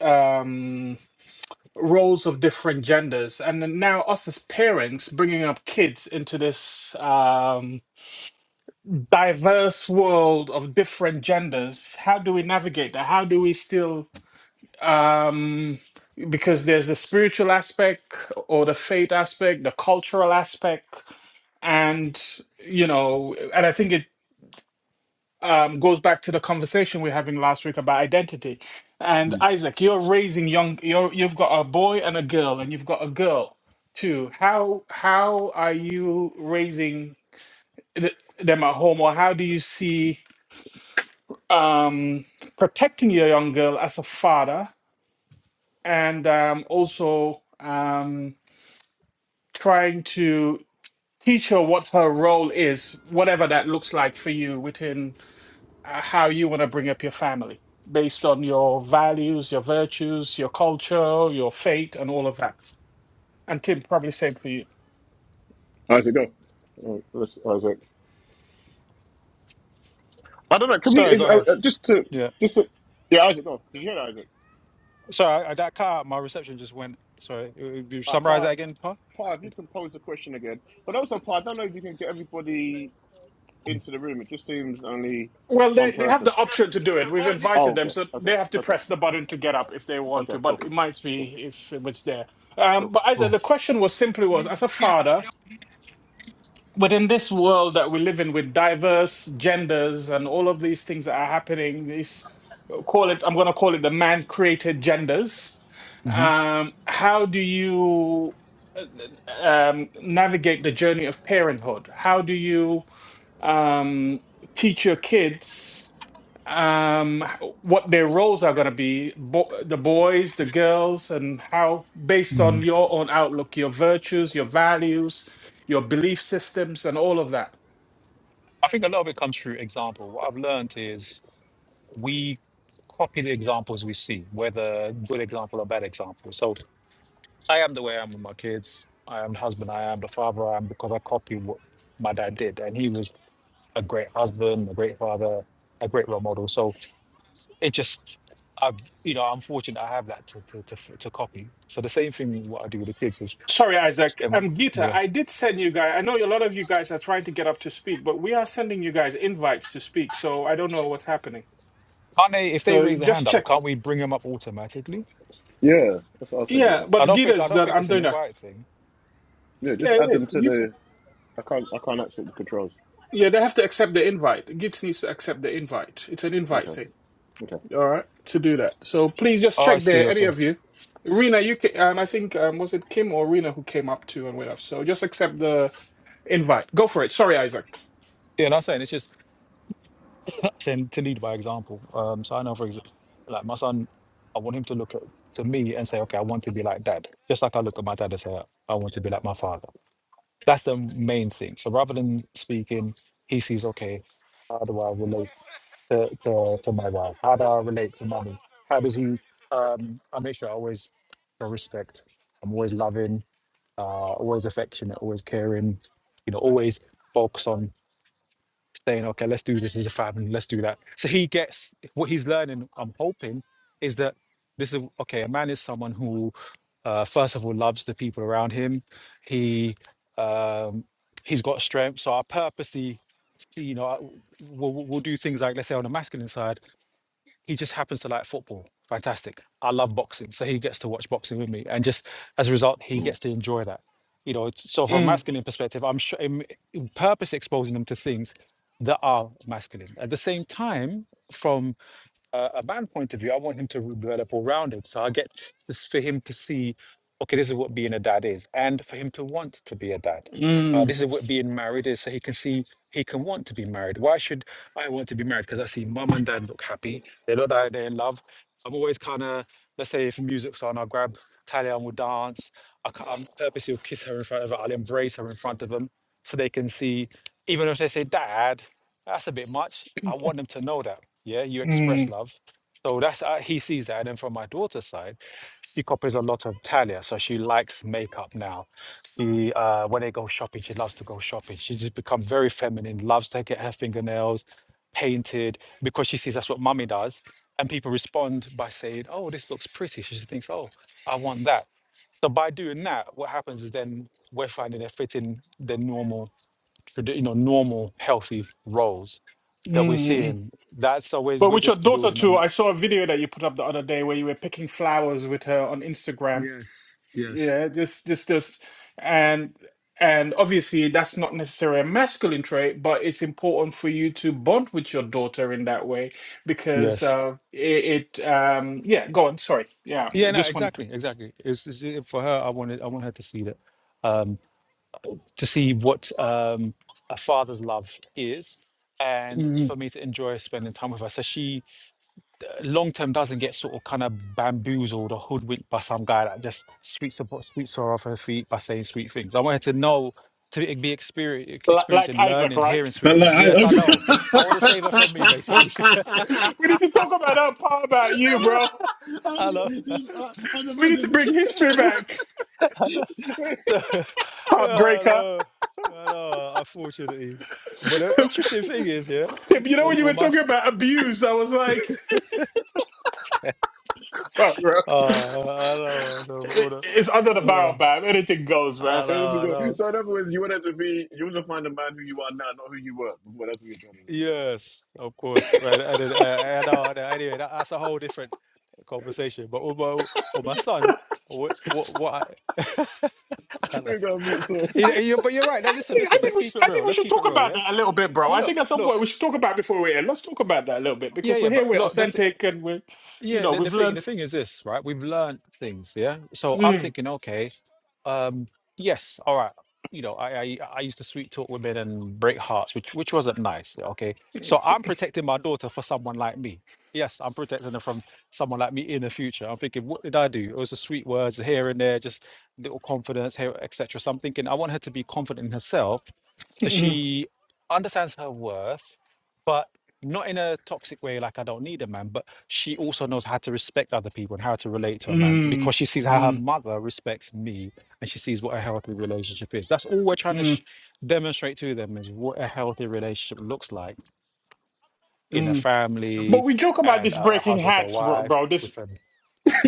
B: um roles of different genders, and then now us as parents bringing up kids into this um diverse world of different genders. How do we navigate that? How do we still um because there's the spiritual aspect or the faith aspect the cultural aspect and you know and i think it um, goes back to the conversation we were having last week about identity and isaac you're raising young you're, you've got a boy and a girl and you've got a girl too how how are you raising th- them at home or how do you see um protecting your young girl as a father and um also um, trying to teach her what her role is, whatever that looks like for you within uh, how you want to bring up your family based on your values, your virtues, your culture, your faith, and all of that. And Tim, probably same for you.
A: Isaac, go. Uh, let's Isaac. I don't know. Can we
C: Sorry,
A: is
C: go
A: uh,
C: ahead.
A: uh, just to
C: Yeah.
A: just to, yeah, Isaac, go. Did you hear that, Isaac?
C: Sorry, I, I, that car. My reception just went. Sorry. uh, uh, You
A: All right,
C: summarize
A: Pa,
C: that again, Pa?
A: Pa, if you can pose the question again, but also Pa, I don't know if you can get everybody into the room. It just seems only
B: Well, they,
A: one
B: they have
A: person.
B: the option to do it. We've
A: Oh,
B: invited them,
A: okay,
B: so they
A: okay,
B: have to
A: okay,
B: press the button to get up if they want
A: okay,
B: to,
A: cool.
B: but it might
A: Cool.
B: be if it's there.
A: cool.
B: Um, but as I-
C: Cool.
B: the question was simply was, as a father, but in this world that we live in with diverse genders and all of these things that are happening is call it i'm going to call it the man created genders um, how do you uh, um, navigate the journey of parenthood how do you um, teach your kids um what their roles are going to be bo- the boys the girls and how based on
C: Mm.
B: your own outlook your virtues your values your belief systems and all of that
C: I think a lot of it comes through example. What I've learned is we copy the examples we see, whether good example or bad example. So I am the way I am with my kids. I am the husband I am, the father I am, because I copy what my dad did. And he was a great husband, a great father, a great role model. So it just, I've, you know, I'm fortunate I have that to, to, to, f- to copy. So the same thing what I do with the kids is,
B: sorry isaac
C: them-
B: um gita
C: yeah.
B: i did send you guys i know a lot of you guys are trying to get up to speak but we are sending you guys invites to speak so i don't know what's happening
C: Can't they, if they
B: so
C: raise a hand
B: just
C: up,
B: check
C: can't we bring them up automatically?
A: Yeah, that's what I was thinking
B: yeah
A: about.
C: I
B: but
C: don't think, I
B: gita's
C: don't
B: that
C: think
B: i'm
C: it's an
B: doing that
C: invite thing.
A: Yeah,
B: yeah
A: just
B: it
A: add them
B: is
A: to
B: you s-
A: the. I can't. I can't access the controls.
B: yeah they have to accept the invite gita needs to accept the invite it's an invite
A: Okay.
B: thing
A: Okay.
B: All right, to do that. So please just
C: Oh, I
B: check
C: see.
B: there, any
C: Okay.
B: of you. Rena, you ca um, I think um, was it Kim or Rena who came up to and went up. So just accept the invite. Go for it. Sorry, Isaac.
C: Yeah, no, I'm saying it's just saying to lead by example. Um, so I know, for example, like my son, I want him to look at to me and say, okay, I want to be like dad. Just like I look at my dad and say, I want to be like my father. That's the main thing. So rather than speaking, he sees, okay, how do I relate to, to, to my wife? How do I relate to mommy? How does he? Um, I make sure I always show respect. I'm always loving, uh, always affectionate, always caring. You know, always focus on saying, okay, let's do this as a family, let's do that. So he gets what he's learning, I'm hoping, is that this is okay, a man is someone who, uh, first of all, loves the people around him. He, um, he's got strength. So I purposely, you know, I- we'll, we'll do things like, let's say, on the masculine side he just happens to like football. Fantastic. I love boxing. So he gets to watch boxing with me. And just as a result, he
A: Mm.
C: gets to enjoy that. You know, it's- so from a
B: Mm,
C: masculine perspective, I'm sure I'm purpose exposing them to things that are masculine. At the same time, from uh, a man point of view, I want him to develop all rounded. So I get this for him to see, okay, this is what being a dad is, and for him to want to be a dad. Uh,
B: mm,
C: this is what being married is, so he can see he can want to be married. Why should I want to be married? Because I see mum and dad look happy. They look like they're in love. I'm always kind of, let's say if music's on, I'll grab Talia and we'll dance. I ca- I'm purposely will kiss her in front of her. I'll embrace her in front of them so they can see, even if they say dad, that's a bit much. I want them to know that. Yeah, you express
B: mm, mm,
C: love. So that's uh, he sees that. And then from my daughter's side, she copies a lot of Talia. So she likes makeup now. She uh, when they go shopping, she loves to go shopping. She's just become very feminine. Loves to get her fingernails painted because she sees that's what mummy does. And people respond by saying, "Oh, this looks pretty." She just thinks, "Oh, I want that." So by doing that, what happens is then we're finding they fit in their normal, tradi- you know, normal healthy roles that we're
B: mm. mm.
C: seeing. That's always
B: But
C: we're
B: with your
C: just
B: daughter
C: building on
B: too,
C: that.
B: I saw a video that you put up the other day where you were picking flowers with her on Instagram.
C: Yes, yes.
B: Yeah, just just just and and obviously that's not necessarily a masculine trait, but it's important for you to bond with your daughter in that way because
C: Yes.
B: uh it, it um yeah, go on, sorry. Yeah, I
C: Yeah, no,
B: just wanted to
C: exactly, exactly. It's, it's for her. I wanted, I want her to see that, um, to see what um, a father's love is, and
B: Mm,
C: for me to enjoy spending time with her. So she, uh, long term, doesn't get sort of kind of bamboozled or hoodwinked by some guy that just sweeps her, sweeps her off her feet by saying sweet things. I want her to know, to be experience,
B: li- like
C: experiencing,
B: Isaac,
C: learning,
B: right?
C: hearing sweet
A: But
C: things.
A: like, I,
C: Yes,
A: I'm
C: I
A: just.
C: know. I want to save her from me, basically.
B: We need to talk about that part about
C: I
B: you,
C: know.
B: bro.
A: I'm
C: I know.
A: see, I- I'm the
B: We
A: man.
B: need to bring
A: that's-
B: history back.
C: I know. So, yeah, I
B: Heartbreaker.
C: know. I know. uh, Unfortunately, but the interesting thing is, yeah,
B: Tip, You know
C: Well,
B: when you
C: well,
B: were
C: my,
B: talking
C: s-
B: about abuse, I was like,
C: uh,
B: fuck, bro.
C: I know, I know, but
B: It,
C: all the,
B: it's under the barrel,
C: uh,
B: man. Anything goes,
C: I
B: man.
A: There
C: know,
A: we
C: I
A: go.
C: know.
A: So in other words, you want it to be. You want to find the man who you are now, not who you were before. That's what you're trying to
C: Yes, of course. Right. And then, I, I know. I know. Anyway, that, that's a whole different conversation. But with my, with my son, what, what, what I, I
A: say.
C: know.
A: We got meet so.
C: You know, you- but you're
B: I,
C: right. No,
B: I
C: listen,
B: think I
C: listen.
B: think
C: Let's
B: we
C: keep
B: should,
C: it
B: I
C: real.
B: think we
C: Let's
B: should
C: keep it
B: talk
C: real.
B: about
C: Yeah.
B: that a little bit, bro.
C: No,
B: I
C: look,
B: think at some point
C: look.
B: we should talk about it before we end. Let's talk about that a little bit
C: Yeah,
B: because
C: yeah,
B: we're here,
C: but
B: we're
C: look, the th
B: authentic, and we're, you
C: yeah,
B: know,
C: the, the
B: we've
C: thing
B: learned.
C: the thing is this, right? We've learned things, yeah. So I'm
B: Mm,
C: thinking, okay. Um, yes, all right. You know, I, I I used to sweet talk women and break hearts, which which wasn't nice. Okay, so I'm protecting my daughter for someone like me. Yes, I'm protecting her from someone like me in the future. I'm thinking, what did I do? It was the sweet words here and there, just little confidence here, etc. So I'm thinking, I want her to be confident in herself, so
B: mm,
C: she understands her worth, but not in a toxic way, like I don't need a man. But she also knows how to respect other people and how to relate to a man
B: mm,
C: because she sees how her
B: mm,
C: mother respects me and she sees what a healthy relationship is. That's all we're trying to sh-
B: mm,
C: demonstrate to them is what a healthy relationship looks like in a
B: mm. But
C: family
B: we joke about
C: and
B: this
C: a, a
B: breaking
C: husband or
B: hats, bro.
C: wife
B: bro. this.
C: with a.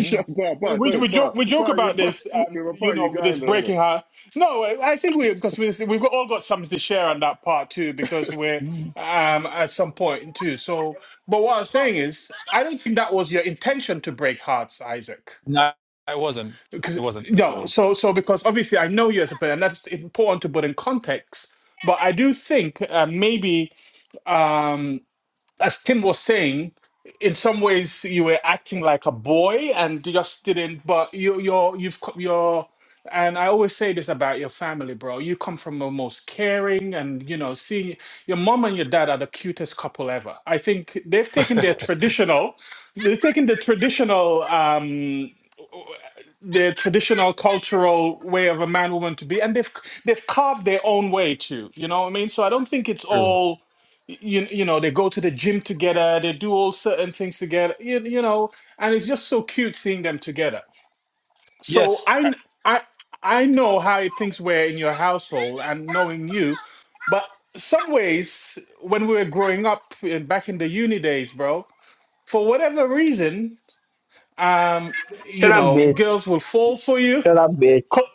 A: Shut up, pa pa
B: we, we
A: don't pa
B: joke we joke
A: pa you
B: about
A: pa
B: this um
A: you're a
B: you
A: pa you
B: know
A: guy
B: this
A: in there.
B: breaking
A: innit?
B: heart no i I think we because we, we've got, all got something to share on that part too because we're
C: Mm.
B: um at some point too so but what i'm saying is i don't think that was your intention to break hearts isaac
C: No, it wasn't.
B: because
C: It wasn't
A: Yeah.
B: no so so because obviously i know you as a player and that's important to put in context but i do think uh, maybe um as Tim was saying, in some ways you were acting like a boy and you just didn't. But you, you're, you've, co- you're, and I always say this about your family, bro. You come from the most caring and you know, seeing your mom and your dad are the cutest couple ever. I think they've taken their traditional, they've taken the traditional. um the traditional cultural way of a man woman to be and they've they've carved their own way too you know what i mean so i don't think it's
C: true.
B: all you, you know they go to the gym together they do all certain things together you, you know and it's just so cute seeing them together so
C: Yes,
B: i
C: I,
B: kn- i i know how things were in your household and knowing you but some ways when we were growing up in, back in the uni days bro for whatever reason um
E: Shut
B: you
E: up,
B: know
E: bitch.
B: girls will fall for you
E: Shut up, bitch.
B: Co-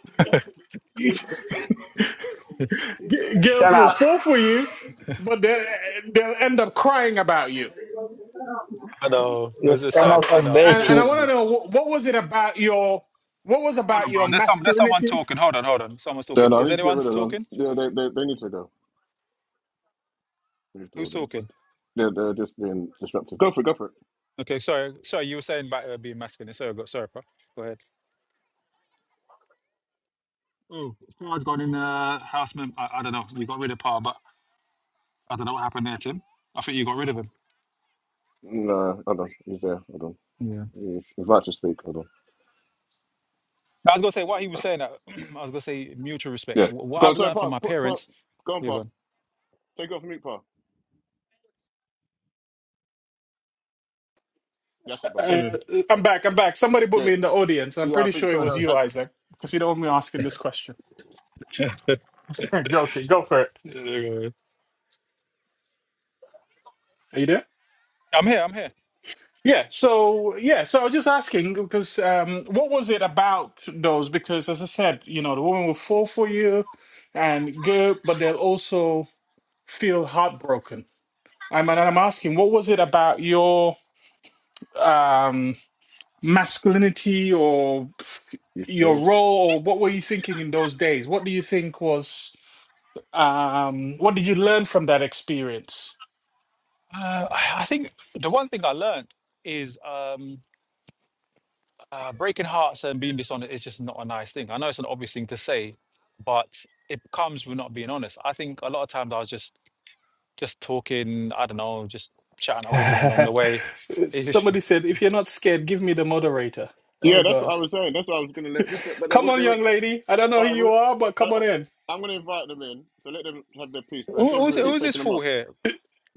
B: girls
E: Shut
B: will
E: up.
B: fall for you, but they, they'll end up crying about you.
C: I know. It
E: You
C: was a
E: son of
C: sad. I
E: a
C: know.
B: And,
E: bitch.
B: and I
E: You,
B: want to
C: Unfortunately.
B: know what, what was it about your what was
C: Hold
B: about
C: on, bro.
B: your
C: There's some. There's someone
B: masculinity?
C: talking. Hold on. Hold on. Someone's
A: Yeah.
C: talking.
A: No, I
C: Is
A: need to get
C: anyone
A: rid of them.
C: talking?
A: Yeah, they they, they need to go. Leave the
C: Who's
A: audience.
C: talking?
A: Yeah, they're just being disruptive. Go for it. Go for it.
C: Okay. Sorry. Sorry. You were saying about uh, being masculine. Sorry. I got- Sorry, bro. Go ahead. Oh, power's gone in the house. mem- I, I don't know. We got rid of power, but I don't know what happened there, Tim. I think you got rid of him.
A: No, hold on. He's there. Hold on.
C: Yeah.
A: He's, he's about to speak. Hold on.
C: I was gonna say what he was saying. That I was gonna say mutual respect.
A: Yeah.
C: Wh- What
A: Go
C: I've
A: on. Sorry,
C: learned from
A: Pa.
C: my
A: Put, put,
C: parents.
A: go on,
C: You're
A: Pa.
C: gone.
A: Take it off mute, Pa. That's it, Pa. Go on.
B: Uh,
C: Sorry.
B: I'm back. I'm back. Somebody
A: Yeah.
B: put
A: Yeah,
B: me in the audience. I'm
A: Yeah, I
B: pretty
A: think
B: sure it
A: so.
B: was
C: Okay.
A: That,
B: you,
A: I,
B: Isaac, because you don't want me asking this question. Okay, go for it.
C: Yeah, there you go. yeah.
B: Are you there?
C: I'm here. I'm here.
B: Yeah. So yeah. So I was just asking because um, what was it about those? Because as I said, you know, the woman will fall for you, and good, but they'll also feel heartbroken I'm, and I'm asking, what was it about your um, masculinity or
A: you
B: your
A: scared?
B: role, or what were you thinking in those days? What do you think was, um, what did you learn from that experience?
C: Uh, I I think the one thing I learned is um, uh, breaking hearts and being dishonest is just not a nice thing. I know it's an obvious thing to say, but it comes with not being honest. I think a lot of times I was just just talking. I don't know, just chatting at women along the way. It is-
B: Somebody said, if you're not scared, give me the moderator. Oh,
A: Yeah, that's what I
B: God.
A: was saying. That's what I was going to let this, but, but they
B: Come
A: would,
B: on,
A: they would,
B: young lady. I don't know
A: I
B: who you
A: would,
B: are, but
A: I,
B: come on in.
A: I, I'm going to invite them in, so let them have their piece. But
C: Who,
A: if they're
C: who's
A: rude,
B: Y-
A: I'm
C: who's this
A: taking them
C: fool
A: off.
C: here?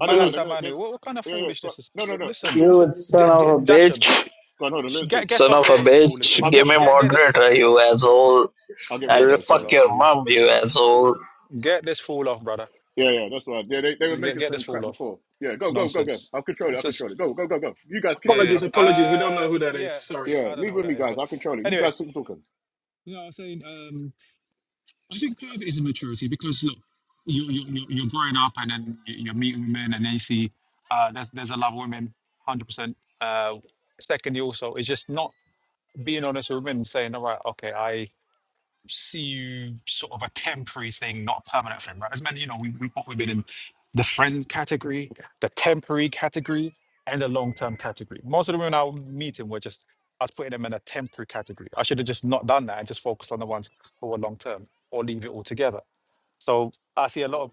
A: I don't know.
B: Ugh.
A: They're gonna, they're,
C: Manu, what, what kind of
A: yeah, yeah. Go,
C: foolishness is?
A: no, no, no. If,
C: Listen,
A: if you say,
E: you
C: D-
E: son
C: D-
E: of a
C: Dasham,
E: bitch.
A: go on, hold on. Let
C: sh-
A: them
C: get
A: speak.
C: get
E: Son
C: off
E: of a
C: here, you foolish
E: bitch.
C: boy.
A: I'll get,
E: Give me
C: Get get this
E: moderator, you asshole.
A: I'll get
E: I
A: rid
C: get
A: of
E: will
C: this
A: her.
E: fuck
C: fool
A: Sorry.
C: off,
E: your
C: please.
E: mom, you asshole.
C: Get this fool off, brother.
A: Yeah, yeah, that's why. Yeah, they, they were
C: Get,
A: making
C: get this
A: same
C: fool
A: crap
C: off.
A: before. Yeah, go, go, go, go.
C: Nonsense.
A: I'll control it.
C: It's
A: I'll control
C: just
A: it. Go, go, go, go. You guys keep talking.
C: yeah,
A: I'll
B: apologies,
A: control it.
B: apologies. We don't
C: yeah.
B: know
C: Um,
B: who that is.
C: yeah.
B: Sorry.
A: Yeah,
C: I don't
A: leave
C: know
A: it
C: who
A: with
C: that
A: me,
C: is,
A: guys.
C: but
A: I'll control it. You
C: anyway.
A: guys keep talking.
C: Yeah, I was saying, um, I think part of it is immaturity because look, you you you- you're growing up and then you- you're meeting women and then you see uh, there's there's a lot of women, hundred percent. Uh, secondly, also, it's just not. being honest with women, saying, all right, okay, I see you sort of a temporary thing, not a permanent thing, right? As many, you know, we, we, have probably been in the friend category, the temporary category, and the long term category. Most of the women I was meeting were just, I was putting them in a temporary category. I should have just not done that and just focused on the ones who were long term or leave it all together. So I see a lot of,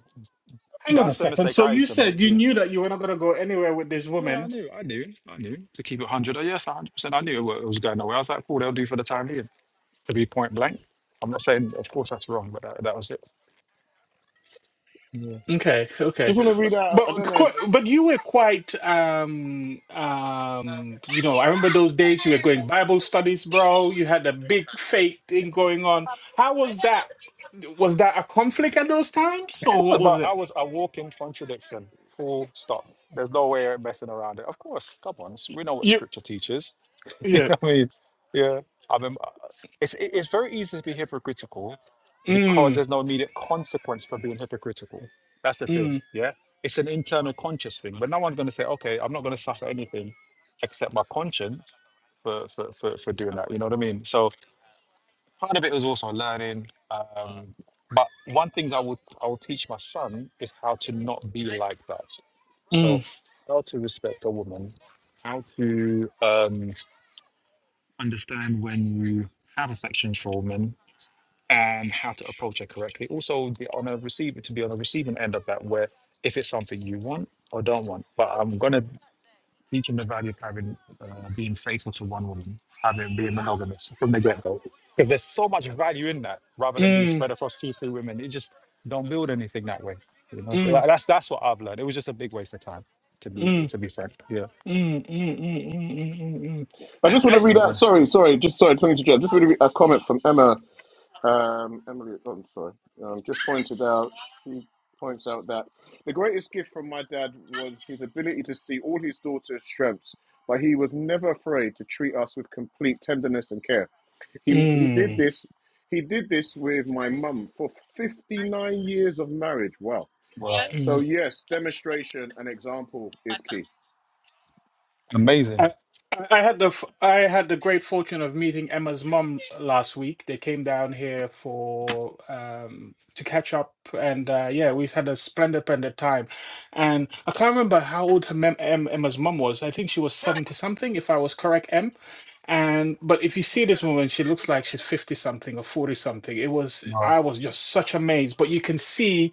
B: Hang on a
C: that's the
B: second.
C: mistake
B: So
C: I
B: you
C: used to make.
B: said you
C: Yeah.
B: knew that you were not going to go anywhere with this
C: Yeah, I
B: woman.
C: knew, I knew, I knew. To keep it 100, yes, 100%. I knew it wa- it was going nowhere. I was like, cool, they'll do for the time being. to be point blank. I'm not saying, of course, that's wrong, but that, that was it. Yeah.
B: Okay, okay.
A: Just want to read out. I
B: But
A: don't know.
B: qu- but you were quite um um you know I remember those days you were going Bible studies, bro. You had a big faith thing going on. How was that? Was that a conflict at those times, or
C: Of
B: what was
C: but I
B: it?
C: was a walking contradiction. Full stop. There's no way of messing around it. Of course, come on. s- We know what
B: You
C: scripture teaches. you
B: yeah.
C: know what I mean? Yeah. I mean, uh, it's, it- it's very easy to be hypocritical because
B: Mm,
C: there's no immediate consequence for being hypocritical. That's the thing.
B: mm,
C: Yeah. It's an internal conscious thing. But no one's going to say, okay, I'm not going to suffer anything except my conscience for, for, for, for doing that. You know what I mean? So, part of it was also learning. Um, but one things I would I will teach my son is how to not be like that. So
B: mm,
C: how to respect a woman, how to um, understand when you have affections for a woman, and how to approach her correctly. Also, the on a receiver to be on a receiving end of that, where if it's something you want or don't want, but I'm gonna teaching the value of having uh, being faithful to one woman, having being monogamous from the get go. Because there's so much value in that, rather than being
B: mm,
C: spread across two, three women. It just don't build anything that way. You know, so
B: mm,
C: like, that's that's what I've learned. It was just a big waste of time, to be
B: mm,
C: to be frank. Yeah,
B: mm, mm, mm, mm, mm, mm.
A: I
B: I,
A: just want to
B: I,
A: read
C: Oh,
A: out.
C: yeah.
A: Sorry, sorry. Just sorry. Twenty to jump. Just want to read a comment from Emma. Um, Emily. Oh, I'm sorry. Um, just pointed out. She points out that the greatest gift from my dad was his ability to see all his daughter's strengths, but he was never afraid to treat us with complete tenderness and care. He he did
B: mm,
A: this. He did this with my mum for 59 years of marriage. Wow.
C: Well, Yeah.
B: mm.
A: So yes, demonstration and example is key.
B: I,
C: amazing.
B: I I had the f- I had the great fortune of meeting Emma's mum last week. They came down here for um, to catch up, and uh, yeah, we had a splendid, splendid time. And I can't remember how old her mem- em- Emma's mum was. I think she was seventy something, if I was correct, Em. And but if you see this woman, she looks like she's fifty something or forty something. It was
C: Wow.
B: I was just such amazed. But you can see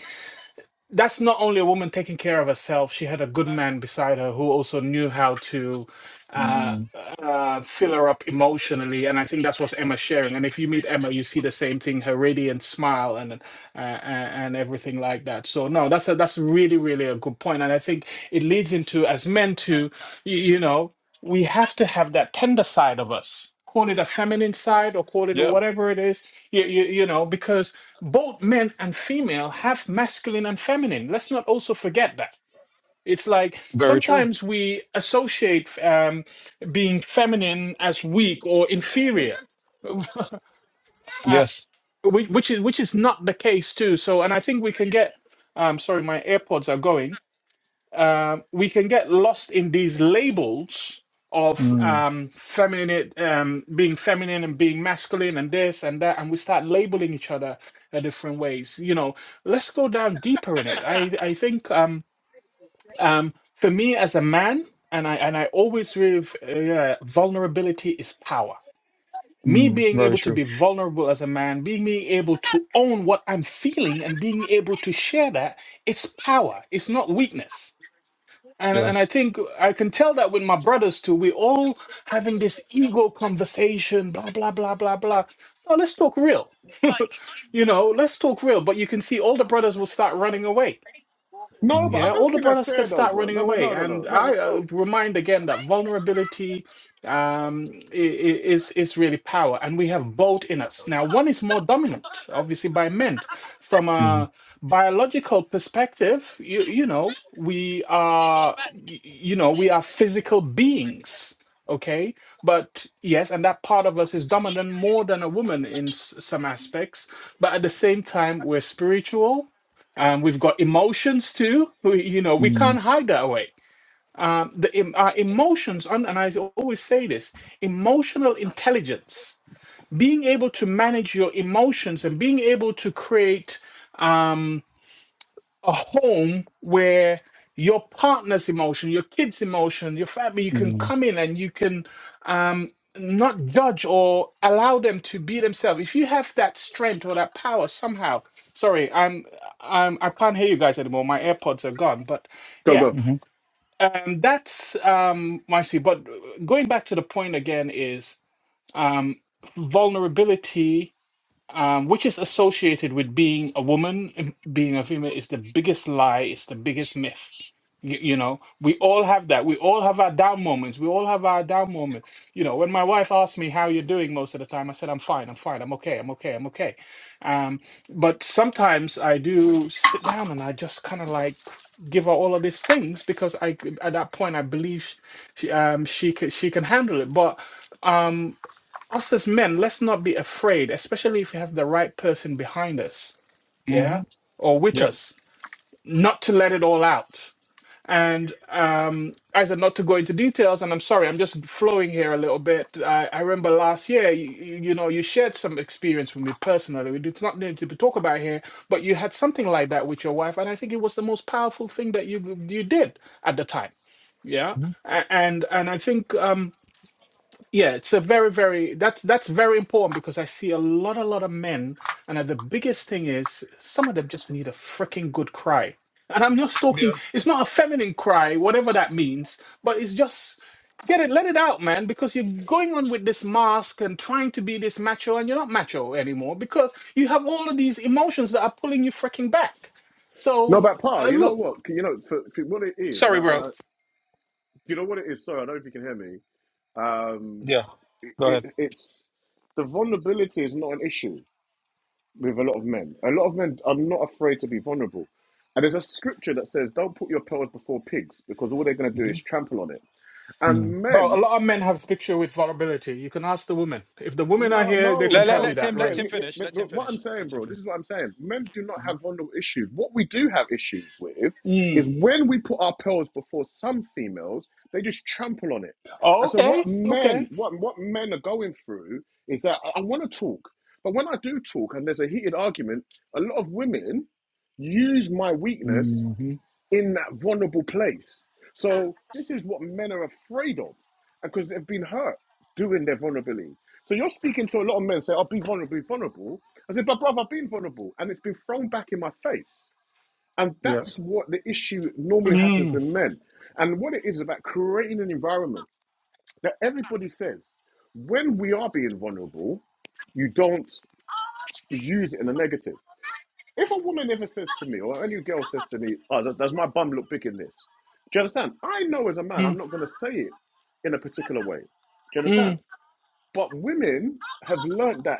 B: that's not only a woman taking care of herself she had a good man beside her who also knew how to uh,
C: Mm.
B: uh, fill her up emotionally and i think that's what emma's sharing and if you meet emma you see the same thing her radiant smile and uh, and everything like that so no that's a, that's really really a good point and i think it leads into as men to y- you know we have to have that tender side of us call it a feminine side or call it
C: Yep.
B: whatever it is you, you, you know because both men and female have masculine and feminine. Let's not also forget that. It's like
C: Very true.
B: sometimes we associate um, being feminine as weak or inferior, uh,
C: Yes.
B: which, which is which is not the case too. So, and I think we can get. Um, sorry, my AirPods are going um, we can get lost in these labels of
C: Mm.
B: um, feminine, um, being feminine and being masculine, and this and that, and we start labeling each other uh, different ways. You know, let's go down deeper in it. I I think um, um, for me as a man, and I and I always with uh, vulnerability is power. Me
C: Mm.
B: being
C: Very
B: able to
C: true.
B: be vulnerable as a man, being being able to own what I'm feeling, and being able to share that, it's power. It's not weakness and and I
C: Yes.
B: think I can tell that with my brothers too. We're all having this ego conversation, blah blah blah blah blah. No, let's talk real. you know, let's talk real. But you can see all the brothers will start running away
A: No, but I
C: Mm.
B: yeah, all
A: don't
B: the
A: think that's
B: brothers could
A: fair though,
B: start
A: bro.
B: running
A: No, but
B: away.
A: no, no, no,
B: And
A: no, no,
B: I uh,
A: no.
B: remind again that vulnerability um, i- i- is is really power, and we have both in us. Now, one is more dominant, obviously by men. From
C: Mm.
B: a biological perspective, you you know we are y- you know we are physical beings. Okay, but yes, and that part of us is dominant more than a woman in s- some aspects, but at the same time, we're spiritual um, we've got emotions too. We, you know, we
C: Mm.
B: can't hide that way. Um, the, em- our emotions, and, and I always say this emotional intelligence, being able to manage your emotions and being able to create um, a home where your partner's emotion, your kid's emotion, your family, you can
C: Mm.
B: come in and you can um, not judge or allow them to be themselves. If you have that strength or that power somehow, sorry, I'm, I'm I can't hear you guys anymore. My AirPods are gone, but
A: Go
B: yeah,
A: go.
C: Mm-hmm.
B: um, that's um, my see. But going back to the point again is um, vulnerability um, which is associated with being a woman, um, being a female, is the biggest lie, it's the biggest myth. You, you know, we all have that. We all have our down moments. We all have our down moments. You know, when my wife asks me how you're doing most of the time, I said, I'm fine, I'm fine, I'm okay, I'm okay, I'm okay. Um, but sometimes I do sit down and I just kind of like give her all of these things because I, could- at that point, I believe she, um, she, can, she can handle it. But um, us as men, let's not be afraid, especially if we have the right person behind us,
C: Mm-hmm.
B: yeah, or with
C: Yep.
B: us, not to let it all out. And um, I said not to go into details, and I'm sorry, I'm just flowing here a little bit. I, I remember last year, you, you know, you shared some experience with me personally. It's not need to be talk about here, but you had something like that with your wife, and I think it was the most powerful thing that you you did at the time, yeah.
C: Mhm.
B: A- And and I think um, yeah, it's a very, very that's that's very important because I see a lot, a lot of men, and uh, the biggest thing is some of them just need a freaking good cry. And I'm not talking;
C: Yeah.
B: it's not a feminine cry, whatever that means, but it's just get it, let it out, man, because you're going on with this mask and trying to be this macho, and you're not macho anymore because you have all of these emotions that are pulling you freaking back.
A: No, but
B: So,
A: Pa,
B: uh,
A: you know
B: look,
A: what? You know for, for what it is, and
B: sorry,
A: I, and
B: bro.
A: I, you know what it is. Sorry, I don't know if you can hear me. Um,
C: Yeah.
A: it,
C: Go
A: it,
C: ahead.
A: it's the vulnerability is not an issue. with a lot of men. A lot of men are not afraid to be vulnerable. And there's a scripture that says, Don't put your pearls before pigs because all they're going to do is
C: hmm
A: trample on it. And
B: Bro,
A: men
B: a lot of men have picture with vulnerability. You can ask the women. If the women are
A: No,
B: here, they
A: no,
B: can
C: Let, let,
B: tell you
A: no.
C: let
B: that,
C: him
A: Yeah,
C: let
B: right?
C: him
A: yeah, yeah.
C: finish.
A: But,
C: Let him
A: but what I'm
C: finish.
A: saying,
C: Let him
A: bro, this
C: finish.
A: is what I'm saying. Men do not have vulnerable issues. What we do have issues with
B: Mm.
A: is when we put our pearls before some females, they just trample on it. And so
B: Okay,
A: what
B: okay.
A: men, what what men are going through is that I, I want to talk, but when I do talk and there's a heated argument, a lot of women use my weakness
C: hmm hmm
A: in that vulnerable place. So this is what men are afraid of, because they've been hurt doing their vulnerability. So you're speaking to a lot of men say, "I'll be vulnerable, be vulnerable." I said, "But brother, I've been vulnerable, and it's been thrown back in my face." And
C: Yeah.
A: that's what the issue normally happens
B: Mm,
A: with men. And what it is about creating an environment that everybody says, when we are being vulnerable, you don't use it in a negative. If a woman ever says to me, or any girl says to me, "Oh, does, does my bum look big in this?" Do you understand? I know as a man, I'm
B: mm,
A: not going to say it in a particular way. Do you understand?
B: mm,
A: But women have learned that,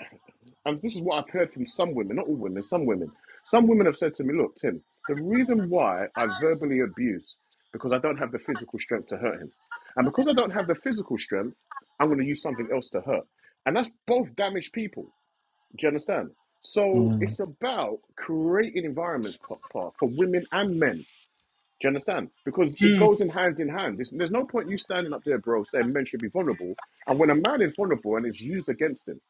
A: and this is what I've heard from some women, not all women, some women. Some women have said to me, "Look, Tim, the reason why I verbally abuse because I don't have the physical strength to hurt him, and because I don't have the physical strength, I'm going to use something else to hurt." And that's both damaged people. Do you understand? So
C: Mm.
A: it's about creating environments, Pa- Pa, for women and men. Do you understand? Because it
B: mm.
A: goes in hand in hand. It's, there's no point you standing up there, bro, saying men should be vulnerable. And when a man is vulnerable and it's used against him, do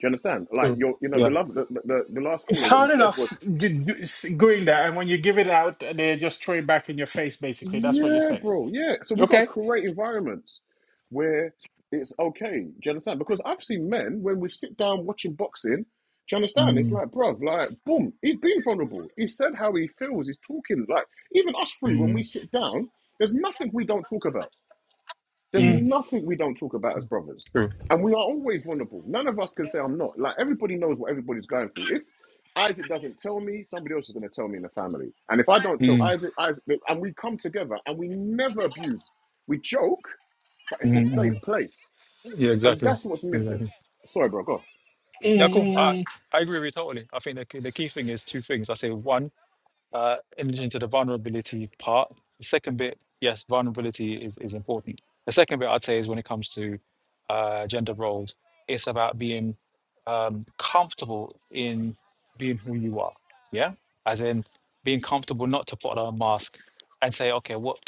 A: you understand? Like
C: True.
A: your, you know,
C: Yeah.
A: the love, the, the, the last
B: It's
A: caller, what he
B: hard
A: said was
B: enough d- d- s- doing that, and when you give it out, they just throw it back in your face, basically. That's what you're
A: Yeah,
B: saying.
A: bro. Yeah. So we have got to
B: Okay?
A: create environments where it's okay. Do you understand? Because I've seen men when we sit down watching boxing. Do you understand? It's
C: Mm.
A: like, bruv, like, boom. He's been vulnerable. He said how he feels. He's talking. Like, even us three, when we
C: Mm,
A: sit down, there's nothing we don't talk about. There's
B: Mm,
C: mm,
A: nothing we don't talk about as brothers.
C: true.
A: And we are always vulnerable. None of us can say I'm not. Like everybody knows what everybody's going through. If Isaac doesn't tell me, somebody else is going to tell me in the family. And if I don't tell
C: Mm,
A: Isaac, Isaac, and we come together and we never abuse, we joke, but
C: mm,
A: it's a safe
C: mm.
A: place.
C: Yeah,
A: And
C: exactly.
A: that's what's missing.
C: Exactly.
A: Sorry, bro. Go. On.
B: mm,
C: Yeah, cool. I,
B: mm, mm,
C: I agree with you totally. I think the, key- the key thing is two things. I say one. uh, in into the vulnerability part. The second bit, yes, vulnerability is, is important. The second bit I'd say is when it comes to uh, gender roles, it's about being um, comfortable in being who you are. Yeah, as in being comfortable not to put on a mask and say, okay, what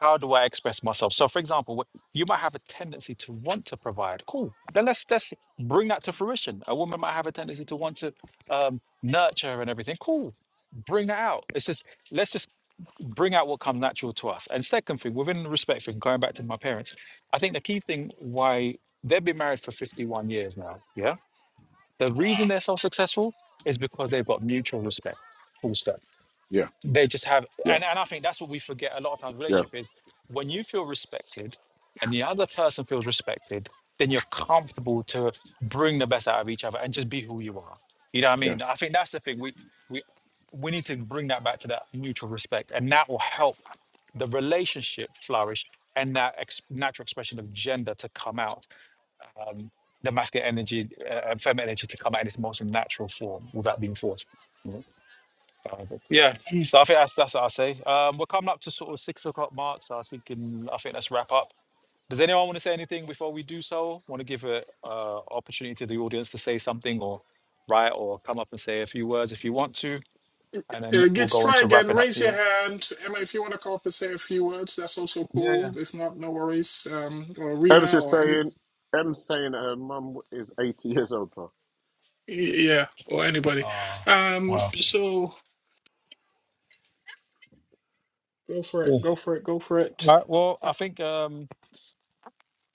C: how do I express myself? So, for example, wh- you might have a tendency to want to provide. Cool. Then let's let's bring that to fruition. A woman might have a tendency to want to um, nurture and everything. Cool. Bring that out. It's just let's just bring out what comes natural to us. And second thing, within the respect thing, going back to my parents, I think the key thing why they've been married for 51 years now. Yeah. The reason they're so successful is because they've got mutual respect. Full stop
A: Yeah,
C: they just have
A: yeah,
C: and, and i think that's what we forget a lot of times
A: yeah,
C: relationship is when you feel respected and the other person feels respected then you're comfortable to bring the best out of each other and just be who you are you know what i
A: yeah.
C: mean i think that's the thing we we we need to bring that back to that mutual respect and that will help the relationship flourish and that ex- natural expression of gender to come out um, the masculine energy uh, and feminine energy to come out in its most natural form without being forced uh, but yeah,
B: mm.
C: so I think that's that's what i say. Um, we're coming up to sort of six o'clock mark, so I was thinking I think let's wrap up. Does anyone want to say anything before we do so? Want to give a uh, opportunity to the audience to say something or write or come up and say a few words if you want to, and then
B: Uh,
C: we'll
B: Gits,
C: go
B: try
C: into
B: again.
C: wrapping up
B: Raise your
C: here.
B: hand. Emma, if you want to come up and say a few words, that's also
C: Yeah, yeah.
B: cool. If not, no worries. Um, or
A: Em's
B: Rena
A: just
B: or anybody.
A: saying, Em's saying that her mum is 80 years old, bro.
B: Yeah, or anybody.
C: Uh,
B: Um,
C: wow.
B: so go for it,
C: Cool.
B: go for it, go for it.
C: Right. Well,
B: I,
C: I think um,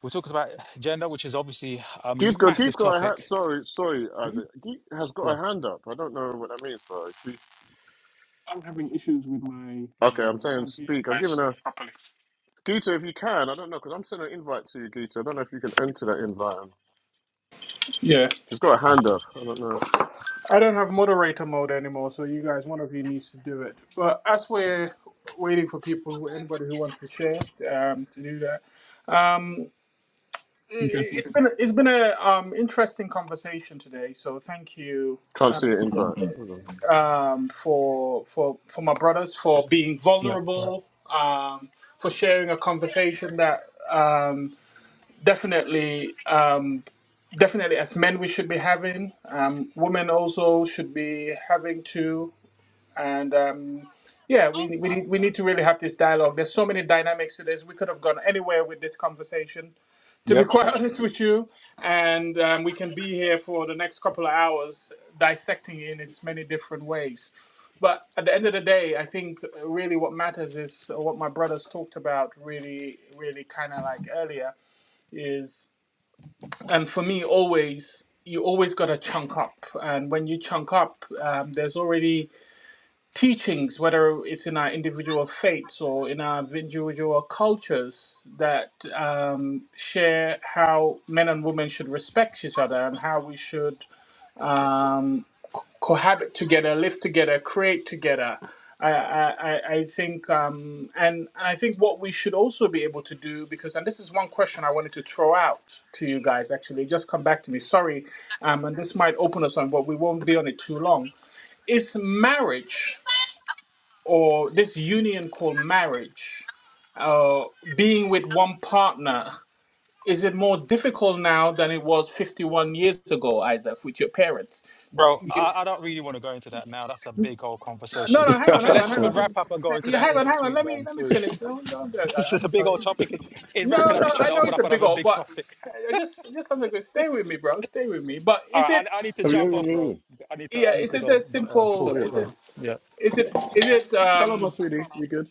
C: we're talking about gender, which is obviously a
A: Gee's got, Gee's
C: massive
A: got a hand.
C: topic.
A: Sorry, sorry,
C: Mm,
A: Isaac. Gee has got
C: Yeah.
A: a hand up. I don't know what that means, bro. She
B: I'm having issues with my.
A: Okay, I'm
B: Um, I
A: saying
B: can't hear you
A: speak. I'm giving
B: guys
A: her
B: properly.
A: Gita if you can. I don't know because I'm sending an invite to you, Gita. I don't know if you can enter that invite.
B: Yeah,
A: She's got a hand up. I don't know.
B: I don't have moderator mode anymore, so you guys, one of you needs to do it. But as we're waiting for people, who- anybody who wants to share, um, to do that. Um, i-
C: Okay.
B: i- it's been it's been a um interesting conversation today. So thank you.
A: Can't see an invite. Hold on.
B: um, for for for my brothers for being
C: Yeah.
B: vulnerable, um, for sharing a conversation that um, definitely um, definitely as men we should be having. Um, women also should be having too, and um, yeah, we we need, we need to really have this dialogue. There's so many dynamics to this. We could have gone anywhere with this conversation, to be
C: Yep.
B: quite honest with you. And um, we can be here for the next couple of hours dissecting it in its many different ways. But at the end of the day, I think uh, really what matters is what my brothers talked about really, really kind of like earlier is, and for me, always, you always got to chunk up. And when you chunk up, um, there's already teachings, whether it's in our individual faiths or in our individual cultures, that um, share how men and women should respect each other and how we should um, cohabit together, live together, create together. I, I, I I think, um, and, and I think what we should also be able to do, because, and this is one question I wanted to throw out to you guys actually, just come back to me. Sorry, um, and this might open us on, but we won't be on it too long. Is marriage or this union called marriage, uh, being with one partner, is it more difficult now than it was 51 years ago, Isaac, with your parents?
C: Bro, I,
B: You-
C: I don't really want to go into that now. That's a big old
B: No,
C: conversation.
B: no, hang
C: I
B: on,
C: feel
B: hang on,
C: let's
B: hang
C: f-
B: on.
C: wrap up and go into
B: Yeah,
C: that
B: Hang on, hang
C: next
B: on.
C: week,
B: Let me
C: man.
B: let me
C: Seriously.
B: finish. No, no, no,
C: This
B: I-
C: is a
B: I-
C: big old topic. It's, in
B: no,
C: wrapping up,
B: no,
C: it's trying
B: I
C: to
B: know
C: open
B: it's
C: up
B: a big
C: another
B: old,
C: big
B: but
C: topic.
B: I just just something good. Stay with me, bro. Stay with me. But
C: All
B: is it
C: right, I, I need to
A: Have you
C: jump
A: ever
C: off, bro.
A: knew?
C: I need to
B: yeah?
C: I need
B: Is
C: to
B: it
C: go.
B: as
C: But uh,
A: Just
B: simple?
C: cool,
A: hurry up.
B: Is it
C: bro. Yeah.
B: is it is it
A: Hello, my
B: um?
A: sweetie. You good?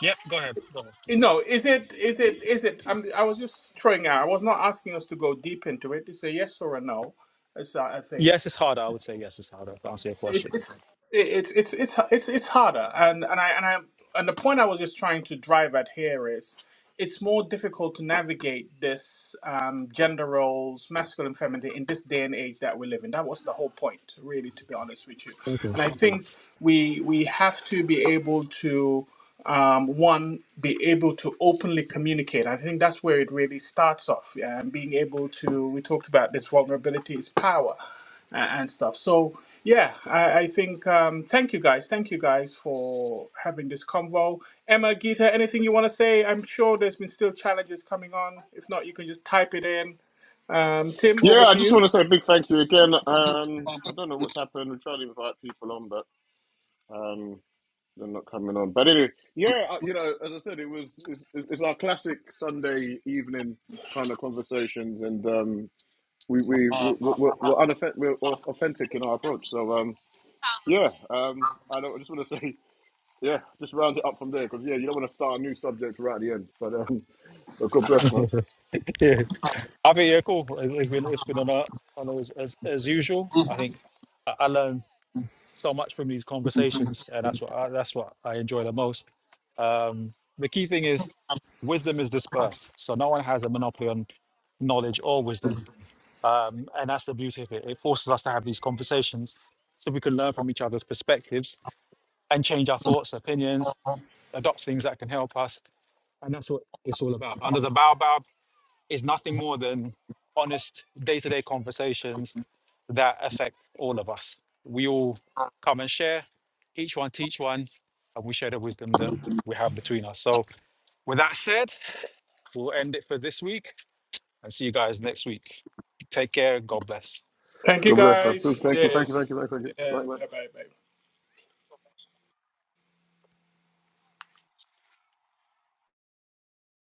C: Yep, go ahead. Go ahead.
B: No, is it is it is it? I'm, I was just throwing out. I was not asking us to go deep into it. It's a yes or a no. It's uh, I think
C: Yes, it's harder. I would say yes, it's harder to answer your
B: it's
C: question.
B: it's it's it's it's it's it's harder and and i and i and the point i was just trying to drive at here is it's more difficult to navigate this um, gender roles, masculine and feminine, in this day and age that we live in. That was the whole point, really, to be honest with you.
C: Okay.
B: And I think we we have to be able to um, one be able to openly communicate. I think that's where it really starts off, yeah, and being able to. We talked about this vulnerability is power and stuff. So yeah, I, I think um, thank you guys, thank you guys for having this convo. Emma, Gita, anything you want to say? I'm sure there's been still challenges coming on. If not, you can just type it in. Um, Tim, over
A: Yeah, I
B: to
A: just
B: you.
A: want to say a big thank you again. Um, I don't know what's happened. We're trying to invite people on, but um, they're not coming on. But anyway, yeah, uh, you know, as I said, it was it's, it's our classic Sunday evening kind of conversations, and um, we we we we're, we're, unoffend- we're we're authentic in our approach. So um, yeah, um, I don't I just want to say yeah, just round it up from there because yeah, you don't want to start a new subject right at the end. But um, but God bless man,
C: yeah. I mean, yeah, cool. It's, it's been it's been on a, on a, as, as usual. I think I, I learned so much from these conversations, and that's what I, that's what I enjoy the most. Um, the key thing is wisdom is dispersed, so no one has a monopoly on knowledge or wisdom, um, and that's the beauty of it. It forces us to have these conversations so we can learn from each other's perspectives and change our thoughts, opinions, adopt things that can help us, and that's what it's all about. Under the Baobab is nothing more than honest day-to-day conversations that affect all of us. We all come and share, each one teach one, and we share the wisdom that we have between us. So with that said, we'll end it for this week and see you guys next week. Take care. God bless.
B: Thank you
A: God bless man.
B: guys.
A: Please, thank you, thank
B: Cheers.
A: you, thank you, thank you, thank you.
B: Yeah,
A: Right, right.
B: bye bye bye.